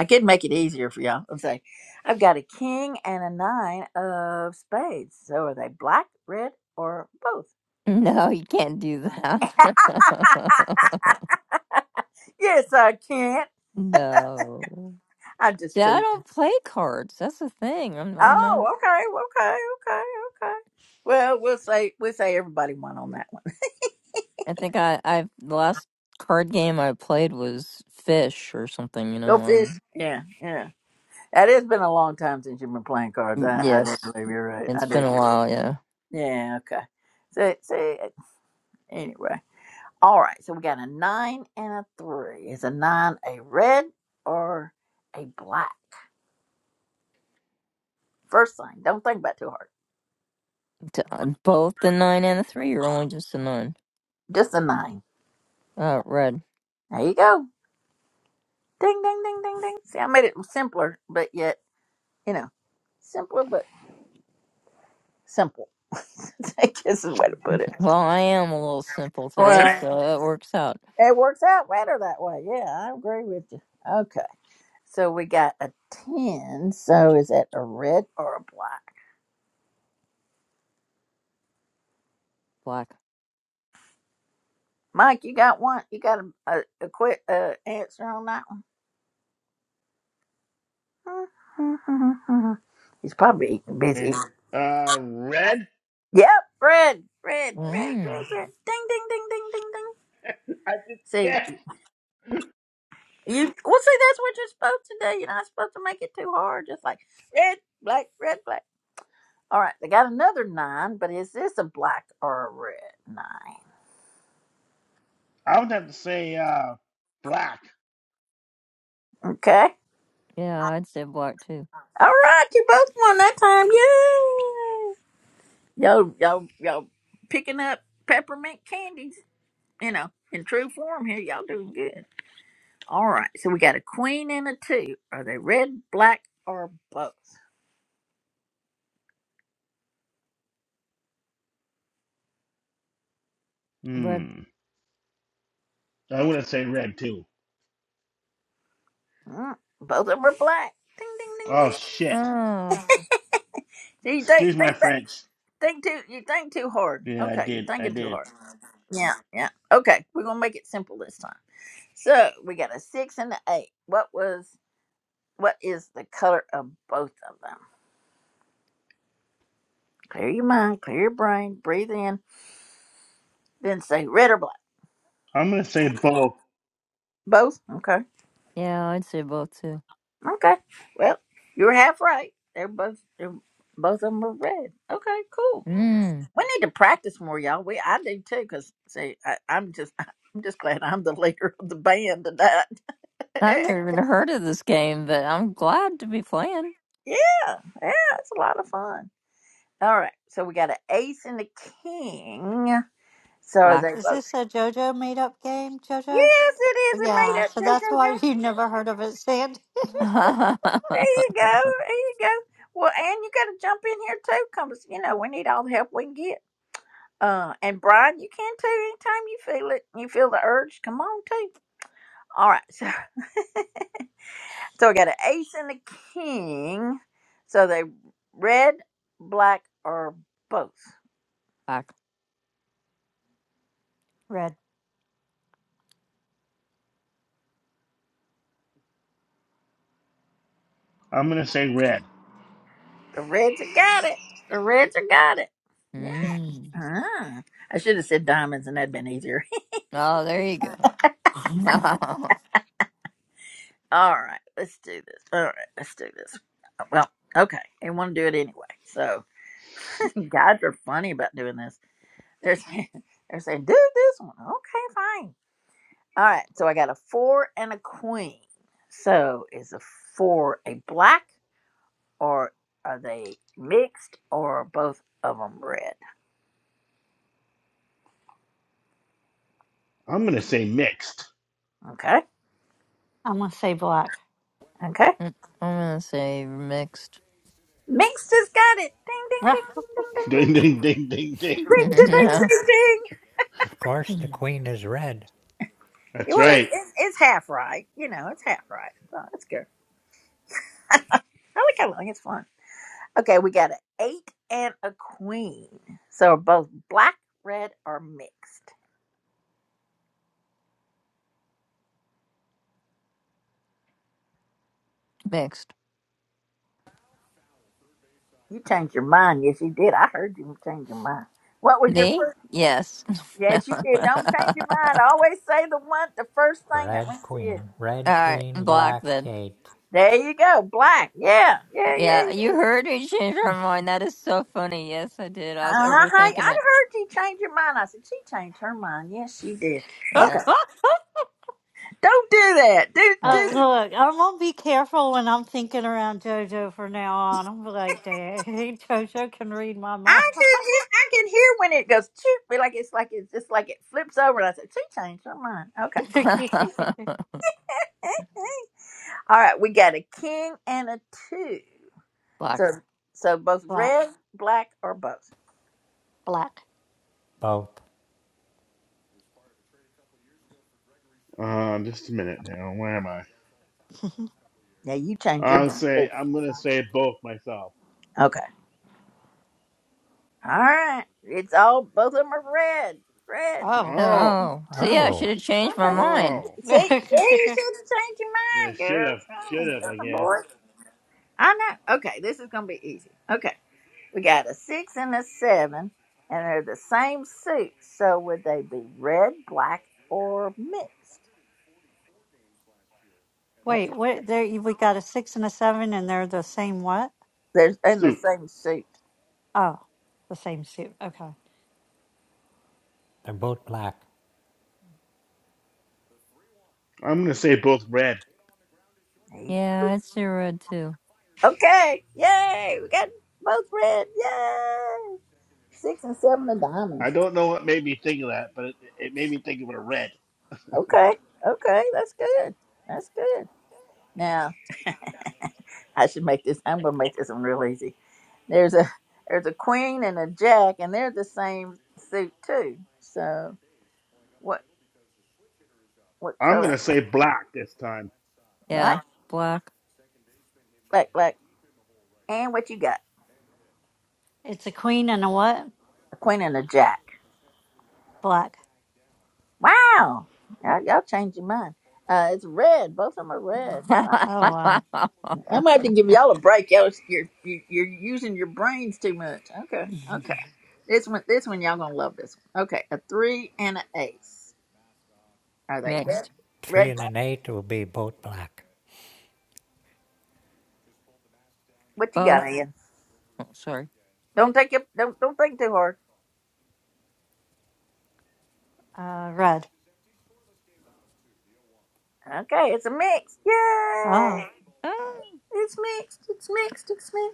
Speaker 1: I could make it easier for y'all. I'm saying I've got a king and a nine of spades. So are they black, red, or both?
Speaker 3: No, you can't do that.
Speaker 1: yes, I can.
Speaker 3: no.
Speaker 1: I just
Speaker 3: See, I
Speaker 1: tease.
Speaker 3: don't play cards. That's the thing. I'm I'm not
Speaker 1: Oh, okay, okay, okay, okay. Well, we'll say we'll say everybody won on that one.
Speaker 3: I think I I the last card game I played was Fish or something, you
Speaker 1: Go
Speaker 3: know.
Speaker 1: fish.
Speaker 3: Um
Speaker 1: Yeah, yeah. That has been a long time since you've been playing cards.
Speaker 3: Mm,
Speaker 1: I, I do
Speaker 3: yes.
Speaker 1: believe you're right. I
Speaker 3: It's
Speaker 1: do.
Speaker 3: been
Speaker 1: Believe
Speaker 3: a
Speaker 1: You're right.
Speaker 3: while, yeah.
Speaker 1: Yeah. Okay. So, so anyway, all right. So we got a nine and a three. Is a nine a red or a black? First thing, don't think about it too hard.
Speaker 3: T- uh, Both the 9 and the 3 or only just the 9?
Speaker 1: Just a nine.
Speaker 3: Uh, red.
Speaker 1: There you go. Ding, ding, ding, ding, ding. See, I made it simpler, but yet you know, simpler but Simple. I guess is the way to put it.
Speaker 3: Well, I am a little simple today,
Speaker 1: Right.
Speaker 3: so it works out.
Speaker 1: It works out better that way. Yeah, I agree with you. Okay. So we got a 10. So is that a red or a black?
Speaker 3: Black.
Speaker 1: Mike, you got one. You got a, a, a quick uh, answer on that one? He's probably eating- busy. eating.
Speaker 2: Uh, red?
Speaker 1: Yep, red, red, red, red,
Speaker 3: Mm.
Speaker 1: red. Ding, ding, ding, ding, ding, ding.
Speaker 2: I just guess.
Speaker 1: See, you. Well, see, that's what you're supposed to do. You're not supposed to make it too hard. Just like red, black, red, black. All right, they got another nine, but is this a black or a red nine?
Speaker 2: I would have to say uh, black.
Speaker 1: Okay.
Speaker 3: Yeah, I'd say black too.
Speaker 1: All right, you both won that time. Yay! Y'all, y'all, y'all picking up peppermint candies, you know, in true form here. Y'all doing good. All right, so we got a queen and a two. Are they red, black, or both?
Speaker 3: Red.
Speaker 2: Hmm. I would have said red too.
Speaker 1: Mm, both of them are black. Ding, ding,
Speaker 2: Oh shit.
Speaker 1: ding,
Speaker 3: Oh.
Speaker 1: ding. See, you
Speaker 2: Excuse
Speaker 1: think,
Speaker 2: my
Speaker 1: think, back-
Speaker 2: French.
Speaker 1: think too, you think too hard.
Speaker 2: Yeah, I
Speaker 1: Okay, you're
Speaker 2: did. I
Speaker 1: thinking too
Speaker 2: did.
Speaker 1: hard. Yeah, yeah. Okay, we're gonna make it simple this time. So we got a six and an eight. What was what is the color of both of them? Clear your mind, clear your brain, breathe in, then say red or black.
Speaker 2: I'm gonna say both.
Speaker 1: Both. Okay.
Speaker 3: Yeah, I'd say both too.
Speaker 1: Okay. Well, you were half right. They're both they're, both of them are red. Okay. Cool.
Speaker 3: Mm.
Speaker 1: We need to practice more, y'all. We I do too, cause see, I, I'm just I'm just glad I'm the leader of the band tonight.
Speaker 3: I've
Speaker 1: yeah,
Speaker 3: never even heard of this game, but I'm glad to be playing.
Speaker 1: yeah, it's a lot of fun. All right, so we got an ace and a king. So are
Speaker 3: Black.
Speaker 1: they both?
Speaker 7: Is this a JoJo made up game, JoJo?
Speaker 1: Yes, it is. It
Speaker 7: Yeah.
Speaker 1: made up.
Speaker 7: So
Speaker 1: Go,
Speaker 7: that's
Speaker 1: go,
Speaker 7: why
Speaker 1: go.
Speaker 7: you never heard of it, Sandy.
Speaker 3: black.
Speaker 1: There you go. There you go. Well, and you got to jump in here too, because you know we need all the help we can get. Uh, and Brian, you can too. Anytime you feel it, you feel the urge. Come on, too. All right. So, so I got an ace and a king. So they red, black, or both.
Speaker 7: Red.
Speaker 2: I'm gonna say red.
Speaker 1: The reds have got it. The reds have got it. Yeah.
Speaker 3: Mm.
Speaker 1: Ah, I should have said diamonds, and that'd been easier.
Speaker 3: Oh, there you go.
Speaker 1: All right, let's do this. All right, let's do this. Well, okay, they want to do it anyway. So guys are funny about doing this. They're saying, they're saying, do this one. Okay, fine. All right, so I got a four and a queen. So is a four a black or are they mixed or are both of them red?
Speaker 2: I'm gonna say mixed.
Speaker 1: Okay,
Speaker 7: I'm going to say black.
Speaker 1: okay.
Speaker 3: Mm, I'm gonna say mixed.
Speaker 1: Mixed has got it. Ding, ding, ding, ding, ding, ding, ding,
Speaker 2: Ding
Speaker 1: ding,
Speaker 2: ding ding ding ding.
Speaker 1: ding,
Speaker 3: no,
Speaker 1: ding, ding.
Speaker 8: Of course, the queen is red.
Speaker 1: ding.
Speaker 2: That's
Speaker 1: Well, it's,
Speaker 2: right.
Speaker 1: it's, it's half right. You know, it's half right. So that's good. I like cuddling. It's fun. Okay, we got an eight and a queen. So are both black, red, or mixed.
Speaker 3: mixed.
Speaker 1: You changed your mind. Yes, you did. I heard you change your mind. What was your
Speaker 8: R-
Speaker 3: Me?
Speaker 1: first?
Speaker 3: Yes. All
Speaker 1: Yes, you did. Don't change your mind. Always say the one, the first thing that went
Speaker 8: Red
Speaker 1: to you.
Speaker 8: Queen, Red
Speaker 3: right,
Speaker 8: Queen,
Speaker 3: black
Speaker 8: Black
Speaker 3: then.
Speaker 8: Eight,
Speaker 1: There you go. Black. Yeah. Yeah. Yeah.
Speaker 3: Yeah,
Speaker 1: yeah.
Speaker 3: you heard me change my
Speaker 7: Hmm.
Speaker 3: mind. That is so funny. Yes, I did. I was
Speaker 1: Uh-huh.
Speaker 3: overthinking
Speaker 1: I
Speaker 3: it.
Speaker 1: heard you change your mind. I said she changed her mind. Yes, she did. Okay.
Speaker 3: Yeah.
Speaker 1: Don't do that. Do
Speaker 3: Not
Speaker 7: Uh,
Speaker 3: the-
Speaker 1: do.
Speaker 7: look, I'm gonna be careful when I'm thinking around JoJo from now on. I'm like, dang, JoJo can read my mind.
Speaker 1: I can hear, I can hear when it goes toot, but like it's like it's just like it flips over, and I said, "She changed her mine." Okay, all right, we got a king and a two, so
Speaker 3: Fuck.
Speaker 1: so both
Speaker 7: black,
Speaker 1: red, black, or both.
Speaker 7: black.
Speaker 8: both.
Speaker 2: Uh, just a minute now. Where am I?
Speaker 1: Yeah, you change your
Speaker 2: I'll
Speaker 1: mind
Speaker 2: say.
Speaker 1: too.
Speaker 2: I'm gonna say both myself.
Speaker 1: Okay, all right, it's all both of them are red, red.
Speaker 7: Oh.
Speaker 2: Oh.
Speaker 3: Oh. So
Speaker 1: Huh.
Speaker 3: yeah, I should
Speaker 8: Oh,
Speaker 3: have changed my
Speaker 1: Okay,
Speaker 3: mind.
Speaker 2: Oh.
Speaker 1: see, see, you should have changed your
Speaker 2: Yeah.
Speaker 1: mind,
Speaker 2: Should
Speaker 1: girl.
Speaker 2: have. Should have.
Speaker 1: come
Speaker 2: I
Speaker 1: on,
Speaker 2: guess.
Speaker 1: boy. I know. Okay, this is gonna be easy. Okay. We got a six and a seven, and they're the same suit. So would they be red, black, or mixed? That's
Speaker 7: Wait,
Speaker 1: it.
Speaker 7: what? There, you- we got a six and a seven, and they're the same what?
Speaker 1: They're in the
Speaker 2: Soup.
Speaker 1: same suit.
Speaker 7: Oh, the same suit. Okay,
Speaker 8: they're both black.
Speaker 2: I'm gonna say both red.
Speaker 1: Neat.
Speaker 3: Yeah, I'd say red too.
Speaker 1: Okay. Yay. We got both red. Yay. Six and seven of
Speaker 2: I
Speaker 1: diamonds.
Speaker 2: don't know what made me think of that, but it, it made me think of a red.
Speaker 1: Okay. Okay. That's good. That's good. Now I should make this. I'm going to make this one real easy. There's a there's a queen and a jack, and they're the same suit too. So what what
Speaker 2: I'm gonna
Speaker 1: color?
Speaker 2: say black this time.
Speaker 1: Black.
Speaker 3: Yeah. Black.
Speaker 1: Black. Black. And what you got?
Speaker 7: it's a queen and a what?
Speaker 1: A queen and a jack.
Speaker 7: Black.
Speaker 1: Wow. Y'all, y'all changed your mind. Uh, it's red. Both of them are red. Wow.
Speaker 7: Oh wow.
Speaker 1: I am gonna have to give y'all a break. Y'all, is- you're, you- you're using your brains too much. Okay. Okay. This one, this one, y'all gonna love this one. Okay. A three and an ace. Are they
Speaker 8: Oh,
Speaker 1: red?
Speaker 3: Mixed.
Speaker 8: three
Speaker 1: Red.
Speaker 8: and an eight will be both black.
Speaker 1: What you
Speaker 3: Both.
Speaker 1: got, Ian?
Speaker 3: Oh, sorry.
Speaker 1: Don't take it. Don't don't think too hard.
Speaker 7: Uh, red.
Speaker 1: Okay. It's a mix. Yay!
Speaker 7: Oh.
Speaker 3: Ah,
Speaker 1: It's mixed. It's mixed. It's mixed.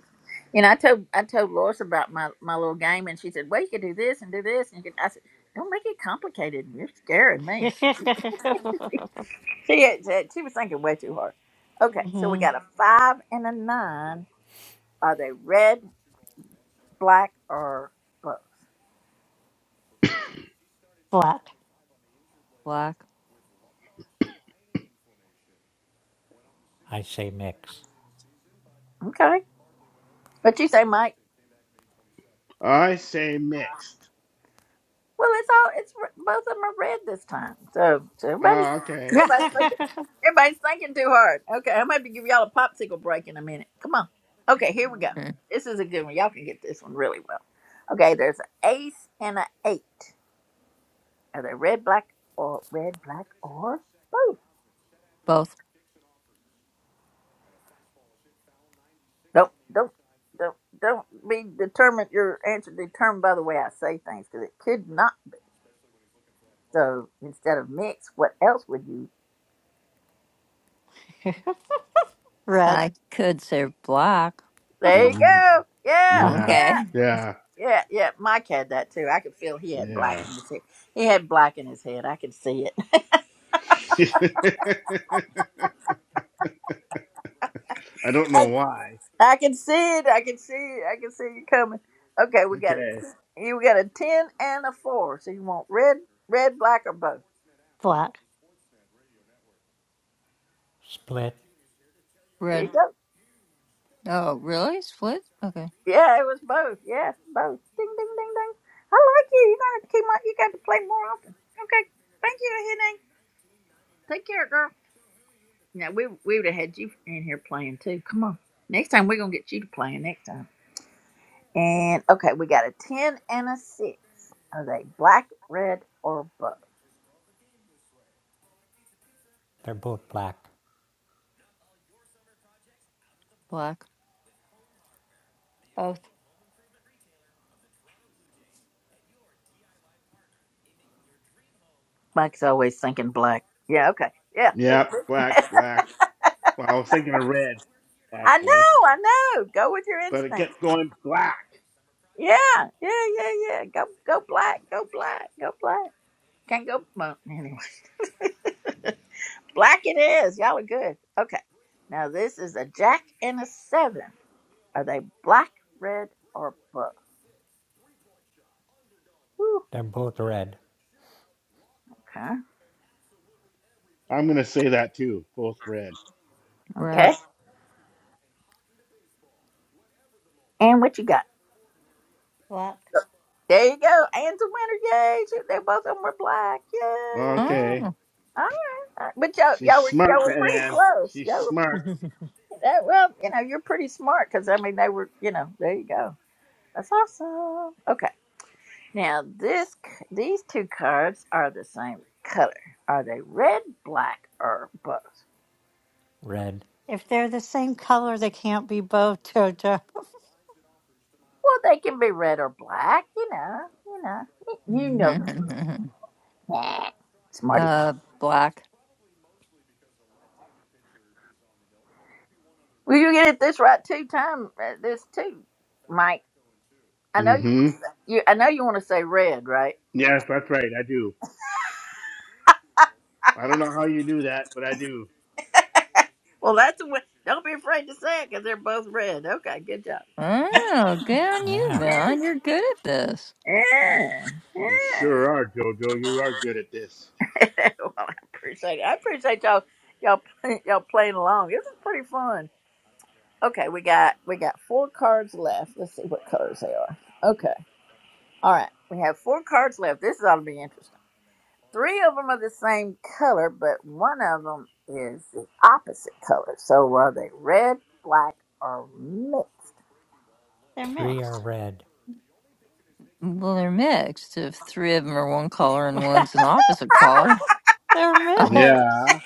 Speaker 1: And I told I told Lois about my, my little game, and she said, "Well, you could do this and do this." And you could, I said, "Don't make it complicated. You're scaring me." She had- said she was thinking way too hard. Okay, so we
Speaker 7: hmm
Speaker 1: got a five and a nine. Are they red, black, or both?
Speaker 7: Black.
Speaker 3: Black.
Speaker 8: I say mix.
Speaker 1: Okay. What you say, Mike?
Speaker 2: I say mixed.
Speaker 1: Well, it's all it's both of them are red this time. So, so everybody,
Speaker 2: Ah, okay.
Speaker 1: everybody's thinking, everybody's thinking too hard. Okay, I'm about to give y'all a popsicle break in a minute. Come on. Okay, here we go.
Speaker 3: Mm,
Speaker 1: This is a good one. Y'all can get this one really well. Okay, there's an ace and an eight. Are they red, black, or red, black, or both?
Speaker 3: Both.
Speaker 1: Don't don't don't don't be determined. Your answer determined by the way I say things because it could not. So instead of mix, what else would you?
Speaker 7: red.
Speaker 3: I could say black.
Speaker 1: There you
Speaker 2: Mm,
Speaker 1: go. Yeah,
Speaker 7: Uh,
Speaker 2: Yeah,
Speaker 1: yeah.
Speaker 3: Okay.
Speaker 2: yeah,
Speaker 1: Yeah, yeah. Mike had that too. I could feel he had black
Speaker 2: yeah.
Speaker 1: in his head. He had black in his head. I can see it.
Speaker 2: I don't know
Speaker 1: I,
Speaker 2: why.
Speaker 1: I can see it. I can see it. I can see you coming. Okay, we got it.
Speaker 2: Okay.
Speaker 1: You got a ten and a four. So you want red, red, black, or both?
Speaker 7: black,
Speaker 8: Split.
Speaker 1: There you
Speaker 3: Red.
Speaker 1: go.
Speaker 3: Oh, really? Split? Okay.
Speaker 1: Yeah, it was both. Yeah, both. Ding, ding, ding, ding. I like you. You gotta keep my. You got to play more often. Okay. Thank you, Henning. Take care, girl. Now we we would have had you in here playing too. Come on. Next time we're gonna get you to playing. Next time. And okay, we got a 10 and a 6. Are they black, red, or both?
Speaker 8: They're both black.
Speaker 3: Black.
Speaker 7: both
Speaker 1: Mike's always thinking black. Yeah, okay. Yeah. It's,
Speaker 2: Yeah, black, black. Well, I was thinking of red,
Speaker 1: I
Speaker 2: actually,
Speaker 1: know, I know. Go with your
Speaker 2: but it
Speaker 1: instincts.
Speaker 2: kept going black.
Speaker 1: Yeah, yeah, yeah, yeah. Go go black, go black, go black. Can't go well, anyway. Black it is. Y'all are good. Okay. Now this is a jack and a seven. Are they black, red, or both? Ooh,
Speaker 8: They're both red.
Speaker 1: okay.
Speaker 2: I'm gonna say that too. Both red.
Speaker 3: Red.
Speaker 1: Okay. And what you got?
Speaker 7: black.
Speaker 1: There you go. and the winner. Yay. She, they both of them were black. yeah.
Speaker 2: Okay.
Speaker 3: Oh.
Speaker 1: All right. all right. But y'all,
Speaker 2: She's
Speaker 1: y'all were y'all
Speaker 2: smart,
Speaker 1: were
Speaker 2: that
Speaker 1: pretty
Speaker 2: Ann.
Speaker 1: close.
Speaker 2: She's
Speaker 1: Y'all
Speaker 2: smart.
Speaker 1: were that, well, you know, you're pretty smart because I mean they were, you know, there you go. That's awesome. Okay. Now this c- these two cards are the same color. Are they red, black, or both?
Speaker 8: Red.
Speaker 7: if they're the same color, they can't be both, Jojo.
Speaker 1: Well, they can be red or black, you know, you know. You you know them. Nah, Smarty.
Speaker 3: uh, black.
Speaker 1: Well you get it this right two time uh, this too, Mike. I know you want
Speaker 2: Mm-hmm.
Speaker 1: to say you. I know you want to say red, right?
Speaker 2: Yes, that's right. I do. I don't know how you do that, but I do.
Speaker 1: Well, that's a win. Don't be afraid to say it because they're both red. Okay, good job. Yeah,
Speaker 3: Oh, good on you,
Speaker 8: Ah,
Speaker 3: man. You're good at this.
Speaker 1: yeah.
Speaker 2: You sure are, Jojo. You are good at this.
Speaker 1: well, I appreciate it. I appreciate y'all, y'all, y'all playing along. This is pretty fun. Okay, we got we got four cards left. Let's see what colors they are. Okay, all right. We have four cards left. This ought to be interesting. Three of them are the same color, but one of them is the opposite color. So are they red, black, or mixed?
Speaker 7: They're
Speaker 8: three
Speaker 7: mixed.
Speaker 8: are red.
Speaker 3: Well, they're mixed. If three of them are one color and one's an opposite color,
Speaker 7: they're
Speaker 3: Uh,
Speaker 7: mixed.
Speaker 2: Yeah.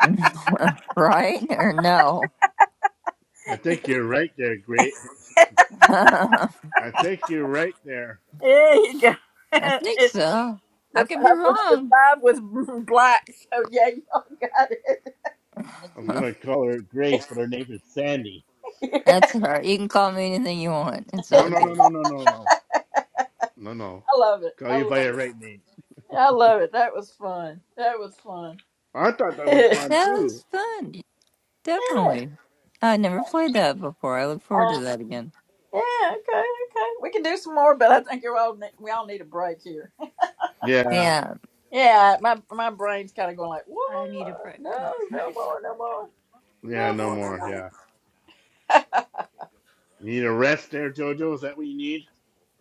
Speaker 3: right or no?
Speaker 2: I think you're right there, Great.
Speaker 3: I
Speaker 2: I think you're right there.
Speaker 1: There you go.
Speaker 3: think
Speaker 1: It-
Speaker 3: so. I
Speaker 1: the
Speaker 3: could be
Speaker 1: five was the
Speaker 3: wrong.
Speaker 1: five was black. So yeah, y'all got it.
Speaker 2: I was gonna call her Grace, but her name is Sandy.
Speaker 1: Yeah.
Speaker 3: That's all right. You can call me anything you want. It's
Speaker 2: No,
Speaker 3: all
Speaker 2: no, no,
Speaker 3: good.
Speaker 2: no, no, no, no, no, no.
Speaker 1: I love it.
Speaker 2: Call
Speaker 1: I
Speaker 2: you
Speaker 1: love
Speaker 2: by your right
Speaker 1: it.
Speaker 2: name.
Speaker 1: I love it. That was fun. That was fun.
Speaker 2: I thought that was
Speaker 1: yeah.
Speaker 2: fun
Speaker 3: That
Speaker 2: too.
Speaker 3: was fun.
Speaker 1: Uh,
Speaker 3: Definitely. I never played that before. I look forward to that again.
Speaker 1: yeah. Okay. Okay. We can do some more, but I think you're all ne- we all need a break here.
Speaker 2: Yeah,
Speaker 3: Yeah.
Speaker 1: Yeah, my my brain's kind of going like, what?
Speaker 7: I need a break.
Speaker 1: No, no more, no more,
Speaker 2: yeah,
Speaker 1: no
Speaker 2: no
Speaker 1: more, no
Speaker 2: more.
Speaker 1: more.
Speaker 2: Yeah, you need a rest there, Jojo. Is that what you need?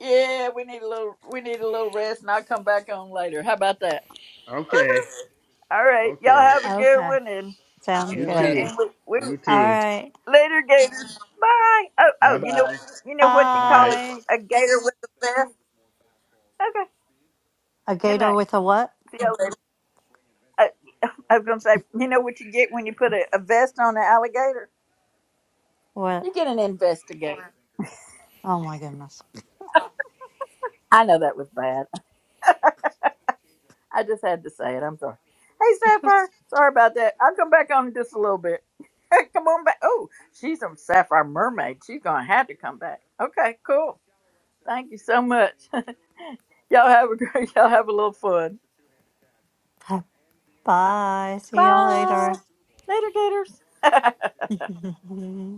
Speaker 1: Yeah, we need a little, we need a little rest, and I'll come back on later. How about that?
Speaker 2: Okay,
Speaker 1: All right, y'all
Speaker 2: okay.
Speaker 1: have a good
Speaker 7: Okay,
Speaker 1: one, and
Speaker 3: See
Speaker 7: sounds
Speaker 2: You
Speaker 3: you
Speaker 7: good.
Speaker 3: later.
Speaker 2: too.
Speaker 1: and we, we
Speaker 2: You
Speaker 7: All
Speaker 2: too.
Speaker 7: right.
Speaker 1: later, Gators. Bye. Oh,
Speaker 2: Bye,
Speaker 1: oh, you know,
Speaker 2: bye,
Speaker 1: you know what you call it,
Speaker 2: bye.
Speaker 7: Bye.
Speaker 1: a gator with a vest. Okay.
Speaker 7: A
Speaker 1: Good
Speaker 7: gator
Speaker 1: night.
Speaker 7: with a what?
Speaker 1: See y'all later. I, I was gonna say, you know what you get when you put a, a vest on an alligator?
Speaker 7: What?
Speaker 1: You get an investigator.
Speaker 7: Oh my goodness.
Speaker 1: I know that was bad. I just had to say it. I'm sorry. Hey, Sapphire. Sorry about that. I'll come back on in just a little bit. come on back. Oh, she's a Sapphire mermaid. She's going to have to come back. Okay, cool. Thank you so much. y'all have a great, y'all have a little fun. Bye.
Speaker 7: Bye. See y'all
Speaker 1: Bye.
Speaker 7: later.
Speaker 1: Later, Gators.